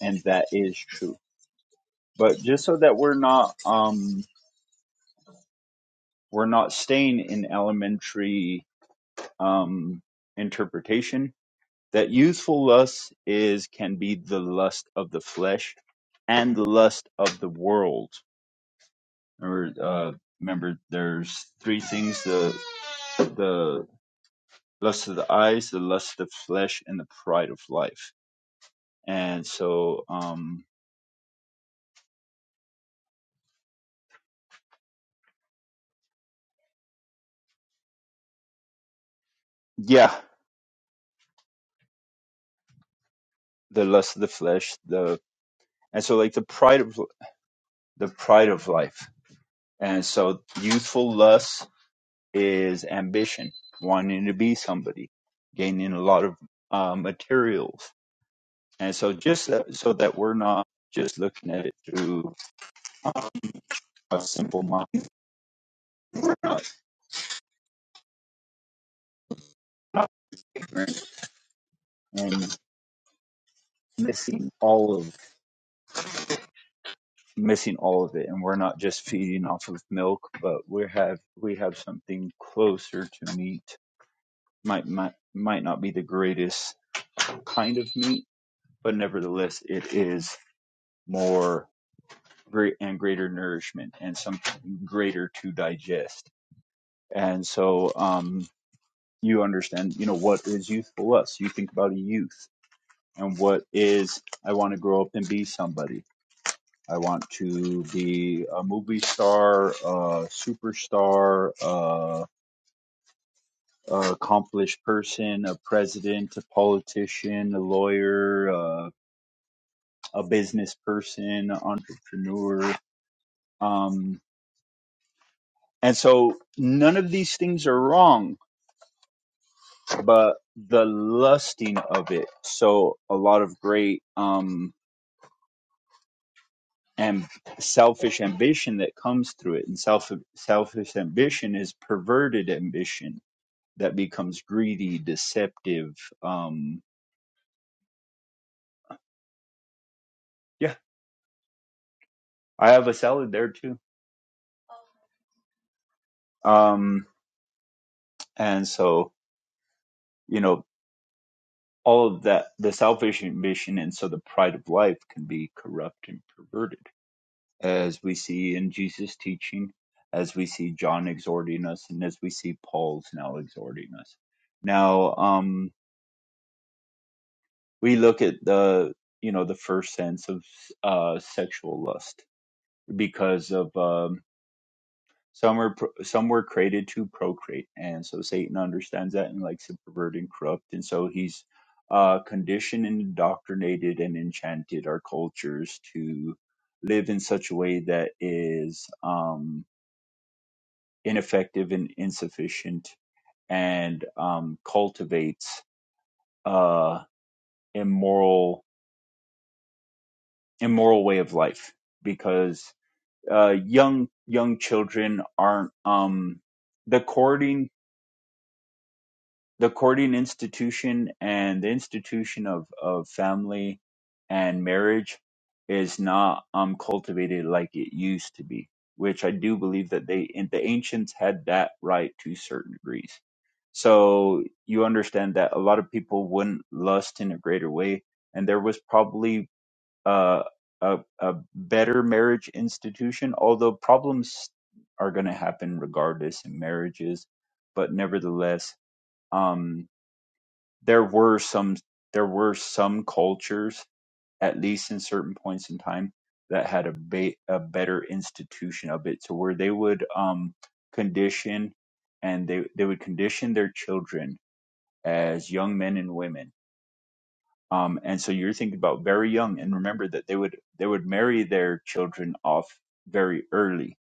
[SPEAKER 2] and that is true. But just so that we're not um, we're not staying in elementary um, interpretation, that youthful lust is can be the lust of the flesh and the lust of the world. Remember, uh, remember, there's three things the the lust of the eyes, the lust of the flesh, and the pride of life. And so, um, yeah, the lust of the flesh, the and so like the pride of the pride of life. And so, youthful lust is ambition, wanting to be somebody, gaining a lot of uh, materials. And so, just that, so that we're not just looking at it through a simple mind, not, not ignorant and missing all of missing all of it and we're not just feeding off of milk but we have we have something closer to meat might might might not be the greatest kind of meat but nevertheless it is more great and greater nourishment and something greater to digest and so um you understand you know what is youthful us you think about a youth and what is i want to grow up and be somebody I want to be a movie star, a superstar, a, a accomplished person, a president, a politician, a lawyer, a, a business person, an entrepreneur. Um, and so none of these things are wrong, but the lusting of it. So a lot of great um, and selfish ambition that comes through it, and self selfish ambition is perverted ambition that becomes greedy, deceptive. Um, yeah, I have a salad there too. Um, and so, you know, all of that, the selfish ambition and so the pride of life can be corrupt and perverted, as we see in Jesus' teaching, as we see John exhorting us, and as we see Paul's now exhorting us. Now, um, we look at the, you know, the first sense of uh, sexual lust because of. um Some are pro- some were created to procreate, and so Satan understands that and likes to pervert and corrupt, and so he's uh, conditioned and indoctrinated and enchanted our cultures to live in such a way that is um, ineffective and insufficient, and um, cultivates uh, immoral immoral way of life because uh, young young children aren't um, the courting the courting institution and the institution of, of family and marriage is not um, cultivated like it used to be, which I do believe that they and the ancients had that right to certain degrees. So you understand that a lot of people wouldn't lust in a greater way, and there was probably uh, a a better marriage institution, although problems are going to happen regardless in marriages, but nevertheless. Um, there were some there were some cultures at least in certain points in time that had a, ba- a better institution of it to where they would um condition and they they would condition their children as young men and women um and so you're thinking about very young and remember that they would they would marry their children off very early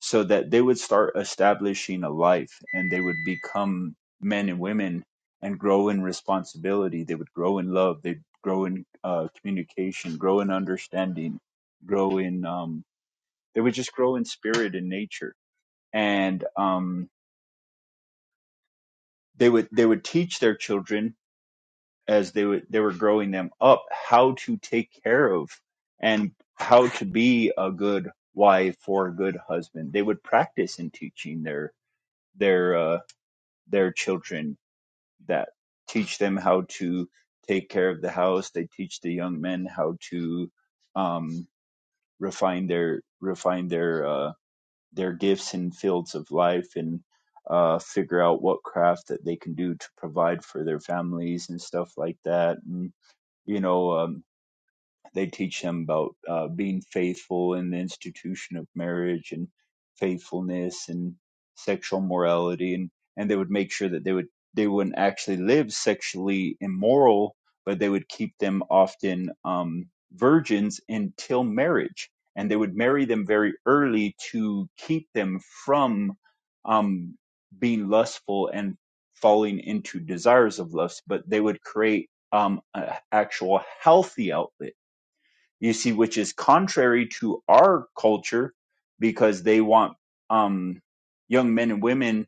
[SPEAKER 2] so that they would start establishing a life and they would become men and women and grow in responsibility. They would grow in love. They'd grow in uh, communication, grow in understanding, grow in, um, they would just grow in spirit and nature. And um, they would, they would teach their children as they would, they were growing them up how to take care of and how to be a good wife or a good husband. They would practice in teaching their, their, uh. their children that teach them how to take care of the house they teach the young men how to um, refine their refine their uh, their gifts in fields of life and uh, figure out what craft that they can do to provide for their families and stuff like that and you know um, they teach them about uh, being faithful in the institution of marriage and faithfulness and sexual morality and and they would make sure that they would they wouldn't actually live sexually immoral but they would keep them often um, virgins until marriage and they would marry them very early to keep them from um, being lustful and falling into desires of lust but they would create um, an actual healthy outlet you see, which is contrary to our culture because they want um, young men and women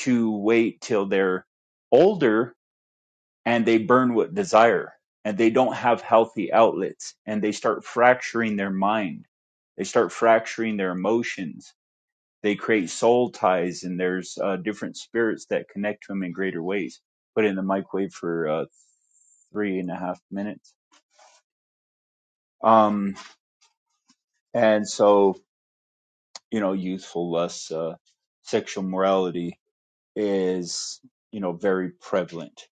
[SPEAKER 2] to wait till they're older and they burn with desire and they don't have healthy outlets and they start fracturing their mind. They start fracturing their emotions. They create soul ties and there's uh, different spirits that connect to them in greater ways. Put it in the microwave for uh, three and a half minutes. Um, and so you know, youthful lusts, uh, sexual morality is, you know, very prevalent.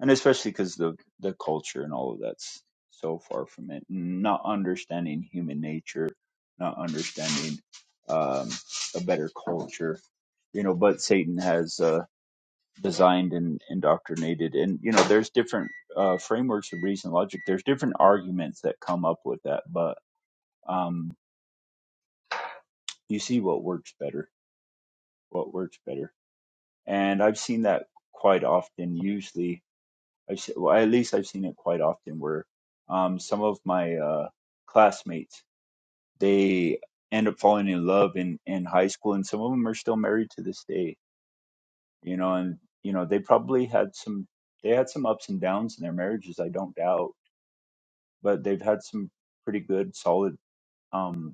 [SPEAKER 2] And especially because the, the culture and all of that's so far from it. and Not understanding human nature, not understanding um, a better culture, you know, but Satan has uh, designed and indoctrinated. And, you know, there's different uh, frameworks of reason, logic. There's different arguments that come up with that, but um, you see what works better, what works better and I've seen that quite often. Usually, I've se- well, at least I've seen it quite often where um, some of my uh, classmates they end up falling in love in in high school, and some of them are still married to this day. You know, and you know they probably had some they had some ups and downs in their marriages, I don't doubt, but they've had some pretty good, solid. Um,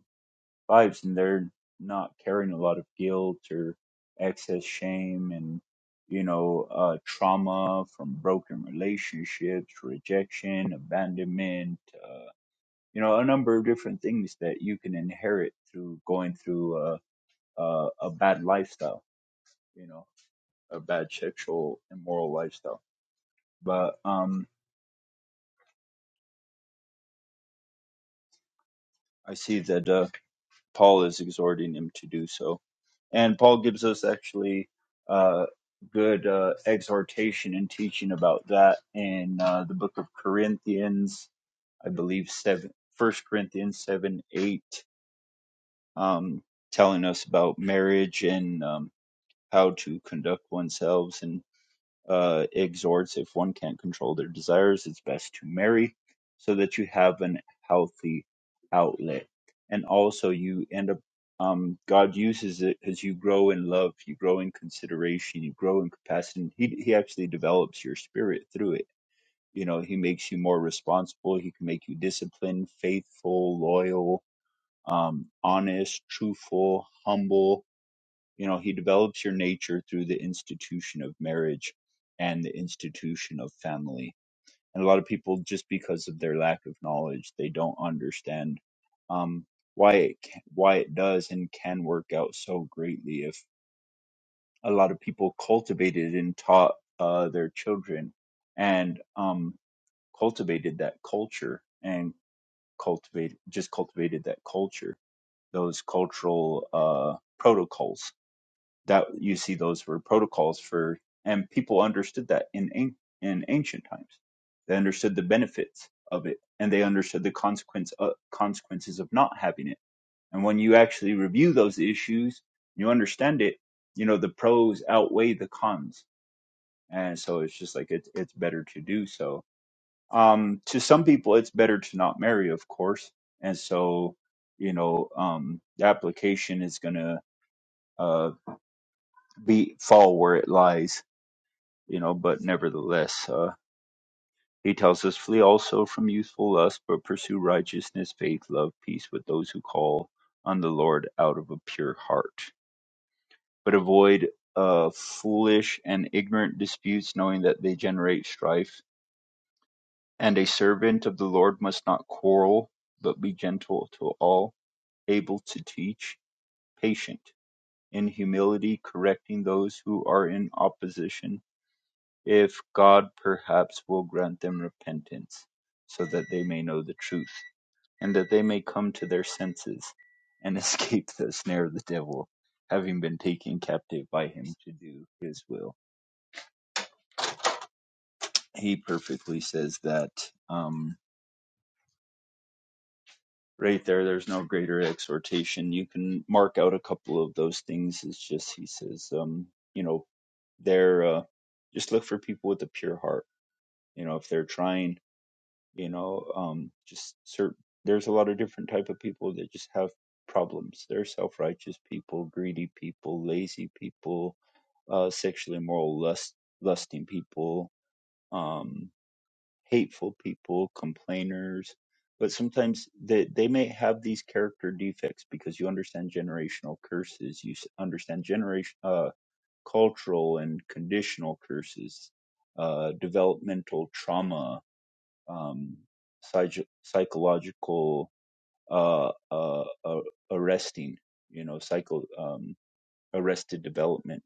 [SPEAKER 2] vibes and they're not carrying a lot of guilt or excess shame and you know uh trauma from broken relationships rejection abandonment uh you know a number of different things that you can inherit through going through a a, a bad lifestyle you know a bad sexual immoral lifestyle but um i see that uh Paul is exhorting him to do so. And Paul gives us actually uh, good uh, exhortation and teaching about that in uh, the book of Corinthians, I believe, seven, First Corinthians 7 8, um, telling us about marriage and um, how to conduct oneself and uh, exhorts if one can't control their desires, it's best to marry so that you have an healthy outlet. And also, you end up, um, God uses it as you grow in love, you grow in consideration, you grow in capacity. He, he actually develops your spirit through it. You know, He makes you more responsible, He can make you disciplined, faithful, loyal, um, honest, truthful, humble you know, he develops your nature through the institution of marriage and the institution of family. And a lot of people, just because of their lack of knowledge, they don't understand um, why it can, why it does and can work out so greatly if a lot of people cultivated and taught uh, their children and um, cultivated that culture and cultivate just cultivated that culture, those cultural uh, protocols that you see those were protocols for and people understood that in an- in ancient times they understood the benefits of it and they understood the consequence uh, consequences of not having it and when you actually review those issues you understand it you know the pros outweigh the cons and so it's just like it's it's better to do so um to some people it's better to not marry of course and so you know um the application is going to uh be fall where it lies you know, but nevertheless, uh, he tells us, flee also from youthful lust, but pursue righteousness, faith, love, peace with those who call on the Lord out of a pure heart. But avoid uh, foolish and ignorant disputes, knowing that they generate strife. And a servant of the Lord must not quarrel, but be gentle to all, able to teach, patient, in humility, correcting those who are in opposition if God perhaps will grant them repentance, so that they may know the truth, and that they may come to their senses and escape the snare of the devil, having been taken captive by him to do his will. He perfectly says that um, right there. There's no greater exhortation. You can mark out a couple of those things. It's just, he says, um, you know, they're, uh, just look for people with a pure heart. You know, if they're trying you know um just certain there's a lot of different type of people that just have problems they're self-righteous people greedy people lazy people uh sexually immoral lust lusting people um hateful people complainers but sometimes they they may have these character defects because you understand generational curses you s- understand generation uh cultural and conditional curses uh developmental trauma um, psych- psychological uh, uh, uh, arresting, you know, psycho um, arrested development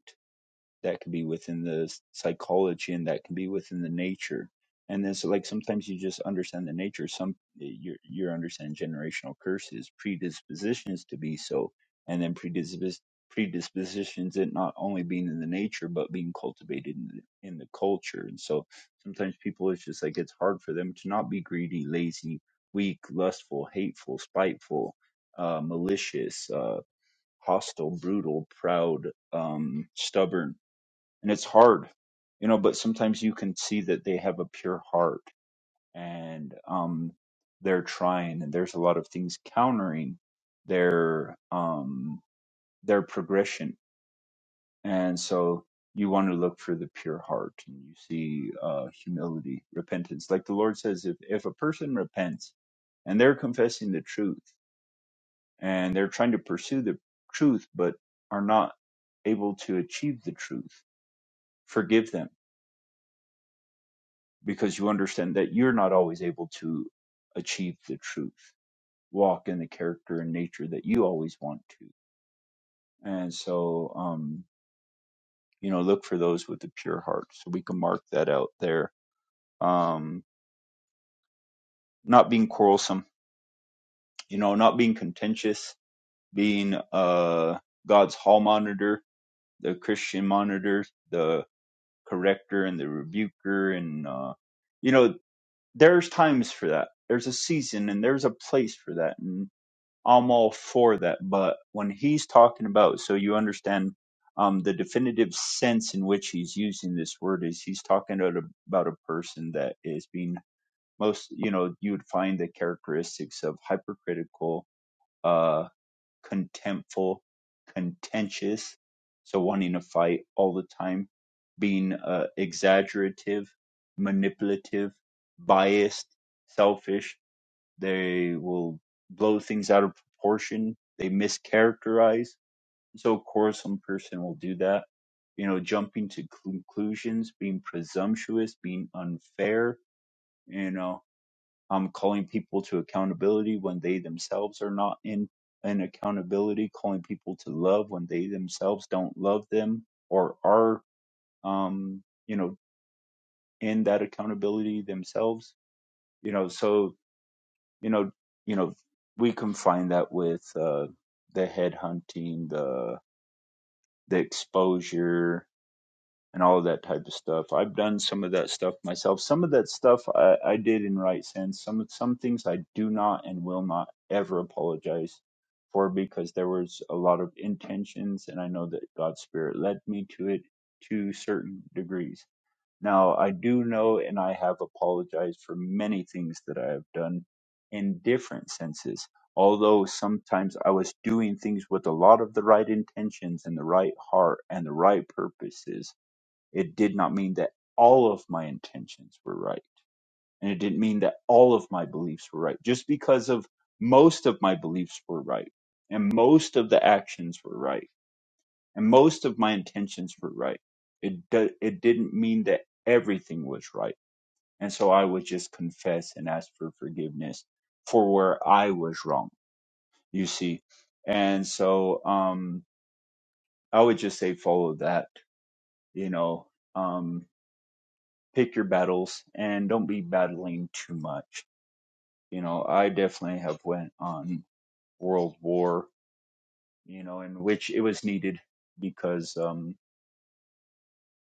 [SPEAKER 2] that can be within the psychology and that can be within the nature and then so like sometimes you just understand the nature some you're you're understanding generational curses predispositions to be so and then predispos predispositions it not only being in the nature but being cultivated in the, in the culture and so sometimes people it's just like it's hard for them to not be greedy lazy weak lustful hateful spiteful uh malicious uh hostile brutal proud um stubborn and it's hard you know but sometimes you can see that they have a pure heart and um they're trying and there's a lot of things countering their um their progression and so you want to look for the pure heart and you see uh humility repentance like the lord says if if a person repents and they're confessing the truth and they're trying to pursue the truth but are not able to achieve the truth forgive them because you understand that you're not always able to achieve the truth, walk in the character and nature that you always want to. And so, um, you know, look for those with a pure heart. So we can mark that out there. Um, not being quarrelsome, you know, not being contentious, being uh, God's hall monitor, the Christian monitor, the corrector and the rebuker. And, uh, you know, there's times for that. There's a season and there's a place for that. I'm all for that. But when he's talking about, so you understand um, the definitive sense in which he's using this word is he's talking about a, about a person that is being most, you know, you would find the characteristics of hypercritical, uh, contemptful, contentious, so wanting to fight all the time, being uh, exaggerative, manipulative, biased, selfish, they will blow things out of proportion. They mischaracterize. So, of course, some person will do that. You know, jumping to conclusions, being presumptuous, being unfair. You know, um, calling people to accountability when they themselves are not in an accountability. Calling people to love when they themselves don't love them or are, um, you know, in that accountability themselves. You know, so you know you know we can find that with uh the headhunting the the exposure and all of that type of stuff i've done some of that stuff myself some of that stuff i, I did in right sense some some things i do not and will not ever apologize for because there was a lot of intentions and i know that god's spirit led me to it to certain degrees now, I do know and I have apologized for many things that I have done in different senses, although sometimes I was doing things with a lot of the right intentions and the right heart and the right purposes. It did not mean that all of my intentions were right. And it didn't mean that all of my beliefs were right. Just because of most of my beliefs were right and most of the actions were right and most of my intentions were right. It, do- it didn't mean that everything was right and so I would just confess and ask for forgiveness for where I was wrong, you see. And so um I would just say follow that, you know, um pick your battles and don't be battling too much. You know, I definitely have went on world war, you know, in which it was needed because um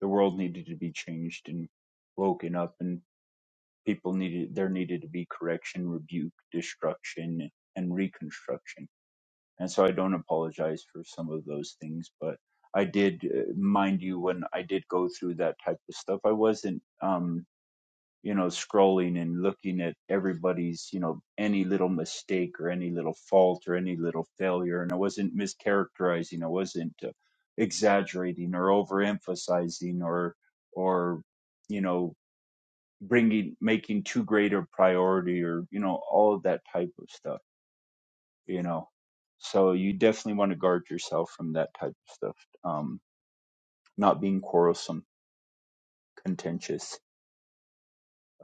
[SPEAKER 2] the world needed to be changed and woken up and people needed there needed to be correction, rebuke, destruction and reconstruction and so I don't apologize for some of those things. But I did, uh, mind you, when I did go through that type of stuff, I wasn't, um, you know, scrolling and looking at everybody's, you know, any little mistake or any little fault or any little failure, and I wasn't mischaracterizing, I wasn't uh, exaggerating or overemphasizing or, or, you know bringing making too great a priority or you know all of that type of stuff you know. So you definitely want to guard yourself from that type of stuff. Um, not being quarrelsome, contentious,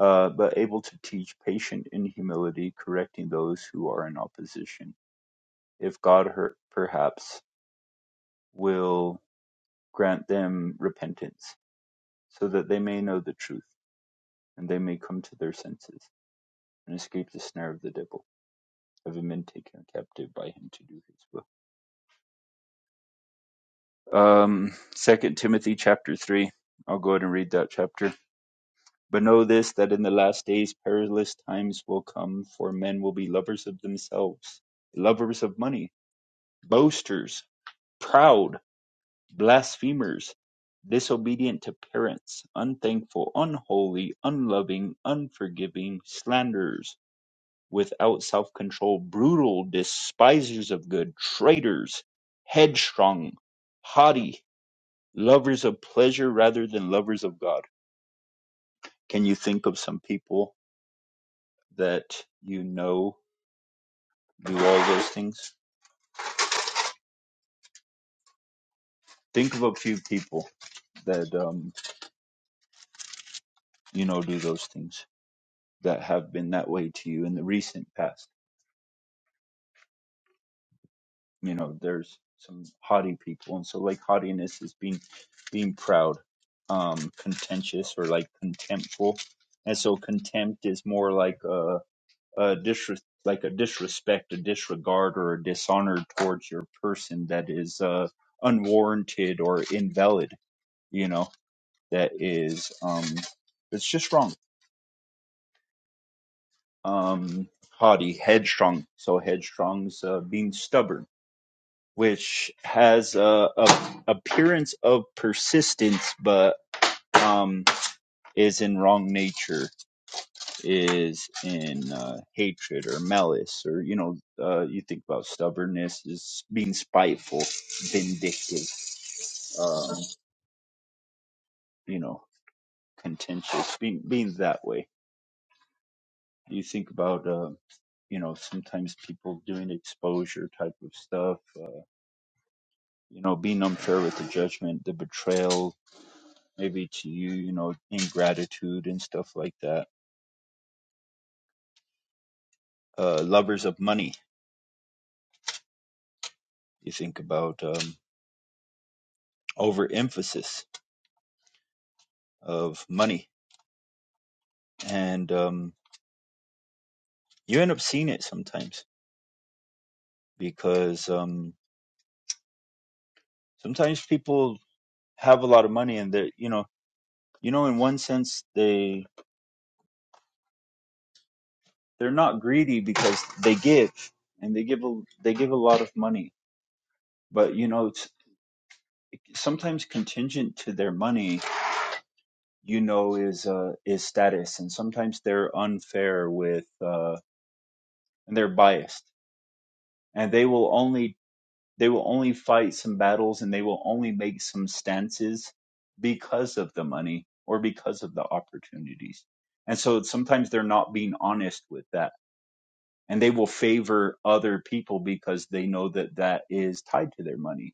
[SPEAKER 2] uh, but able to teach patient in humility, correcting those who are in opposition. If God hurt, perhaps will grant them repentance, so that they may know the truth and they may come to their senses and escape the snare of the devil, having been taken captive by him to do his will. Um, Second Timothy chapter three. I'll go ahead and read that chapter. But know this that in the last days perilous times will come, for men will be lovers of themselves, lovers of money, boasters, proud, blasphemers, disobedient to parents, unthankful, unholy, unloving, unforgiving, slanderers, without self control, brutal, despisers of good, traitors, headstrong, haughty, lovers of pleasure rather than lovers of God. Can you think of some people? that you know do all those things? Think of a few people that um, you know do those things that have been that way to you in the recent past. You know, there's some haughty people, and so like haughtiness is being being proud, um, contentious or like contemptful, and so contempt is more like a, a disres- like a disrespect, a disregard, or a dishonor towards your person that is uh, unwarranted or invalid. You know, that is um it's just wrong um haughty headstrong so headstrong's uh, being stubborn which has a, a appearance of persistence but um is in wrong nature is in uh, hatred or malice or you know uh, you think about stubbornness is being spiteful vindictive um you know contentious being being that way You think about, uh, you know, sometimes people doing exposure type of stuff, uh, you know, being unfair with the judgment, the betrayal, maybe to you, you know, ingratitude and stuff like that. Uh, lovers of money. You think about um, overemphasis of money. And um, you end up seeing it sometimes because um, sometimes people have a lot of money and they're, you know, you know, in one sense, they. they're not greedy because they give and they give a, they give a lot of money but you know it's sometimes contingent to their money you know is uh is status and sometimes they're unfair with uh and they're biased and they will only they will only fight some battles and they will only make some stances because of the money or because of the opportunities and so sometimes they're not being honest with that and they will favor other people because they know that that is tied to their money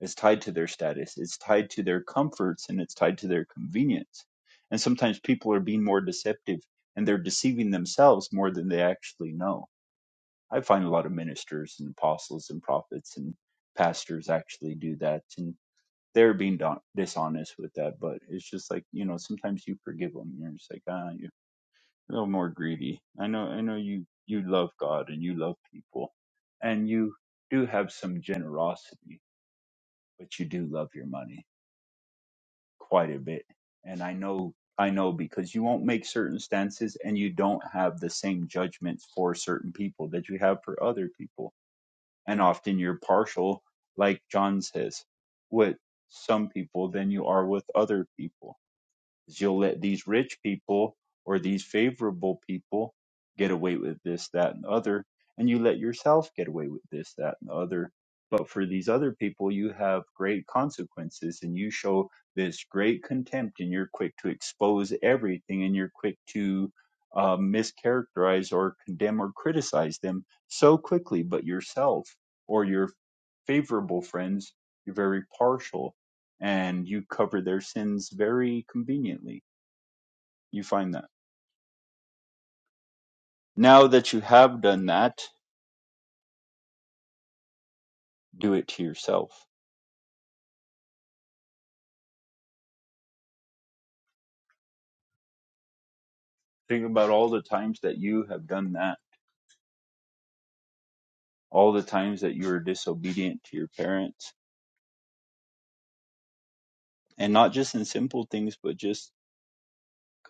[SPEAKER 2] it's tied to their status it's tied to their comforts and it's tied to their convenience and sometimes people are being more deceptive and they're deceiving themselves more than they actually know i find a lot of ministers and apostles and prophets and pastors actually do that and they're being don- dishonest with that but it's just like you know sometimes you forgive them you're just like ah a little more greedy. I know, I know you, you love God and you love people and you do have some generosity, but you do love your money quite a bit. And I know, I know because you won't make certain stances and you don't have the same judgments for certain people that you have for other people. And often you're partial, like John says, with some people than you are with other people is you'll let these rich people or these favorable people get away with this, that, and other, and you let yourself get away with this, that, and other. But for these other people, you have great consequences, and you show this great contempt, and you're quick to expose everything, and you're quick to uh, mischaracterize or condemn or criticize them so quickly. But yourself or your favorable friends, you're very partial, and you cover their sins very conveniently you find that. Now that you have done that, do it to yourself. Think about all the times that you have done that, all the times that you were disobedient to your parents, and not just in simple things, but just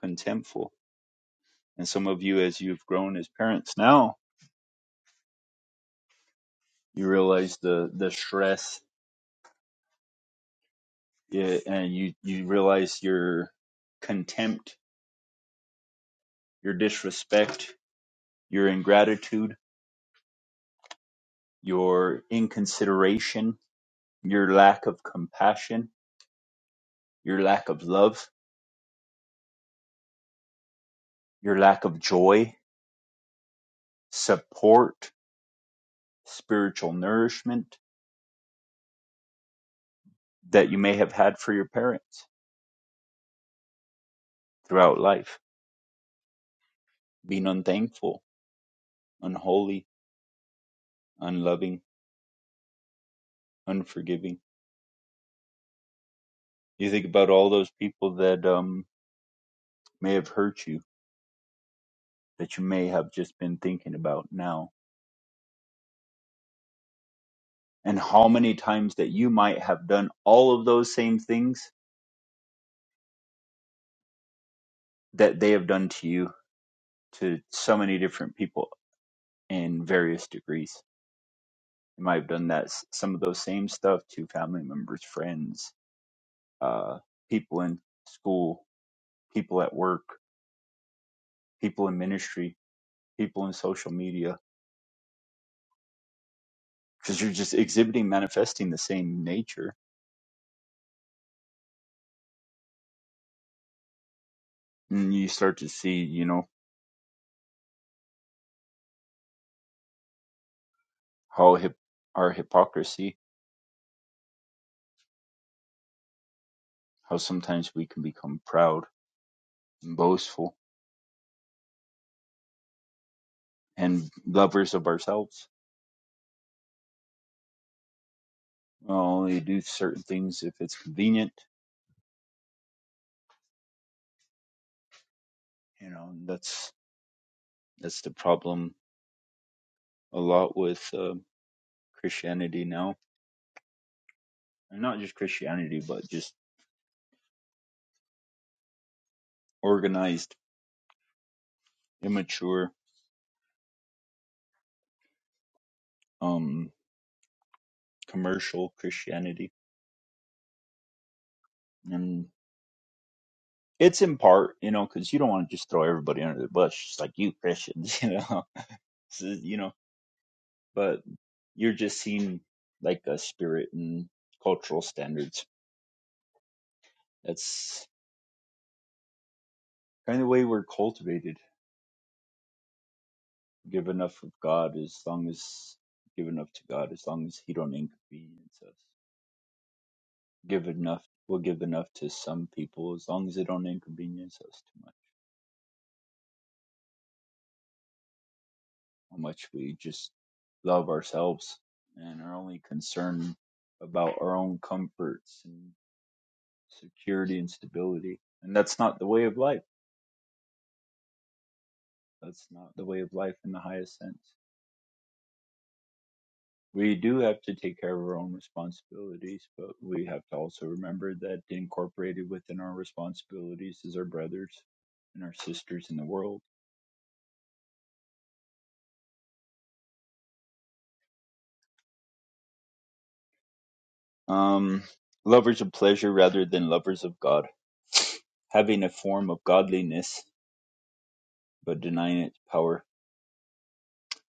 [SPEAKER 2] contemptful. And some of you, as you've grown as parents now, you realize the the stress, eh, and you you realize your contempt, your disrespect, your ingratitude, your inconsideration, your lack of compassion, your lack of love your lack of joy, support, spiritual nourishment that you may have had for your parents throughout life, being unthankful, unholy, unloving, unforgiving. You think about all those people that um, may have hurt you, that you may have just been thinking about now, and how many times that you might have done all of those same things that they have done to you, to so many different people in various degrees you might have done that s- some of those same stuff to family members friends uh people in school people at work people in ministry people in social media because you're just exhibiting manifesting the same nature and you start to see you know how hip, our hypocrisy how sometimes we can become proud and boastful and lovers of ourselves we only do certain things if it's convenient you know that's that's the problem a lot with uh, Christianity now, and not just Christianity, but just organized, immature, um, commercial Christianity. And it's in part, you know, because you don't want to just throw everybody under the bus, just like you Christians, you know, so, you know. But you're just seeing like a spirit and cultural standards. That's kind of the way we're cultivated. Give enough of God as long as give enough to God as long as He don't inconvenience us. give enough we'll give enough to some people as long as they don't inconvenience us too much how much we just love ourselves and are only concerned about our own comforts and security and stability and that's not the way of life that's not the way of life in the highest sense we do have to take care of our own responsibilities but we have to also remember that incorporated within our responsibilities is our brothers and our sisters in the world Um, lovers of pleasure rather than lovers of God, having a form of godliness but denying its power,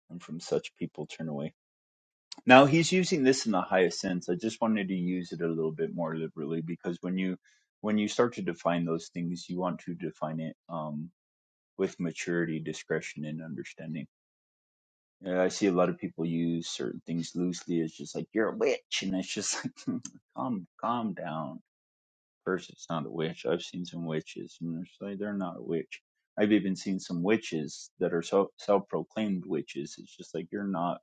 [SPEAKER 2] and from such people turn away. Now he's using this in the highest sense. I just wanted to use it a little bit more liberally because when you when you start to define those things, you want to define it um, with maturity, discretion, and understanding. Yeah, I see a lot of people use certain things loosely. It's just like you're a witch, and it's just like calm, calm down person's not a witch. I've seen some witches, and they're, like, they're not a witch. I've even seen some witches that are so, self-proclaimed witches. It's just like you're not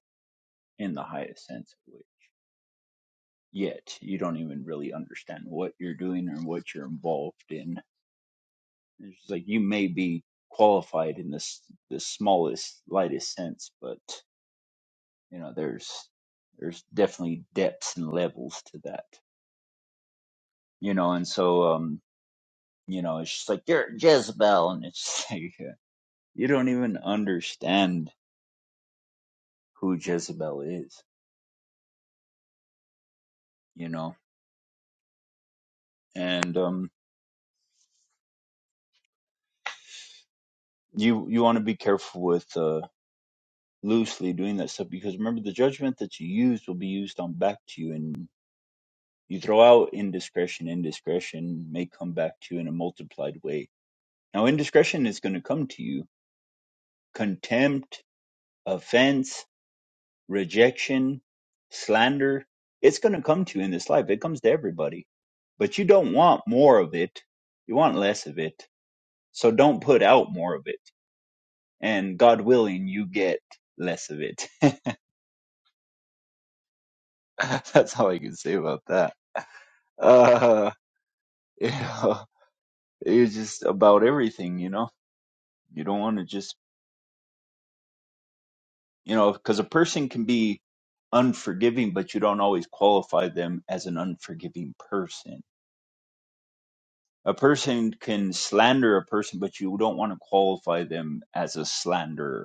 [SPEAKER 2] in the highest sense of witch yet. You don't even really understand what you're doing or what you're involved in. It's just like you may be qualified in this the smallest, lightest sense, but you know there's there's definitely depths and levels to that. You know, and so um you know, it's just like you're Jezebel, and it's like you don't even understand who Jezebel is, you know. And um, you you want to be careful with uh, loosely doing that stuff because remember the judgment that you use will be used on back to you, and you throw out indiscretion. Indiscretion may come back to you in a multiplied way. Now, indiscretion is going to come to you: contempt, offense, rejection, slander. It's going to come to you in this life. It comes to everybody, but you don't want more of it. You want less of it So don't put out more of it. And God willing, you get less of it. That's all I can say about that. Uh, you know, it's just about everything, you know? You don't want to just, you know, because a person can be unforgiving, but you don't always qualify them as an unforgiving person. A person can slander a person, but you don't want to qualify them as a slanderer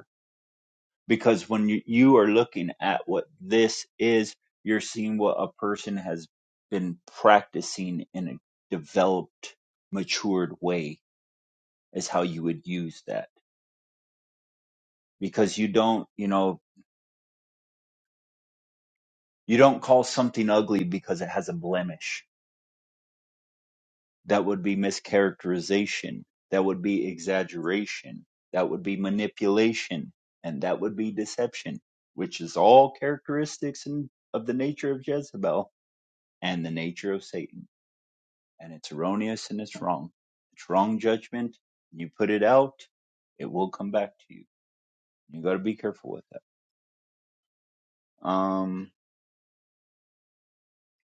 [SPEAKER 2] because when you, you are looking at what this is, you're seeing what a person has been practicing in a developed, matured way is how you would use that. Because you don't, you know, you don't call something ugly because it has a blemish. That would be mischaracterization. That would be exaggeration. That would be manipulation. And that would be deception, which is all characteristics in, of the nature of Jezebel and the nature of Satan and it's erroneous and it's wrong. It's wrong judgment. You put it out, it will come back to you. You got to be careful with that. Um,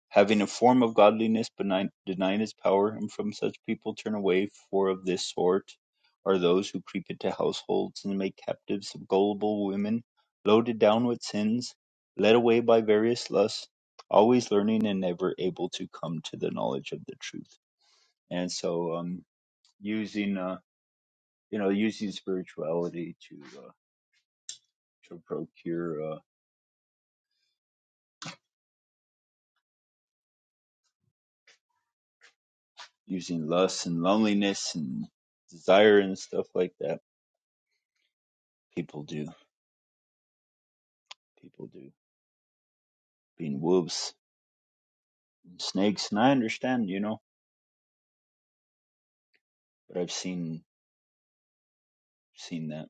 [SPEAKER 2] having a form of godliness but ni- denying its power, and from such people turn away. For of this sort are those who creep into households and make captives of gullible women, loaded down with sins, led away by various lusts, always learning and never able to come to the knowledge of the truth. And so, um, using uh, you know, using spirituality to uh, to procure uh, using lust and loneliness and desire and stuff like that. People do, people do, being wolves and snakes, and I understand, you know, but I've seen seen that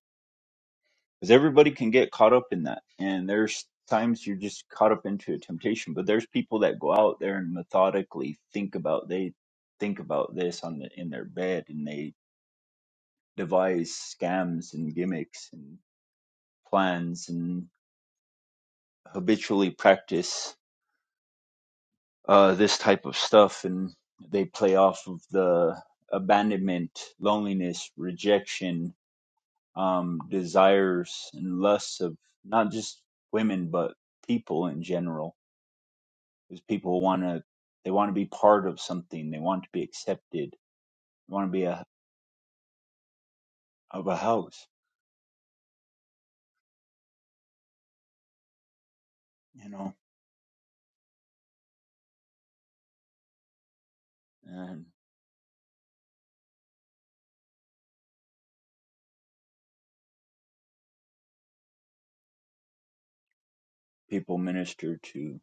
[SPEAKER 2] because everybody can get caught up in that, and there's times you're just caught up into a temptation. But there's people that go out there and methodically think about they think about this on the, in their bed, and they devise scams and gimmicks and plans and habitually practice uh, this type of stuff and they play off of the abandonment, loneliness, rejection, um, desires, and lusts of not just women, but people in general. Because people want to, they want to be part of something, they want to be accepted, they want to be a, of a house, you know, and people minister to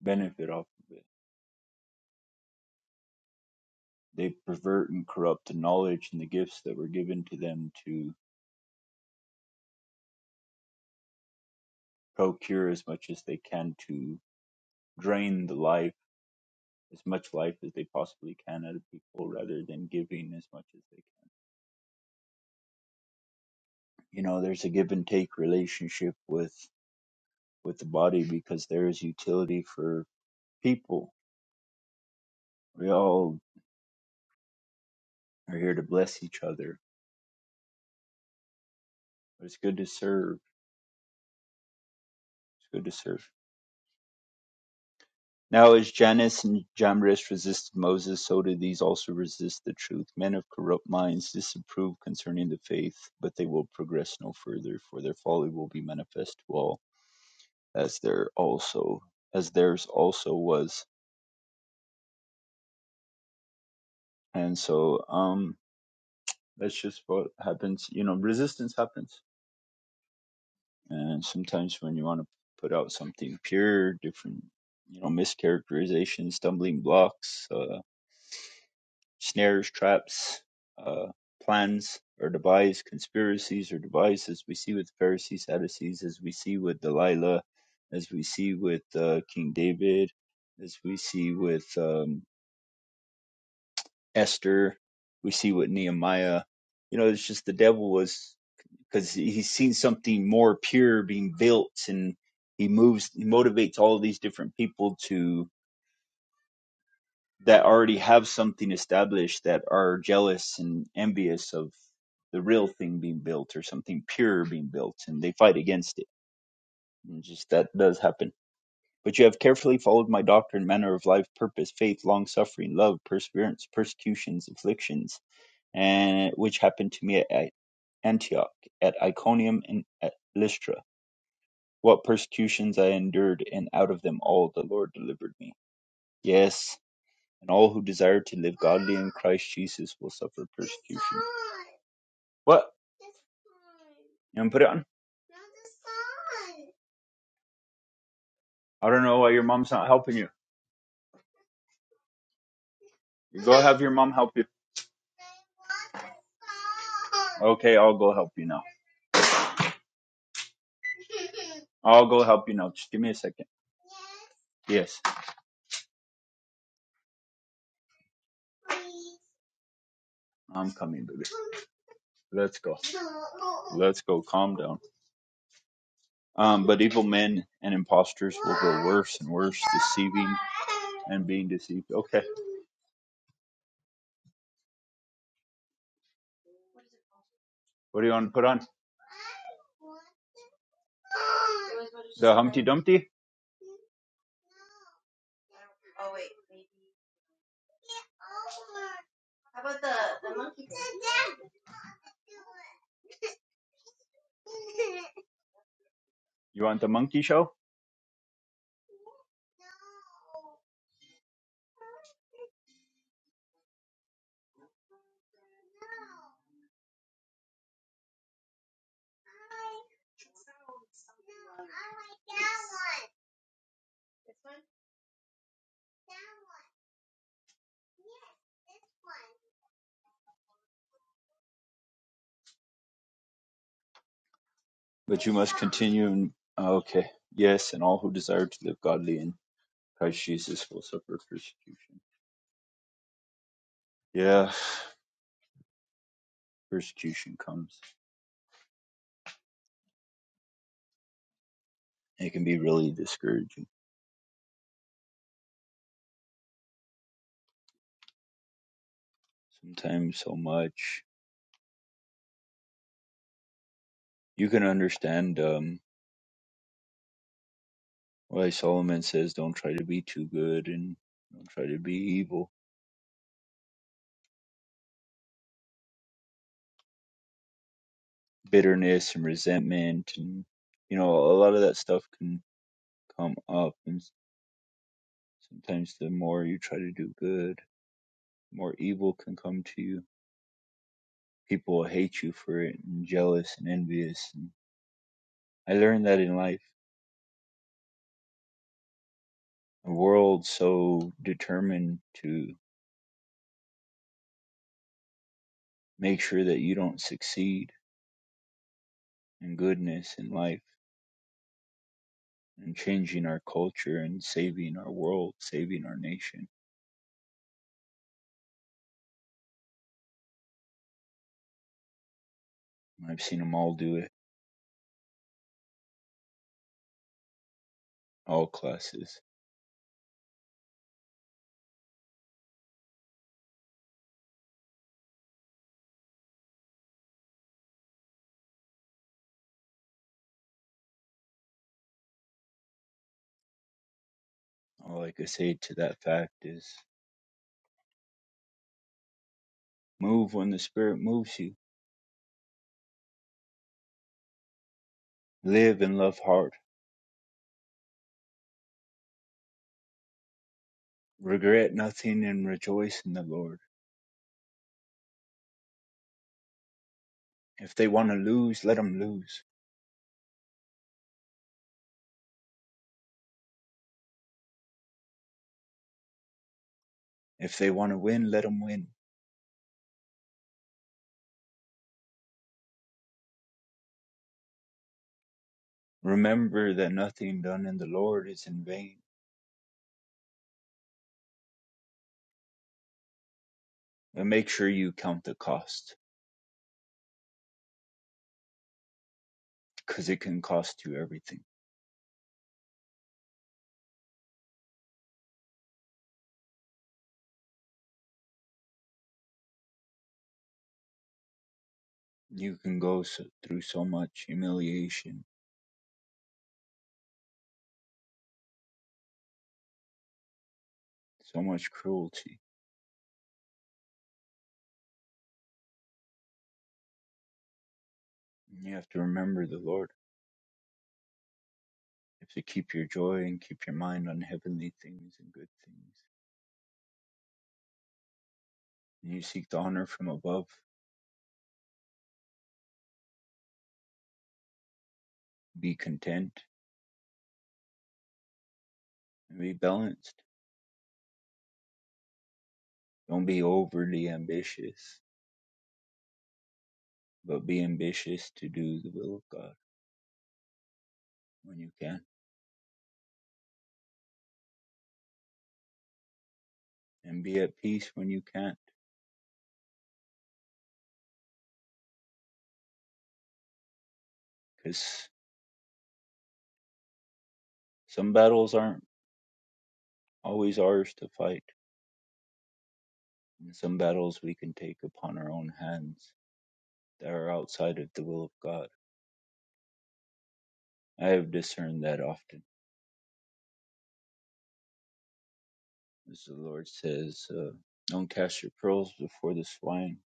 [SPEAKER 2] benefit off of it. They pervert and corrupt the knowledge and the gifts that were given to them to procure as much as they can to drain the life, as much life as they possibly can out of people rather than giving as much as they can. You know, there's a give and take relationship with with the body because there is utility for people. We all are here to bless each other. It's good to serve. It's good to serve. Now as Jannes and Jambres resisted Moses, so do these also resist the truth. Men of corrupt minds disapprove concerning the faith, but they will progress no further, for their folly will be manifest to all, as there also as theirs also was. And so, um, that's just what happens. You know, resistance happens, and sometimes when you want to put out something pure, different, you know, mischaracterizations, stumbling blocks, uh snares, traps, uh, plans or devised, conspiracies or devices. we see with the Pharisees, Sadducees, as we see with Delilah, as we see with uh, King David, as we see with um, Esther, we see with Nehemiah. You know, it's just the devil was because he's seen something more pure being built, and he moves, he motivates all these different people to that already have something established that are jealous and envious of the real thing being built or something pure being built and they fight against it and just that does happen but you have carefully followed my doctrine manner of life purpose faith long suffering love perseverance persecutions afflictions and which happened to me at at antioch at iconium and at lystra what persecutions i endured and out of them all the lord delivered me yes and all who desire to live godly in Christ Jesus will suffer persecution. What? You want to put it on? I don't know why your mom's not helping you. You go have your mom help you. Okay, I'll go help you now. I'll go help you now. Just give me a second. Yes, I'm coming, baby. Let's go. Let's go. Calm down. Um, but evil men and impostors will grow worse and worse, deceiving and being deceived. Okay. What do you want to put on? The Humpty Dumpty? You want the monkey show? But you must continue in. oh, okay. Yes, and all who desire to live godly in Christ Jesus will suffer persecution. Yeah, persecution comes. It can be really discouraging. Sometimes so much. You can understand um, why Solomon says don't try to be too good and don't try to be evil. Bitterness and resentment and, you know, a lot of that stuff can come up. And s- sometimes the more you try to do good, the more evil can come to you people will hate you for it and jealous and envious and i learned that in life a world so determined to make sure that you don't succeed in goodness in life and changing our culture and saving our world saving our nation i've seen them all do it all classes all i could say to that fact is move when the spirit moves you live and love hard regret nothing and rejoice in the lord if they want to lose let them lose if they want to win let them win Remember that nothing done in the Lord is in vain. And make sure you count the cost because it can cost you everything. You can go so, through so much humiliation, so much cruelty. And you have to remember the Lord. You have to keep your joy and keep your mind on heavenly things and good things. And you seek the honor from above. Be content and be balanced. Don't be overly ambitious, but be ambitious to do the will of God when you can. And be at peace when you can't. because. Some battles aren't always ours to fight, and some battles we can take upon our own hands that are outside of the will of God. I have discerned that often, as the Lord says, uh, Don't cast your pearls before the swine,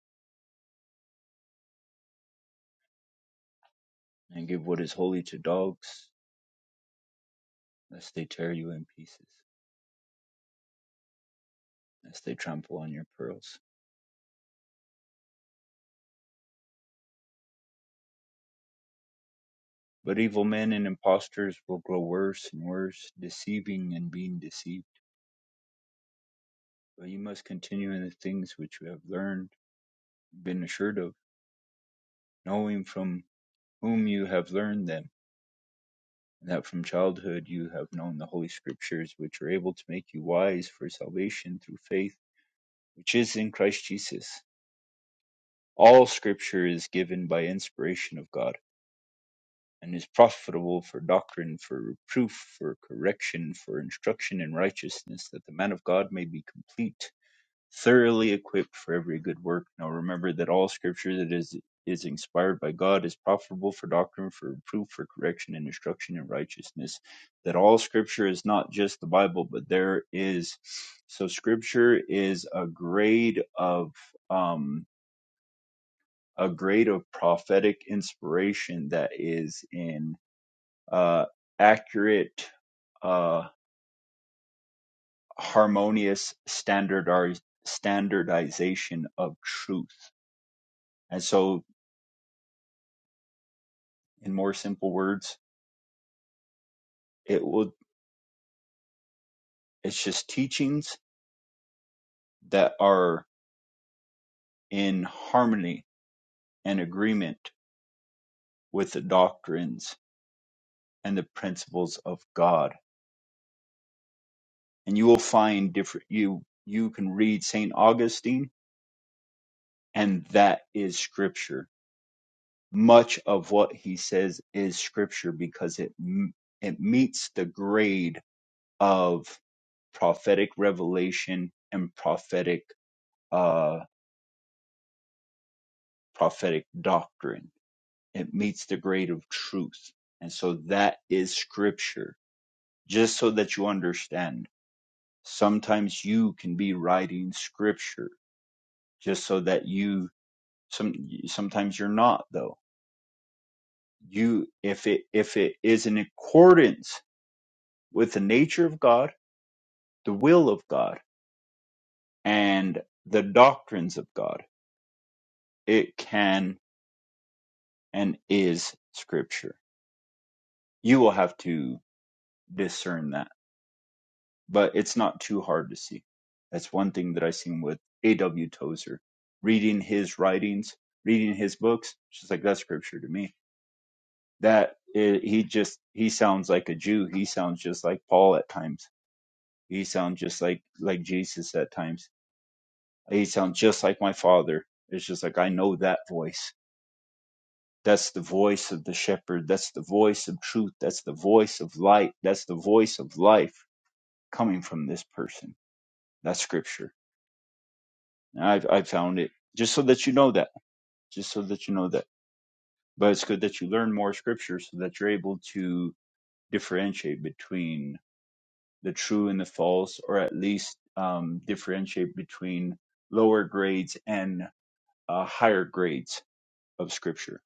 [SPEAKER 2] and give what is holy to dogs, lest they tear you in pieces, lest they trample on your pearls. But evil men and impostors will grow worse and worse, deceiving and being deceived. But you must continue in the things which you have learned, been assured of, knowing from whom you have learned them, and that from childhood you have known the Holy Scriptures, which are able to make you wise for salvation through faith, which is in Christ Jesus. All Scripture is given by inspiration of God, and is profitable for doctrine, for reproof, for correction, for instruction in righteousness, that the man of God may be complete thoroughly equipped for every good work. Now remember that all scripture that is is inspired by God is profitable for doctrine, for reproof, for correction, and instruction in righteousness. That all scripture is not just the Bible, but there is so scripture is a grade of um a grade of prophetic inspiration that is in uh accurate uh harmonious standardized standardization of truth. And so in more simple words it will it's just teachings that are in harmony and agreement with the doctrines and the principles of god and you will find different you you can read saint augustine and that is scripture much of what he says is scripture because it m- it meets the grade of prophetic revelation and prophetic uh prophetic doctrine it meets the grade of truth. And so that is scripture. Just so that you understand, sometimes you can be writing scripture just so that you some sometimes you're not though. You if it if it is in accordance with the nature of God, the will of God, and the doctrines of God, it can and is scripture. You will have to discern that but it's not too hard to see. That's one thing that I seen with A.W. Tozer. Reading his writings, reading his books, just like, that's scripture to me. That i he just, he sounds like a Jew. He sounds just like Paul at times. He sounds just like, like Jesus at times. He sounds just like my father. It's just like, I know that voice. That's the voice of the shepherd. That's the voice of truth. That's the voice of light. That's the voice of life coming from this person. That's scripture I've I have found it just so that you know that, just so that you know that. But it's good that you learn more scripture so that you're able to differentiate between the true and the false, or at least um, differentiate between lower grades and uh, higher grades of scripture.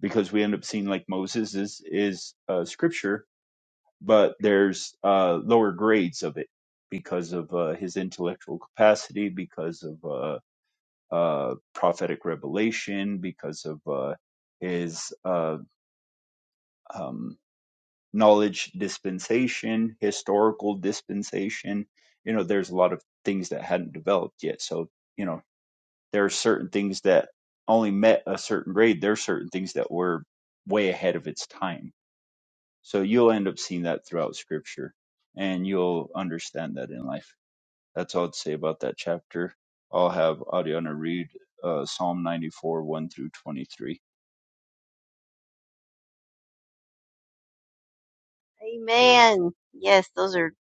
[SPEAKER 2] Because we end up seeing like Moses is is uh, scripture, but there's uh, lower grades of it because of uh, his intellectual capacity, because of uh, uh, prophetic revelation, because of uh, his uh, um, knowledge dispensation, historical dispensation. You know, there's a lot of things that hadn't developed yet. So, you know, there are certain things that only met a certain grade. There are certain things that were way ahead of its time. So you'll end up seeing that throughout scripture and you'll understand that in life. that's all I'd say about that chapter. I'll have Adiana read uh, Psalm 94, 1 through 23.
[SPEAKER 1] Amen. Yes, those are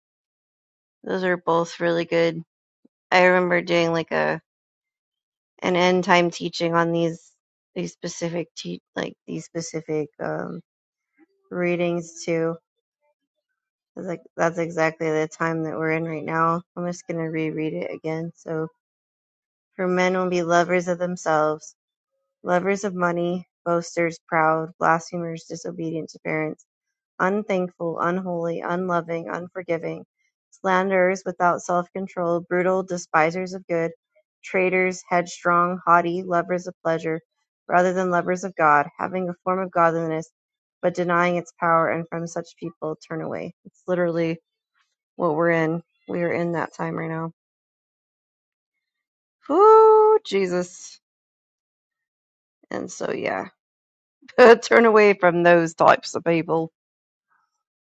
[SPEAKER 1] those are both really good. I remember doing like a an end time teaching on these these specific te- like these specific um readings too. It's like that's exactly the time that we're in right now. I'm just gonna reread it again. So For men will be lovers of themselves, lovers of money, boasters, proud, blasphemers, disobedient to parents, unthankful, unholy, unloving, unforgiving, slanderers without self control, brutal, despisers of good, traitors, headstrong, haughty, lovers of pleasure rather than lovers of God, having a form of godliness but denying its power, and from such people turn away. It's literally what we're in. We are in that time right now. Whoo, Jesus. And so, yeah. Turn away from those types of people.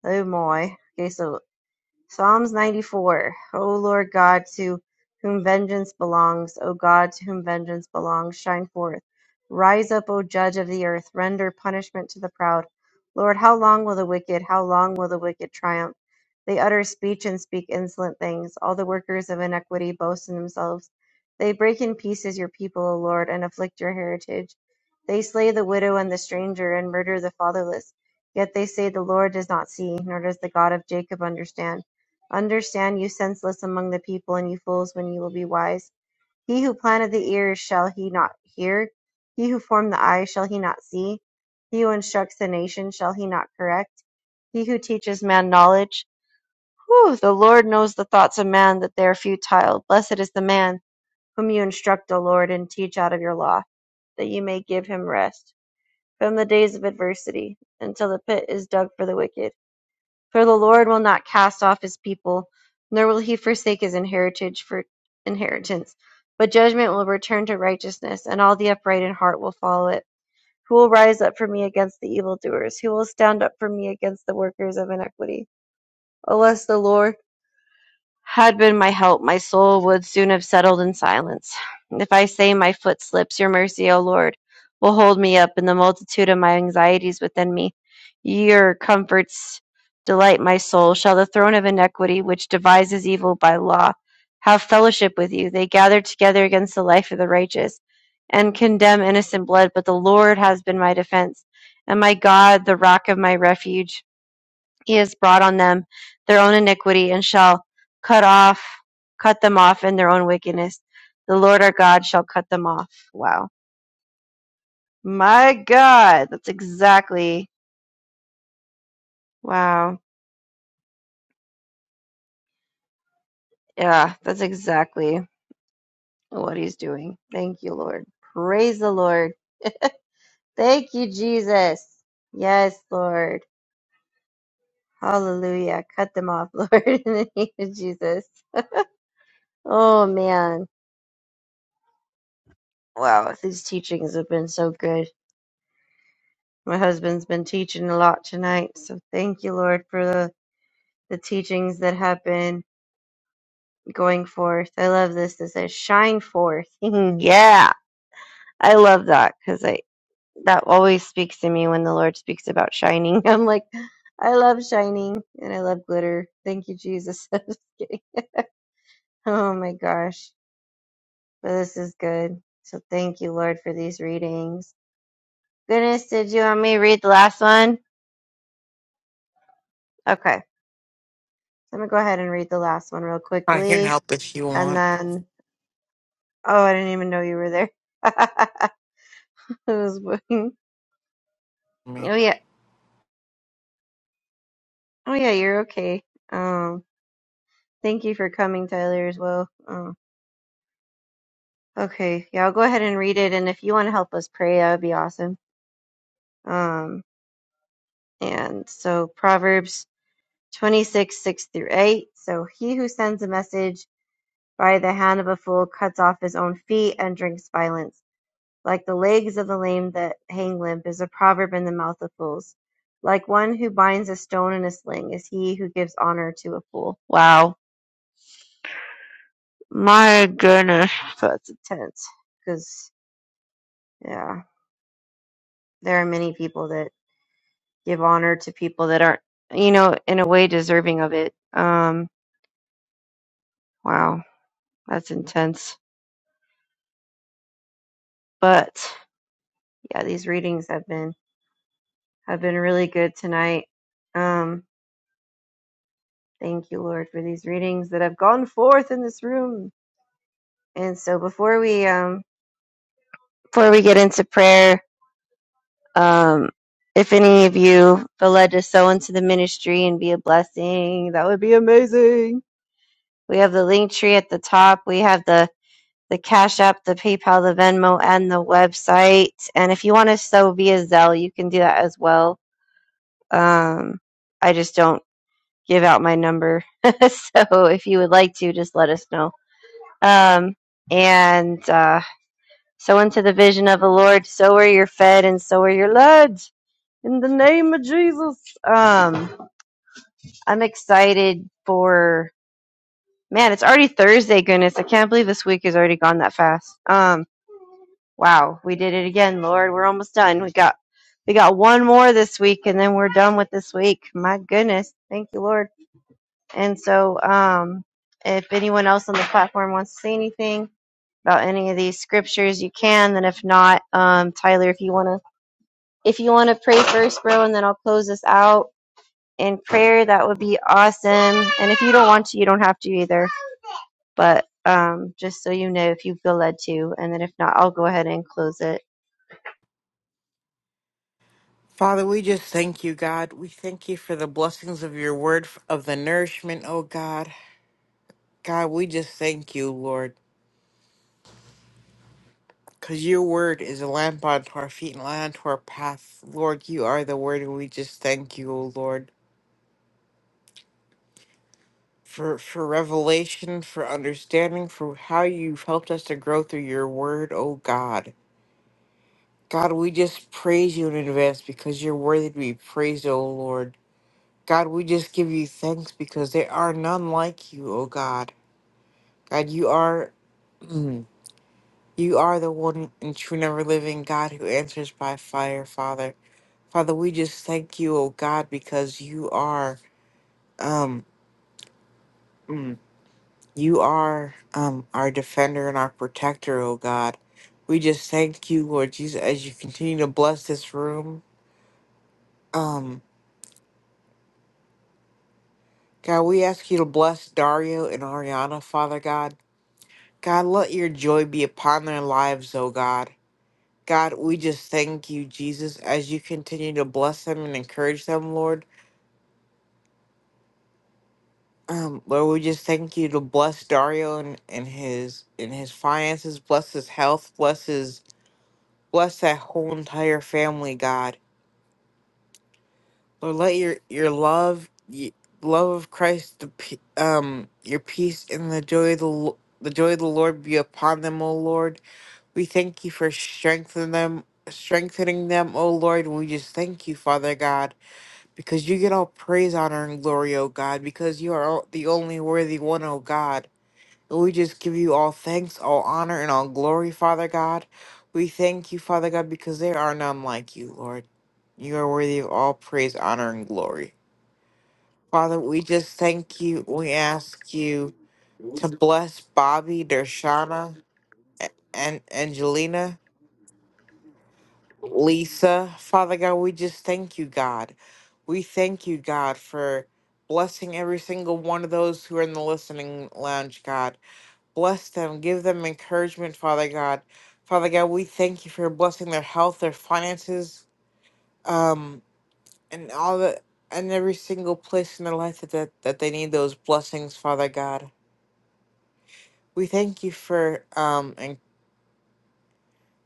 [SPEAKER 1] Oh my. Okay, so Psalms 94. O Lord God, to whom vengeance belongs, O God, to whom vengeance belongs, shine forth. Rise up, O judge of the earth, render punishment to the proud. Lord, how long will the wicked, how long will the wicked triumph? They utter speech and speak insolent things. All the workers of iniquity boast in themselves. They break in pieces your people, O Lord, and afflict your heritage. They slay the widow and the stranger, and murder the fatherless. Yet they say, The Lord does not see, nor does the God of Jacob understand. Understand, you senseless among the people, and you fools, when you will be wise. He who planted the ears, shall he not hear? He who formed the eyes, shall he not see? He who instructs the nation, shall he not correct? He who teaches man knowledge. Whew, the Lord knows the thoughts of man, that they are futile. Blessed is the man whom you instruct, O Lord, and teach out of your law, that you may give him rest from the days of adversity, until the pit is dug for the wicked. For the Lord will not cast off his people, nor will he forsake his inheritance for inheritance. But judgment will return to righteousness, and all the upright in heart will follow it. Who will rise up for me against the evildoers? Who will stand up for me against the workers of iniquity? Unless the Lord had been my help, my soul would soon have settled in silence. If I say my foot slips, your mercy, O Lord, will hold me up in the multitude of my anxieties within me. Your comforts delight my soul. Shall the throne of iniquity, which devises evil by law, have fellowship with you? They gather together against the life of the righteous and condemn innocent blood, but the Lord has been my defense, and my God, the rock of my refuge he has brought on them their own iniquity and shall cut off cut them off in their own wickedness the lord our god shall cut them off wow my god that's exactly wow yeah that's exactly what he's doing thank you lord praise the lord thank you jesus yes lord hallelujah cut them off lord in the name of jesus oh man wow these teachings have been so good My husband's been teaching a lot tonight, so thank you, Lord, for the, the teachings that have been going forth. I love this. It says, shine forth. yeah, I love that because I that always speaks to me when the Lord speaks about shining. I'm like, I love shining and I love glitter. Thank you, Jesus. I'm just kidding. Oh my gosh, but this is good. So thank you, Lord, for these readings. Goodness, did you want me to read the last one? Okay. So I'm gonna go ahead and read the last one real
[SPEAKER 3] I can
[SPEAKER 1] quickly.
[SPEAKER 3] help if you
[SPEAKER 1] And
[SPEAKER 3] want
[SPEAKER 1] then, oh, I didn't even know you were there. I was looking.
[SPEAKER 3] me.
[SPEAKER 1] Oh yeah, oh yeah, you're okay. Um, thank you for coming, Tyler, as well. Um, okay, yeah, I'll go ahead and read it, and if you want to help us pray, that would be awesome. Um, and so Proverbs twenty six six through eight. So he who sends a message by the hand of a fool cuts off his own feet and drinks violence. Like the legs of the lame that hang limp is a proverb in the mouth of fools. Like one who binds a stone in a sling is he who gives honor to a fool. Wow. My goodness. That's intense. Because, yeah, there are many people that give honor to people that aren't, you know, in a way deserving of it. Um, wow. That's intense. But, yeah, these readings have been, have been really good tonight. Um, thank you, Lord, for these readings that have gone forth in this room And so before we um before we get into prayer, um if any of you feel led to sow into the ministry and be a blessing, that would be amazing. We have the link tree at the top. We have the the Cash App, the PayPal, the Venmo, and the website. And if you want to sow via Zelle, you can do that as well. Um, I just don't give out my number, so if you would like to, just let us know. Um, and uh, So unto the vision of the Lord, so are your fed and so are your led. In the name of Jesus. Um, I'm excited for man, it's already Thursday, goodness. I can't believe this week has already gone that fast. Um, wow, we did it again, Lord. We're almost done. We got we got one more this week and then we're done with this week. My goodness. Thank you, Lord. And so um if anyone else on the platform wants to say anything about any of these scriptures, you can. And if not, um, Tyler, if you want to If you want to pray first, bro, and then I'll close this out in prayer, that would be awesome. And if you don't want to, you don't have to either. But um, just so you know, if you feel led to, and then if not, I'll go ahead and close it.
[SPEAKER 3] Father, we just thank you, God. We thank you for the blessings of your word, f- of the nourishment, oh God. God, we just thank you, Lord, because your word is a lamp unto our feet and a light unto our path. Lord, you are the word, and we just thank you, oh Lord, for, for revelation, for understanding, for how you've helped us to grow through your word, oh God. God, we just praise you in advance because you're worthy to be praised, oh Lord. God, we just give you thanks because there are none like you, O God. God, you are Mm. you are the one and true and ever living God who answers by fire, Father. Father, we just thank you, O God, because you are um mm, you are um our defender and our protector, O God. We just thank you, Lord Jesus, as you continue to bless this room. Um God, we ask you to bless Dario and Ariana, Father God. God, let your joy be upon their lives, O God. God, we just thank you, Jesus, as you continue to bless them and encourage them, Lord. Um, Lord, we just thank you to bless Dario and, and his in his finances, bless his health, bless his bless that whole entire family, God. Lord, let your your love, y love of Christ, the pe- um, your peace and the joy of the Lo- the joy of the Lord be upon them, O Lord. We thank you for strengthening them, strengthening them, O Lord. And we just thank you, Father God, because you get all praise, honor, and glory, O God, because you are all- the only worthy one, O God. And we just give you all thanks, all honor, and all glory, Father God. We thank you, Father God, because there are none like you, Lord. You are worthy of all praise, honor, and glory. Father, we just thank you. We ask you to bless Bobby, Dershana, and Angelina. Lisa, Father God, we just thank you, God. We thank you, God, for blessing every single one of those who are in the listening lounge, God. Bless them, give them encouragement, Father God. Father God, we thank you for blessing their health, their finances, um, and all the and every single place in their life that, that, that they need those blessings, Father God. We thank you for um,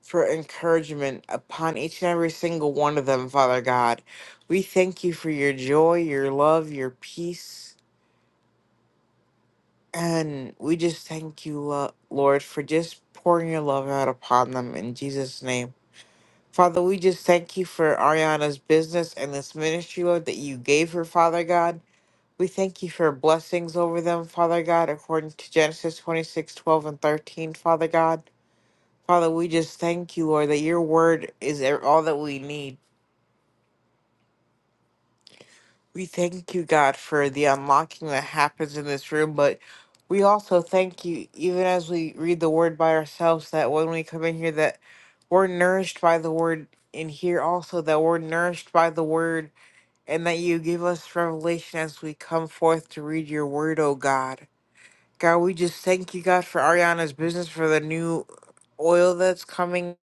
[SPEAKER 3] for encouragement upon each and every single one of them, Father God. We thank you for your joy, your love, your peace. And we just thank you, Lo- Lord, for just pouring your love out upon them in Jesus' name. Father, we just thank you for Ariana's business and this ministry, Lord, that you gave her, Father God. We thank you for blessings over them, Father God, according to Genesis 26, 12 and 13, Father God. Father, we just thank you, Lord, that your word is e- all that we need. We thank you, God, for the unlocking that happens in this room, but we also thank you, even as we read the word by ourselves, that when we come in here, that we're nourished by the word in here also, that we're nourished by the word, and that you give us revelation as we come forth to read your word, oh God. God, we just thank you, God, for Ariana's business, for the new oil that's coming.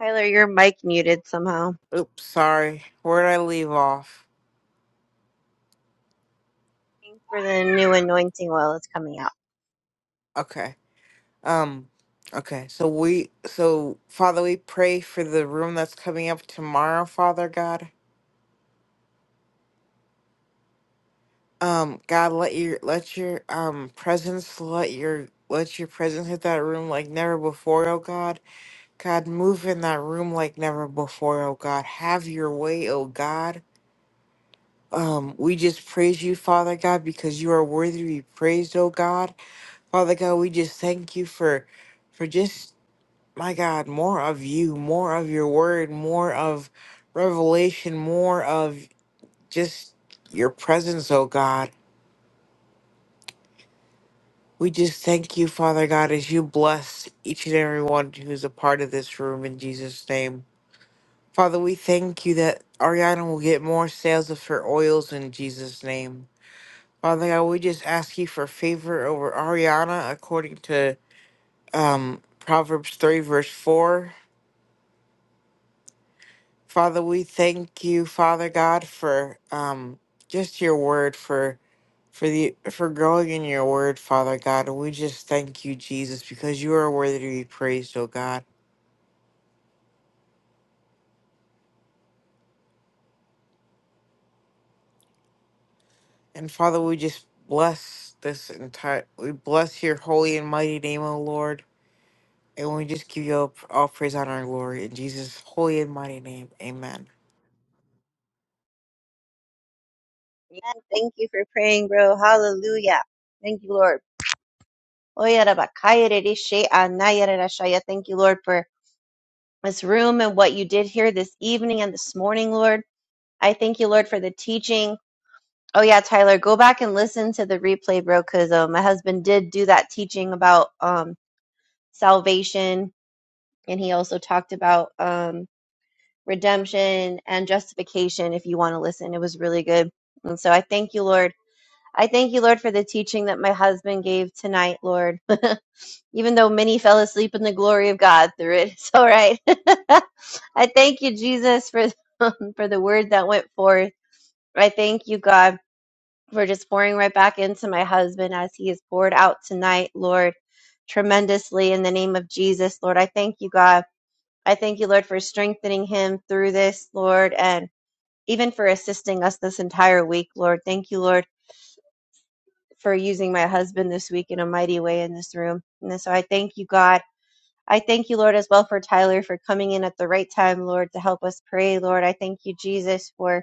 [SPEAKER 1] Tyler, your mic muted somehow.
[SPEAKER 3] Oops, sorry. Where did I leave off?
[SPEAKER 1] Thank you For the new anointing oil that's coming out.
[SPEAKER 3] Okay. Um, okay, so we, so Father, we pray for the room that's coming up tomorrow, Father God. Um, God, let your, let your, um, presence, let your, let your presence hit that room like never before, oh God. God, move in that room like never before, oh God. Have your way, oh God. Um, we just praise you, Father God, because you are worthy to be praised, oh God. Father God, we just thank you for, for just my God, more of you, more of your word, more of revelation, more of just your presence, oh God. We just thank you, Father God, as you bless each and every one who's a part of this room in Jesus' name. Father, we thank you that Ariana will get more sales of her oils in Jesus' name. Father God, we just ask you for favor over Ariana according to um, Proverbs 3, verse 4. Father, we thank you, Father God, for um, just your word, for for the for growing in your word, Father God. And we just thank you, Jesus, because you are worthy to be praised, oh God. And Father, we just bless this entire. We bless your holy and mighty name, O Lord. And we just give you all, all praise, honor, and glory in Jesus' holy and mighty name. Amen.
[SPEAKER 1] And thank you for praying, bro. Hallelujah. Thank you, Lord. Oya raba kaya rere she anaya rara shaya. Thank you, Lord, for this room and what you did here this evening and this morning, Lord. I thank you, Lord, for the teaching. Oh yeah, Tyler, go back and listen to the replay, bro. Because uh, my husband did do that teaching about um, salvation, and he also talked about um, redemption and justification. If you want to listen, it was really good. And so I thank you, Lord. I thank you, Lord, for the teaching that my husband gave tonight, Lord. Even though many fell asleep in the glory of God through it, it's all right. I thank you, Jesus, for for the word that went forth. I thank you, God We're just pouring right back into my husband as he is poured out tonight, Lord, tremendously in the name of Jesus, Lord. I thank you, God. I thank you, Lord, for strengthening him through this, Lord, and even for assisting us this entire week, Lord. Thank you, Lord, for using my husband this week in a mighty way in this room. And so I thank you, God. I thank you, Lord, as well for Tyler for coming in at the right time, Lord, to help us pray, Lord. I thank you, Jesus, for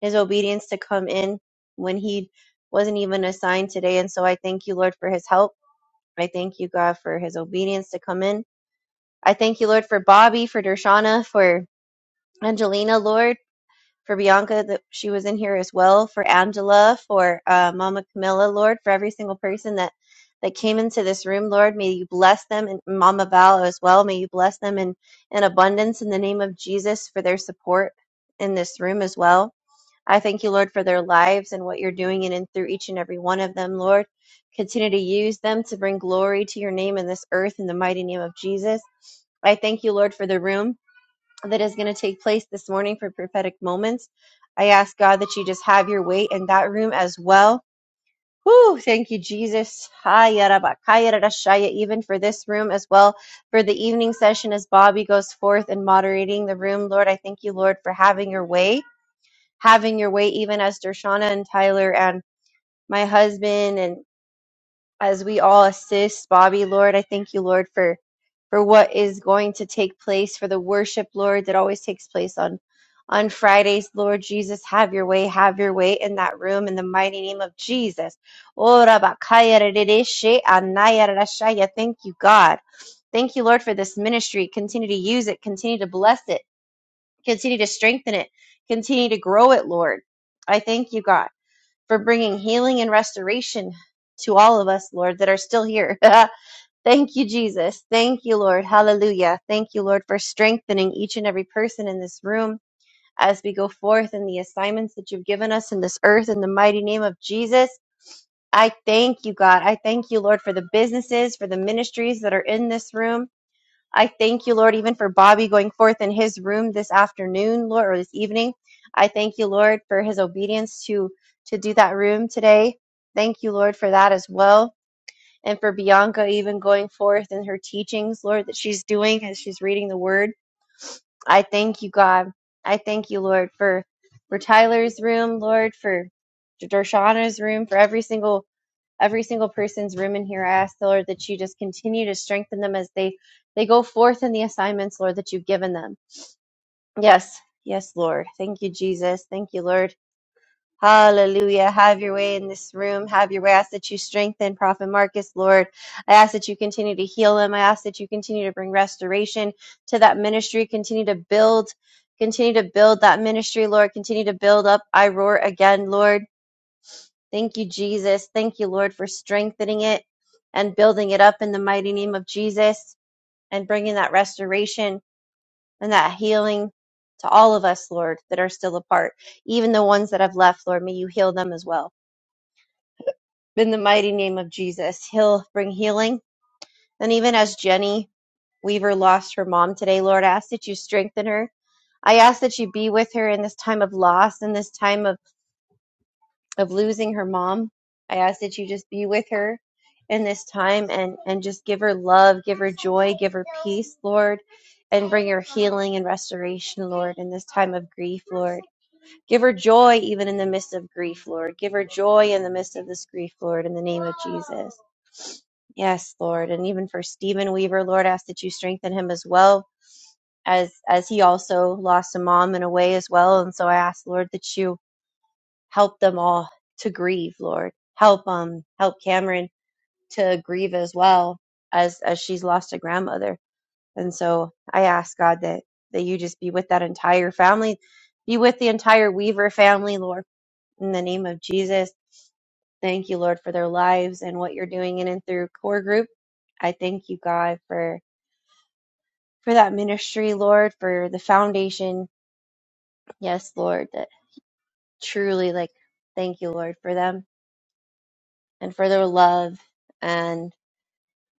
[SPEAKER 1] his obedience to come in when he wasn't even assigned today. And so I thank you, Lord, for his help. I thank you, God, for his obedience to come in. I thank you, Lord, for Bobby, for Dershana, for Angelina, Lord, for Bianca that she was in here as well, for Angela, for uh, Mama Camilla, Lord, for every single person that that came into this room, Lord. May you bless them and Mama Val as well. May you bless them in, in abundance in the name of Jesus for their support in this room as well. I thank you, Lord, for their lives and what you're doing in and through each and every one of them, Lord. Continue to use them to bring glory to your name in this earth in the mighty name of Jesus. I thank you, Lord, for the room that is going to take place this morning for prophetic moments. I ask God that you just have your way in that room as well. Woo! Thank you, Jesus. Haya raba, kaya rara shaya, Even for this room as well, for the evening session as Bobby goes forth and moderating the room, Lord, I thank you, Lord, for having your way having your way, even as Dershana and Tyler and my husband, and as we all assist Bobby, Lord, I thank you, Lord, for for what is going to take place for the worship, Lord, that always takes place on on Fridays, Lord Jesus, have your way, have your way in that room in the mighty name of Jesus. Ora bakaya rerereshe anaya rerashaya. Thank you, God. Thank you, Lord, for this ministry. Continue to use it. Continue to bless it. Continue to strengthen it. Continue to grow it, Lord. I thank you, God, for bringing healing and restoration to all of us, Lord, that are still here. thank you, Jesus. Thank you, Lord. Hallelujah. Thank you, Lord, for strengthening each and every person in this room as we go forth in the assignments that you've given us in this earth in the mighty name of Jesus. I thank you, God. I thank you, Lord, for the businesses, for the ministries that are in this room. I thank you, Lord, even for Bobby going forth in his room this afternoon, Lord, or this evening. I thank you, Lord, for his obedience to to do that room today. Thank you, Lord, for that as well. And for Bianca even going forth in her teachings, Lord, that she's doing as she's reading the word. I thank you, God. I thank you, Lord, for for Tyler's room, Lord, for Dershana's room, for every single every single person's room in here. I ask the Lord that you just continue to strengthen them as they they go forth in the assignments, Lord, that you've given them. Yes, yes, Lord. Thank you, Jesus. Thank you, Lord. Hallelujah. Have your way in this room. Have your way. I ask that you strengthen Prophet Marcus, Lord. I ask that you continue to heal him. I ask that you continue to bring restoration to that ministry. Continue to build, continue to build that ministry, Lord. Continue to build up I Roar again, Lord. Thank you, Jesus. Thank you, Lord, for strengthening it and building it up in the mighty name of Jesus and bringing that restoration and that healing to all of us, Lord, that are still apart. Even the ones that have left, Lord, may you heal them as well. In the mighty name of Jesus, he'll bring healing. And even as Jenny Weaver lost her mom today, Lord, I ask that you strengthen her. I ask that you be with her in this time of loss, in this time of of losing her mom. I ask that you just be with her in this time and, and just give her love, give her joy, give her peace, Lord, and bring her healing and restoration, Lord, in this time of grief, Lord. Give her joy even in the midst of grief, Lord. Give her joy in the midst of this grief, Lord, in the name of Jesus. Yes, Lord. And even for Stephen Weaver, Lord, I ask that you strengthen him as well as as he also lost a mom in a way as well. And so I ask, Lord, that you help them all to grieve, Lord. Help um help Cameron to grieve as well as as she's lost a grandmother. And so I ask God that that you just be with that entire family, be with the entire Weaver family, Lord, in the name of Jesus. Thank you, Lord, for their lives and what you're doing in and through core group. I thank you, God, for for that ministry, Lord, for the foundation. Yes, Lord, that truly like thank you, Lord, for them and for their love and.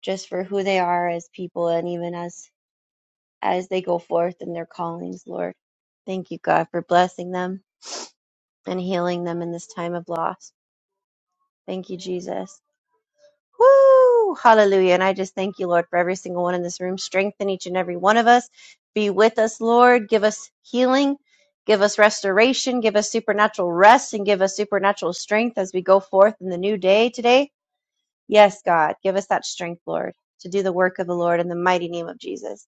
[SPEAKER 1] just for who they are as people and even as as they go forth in their callings, Lord. Thank you, God, for blessing them and healing them in this time of loss. Thank you, Jesus. Woo! Hallelujah. And I just thank you, Lord, for every single one in this room. Strengthen each and every one of us. Be with us, Lord. Give us healing. Give us restoration. Give us supernatural rest and give us supernatural strength as we go forth in the new day today. Yes, God, give us that strength, Lord, to do the work of the Lord in the mighty name of Jesus.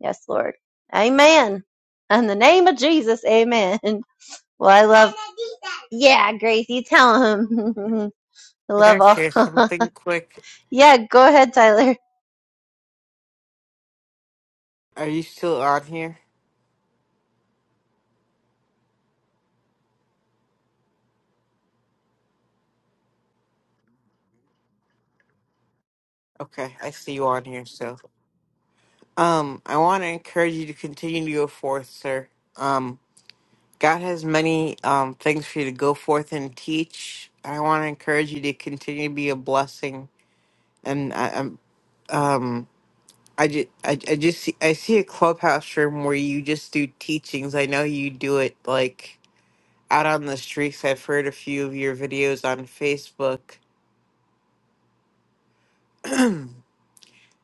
[SPEAKER 1] Yes, Lord. Amen. In the name of Jesus, amen. Well, I love, yeah, Grace, you tell him. I
[SPEAKER 3] Can I
[SPEAKER 1] love
[SPEAKER 3] share
[SPEAKER 1] all.
[SPEAKER 3] something quick?
[SPEAKER 1] yeah, go ahead, Tyler.
[SPEAKER 3] Are you still on here? Okay, I see you on here, so. Um, I want to encourage you to continue to go forth, sir. Um, God has many um things for you to go forth and teach. I want to encourage you to continue to be a blessing. And I, I'm, um, I just, I, I just see, I see a clubhouse room where you just do teachings. I know you do it like out on the streets. I've heard a few of your videos on Facebook.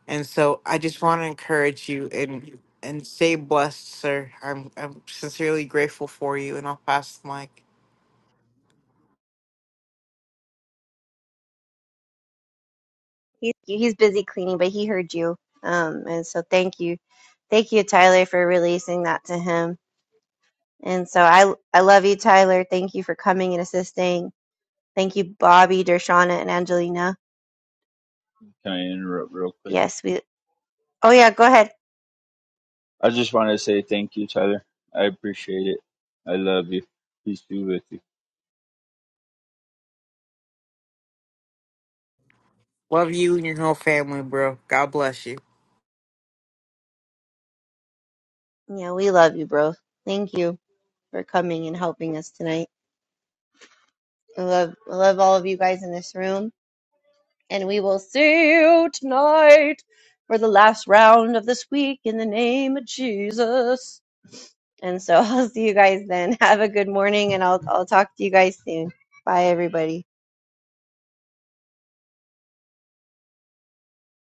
[SPEAKER 3] And so I just want to encourage you and and stay blessed, sir. I'm I'm sincerely grateful for you, and I'll pass the mic.
[SPEAKER 1] He, he's busy cleaning, but he heard you. Um, and so thank you. Thank you, Tyler, for releasing that to him. And so I, I love you, Tyler. Thank you for coming and assisting. Thank you, Bobby, Dershana, and Angelina.
[SPEAKER 2] Can I interrupt real quick?
[SPEAKER 1] Yes, we, oh yeah, go ahead.
[SPEAKER 2] I just want to say thank you, Tyler. I appreciate it. I love you. Peace be with you.
[SPEAKER 3] Love you and your whole family, bro. God bless you.
[SPEAKER 1] Yeah, we love you, bro. Thank you for coming and helping us tonight. I love, I love all of you guys in this room, and we will see you tonight for the last round of this week in the name of Jesus. And so I'll see you guys then. Have a good morning, and I'll I'll talk to you guys soon. Bye, everybody.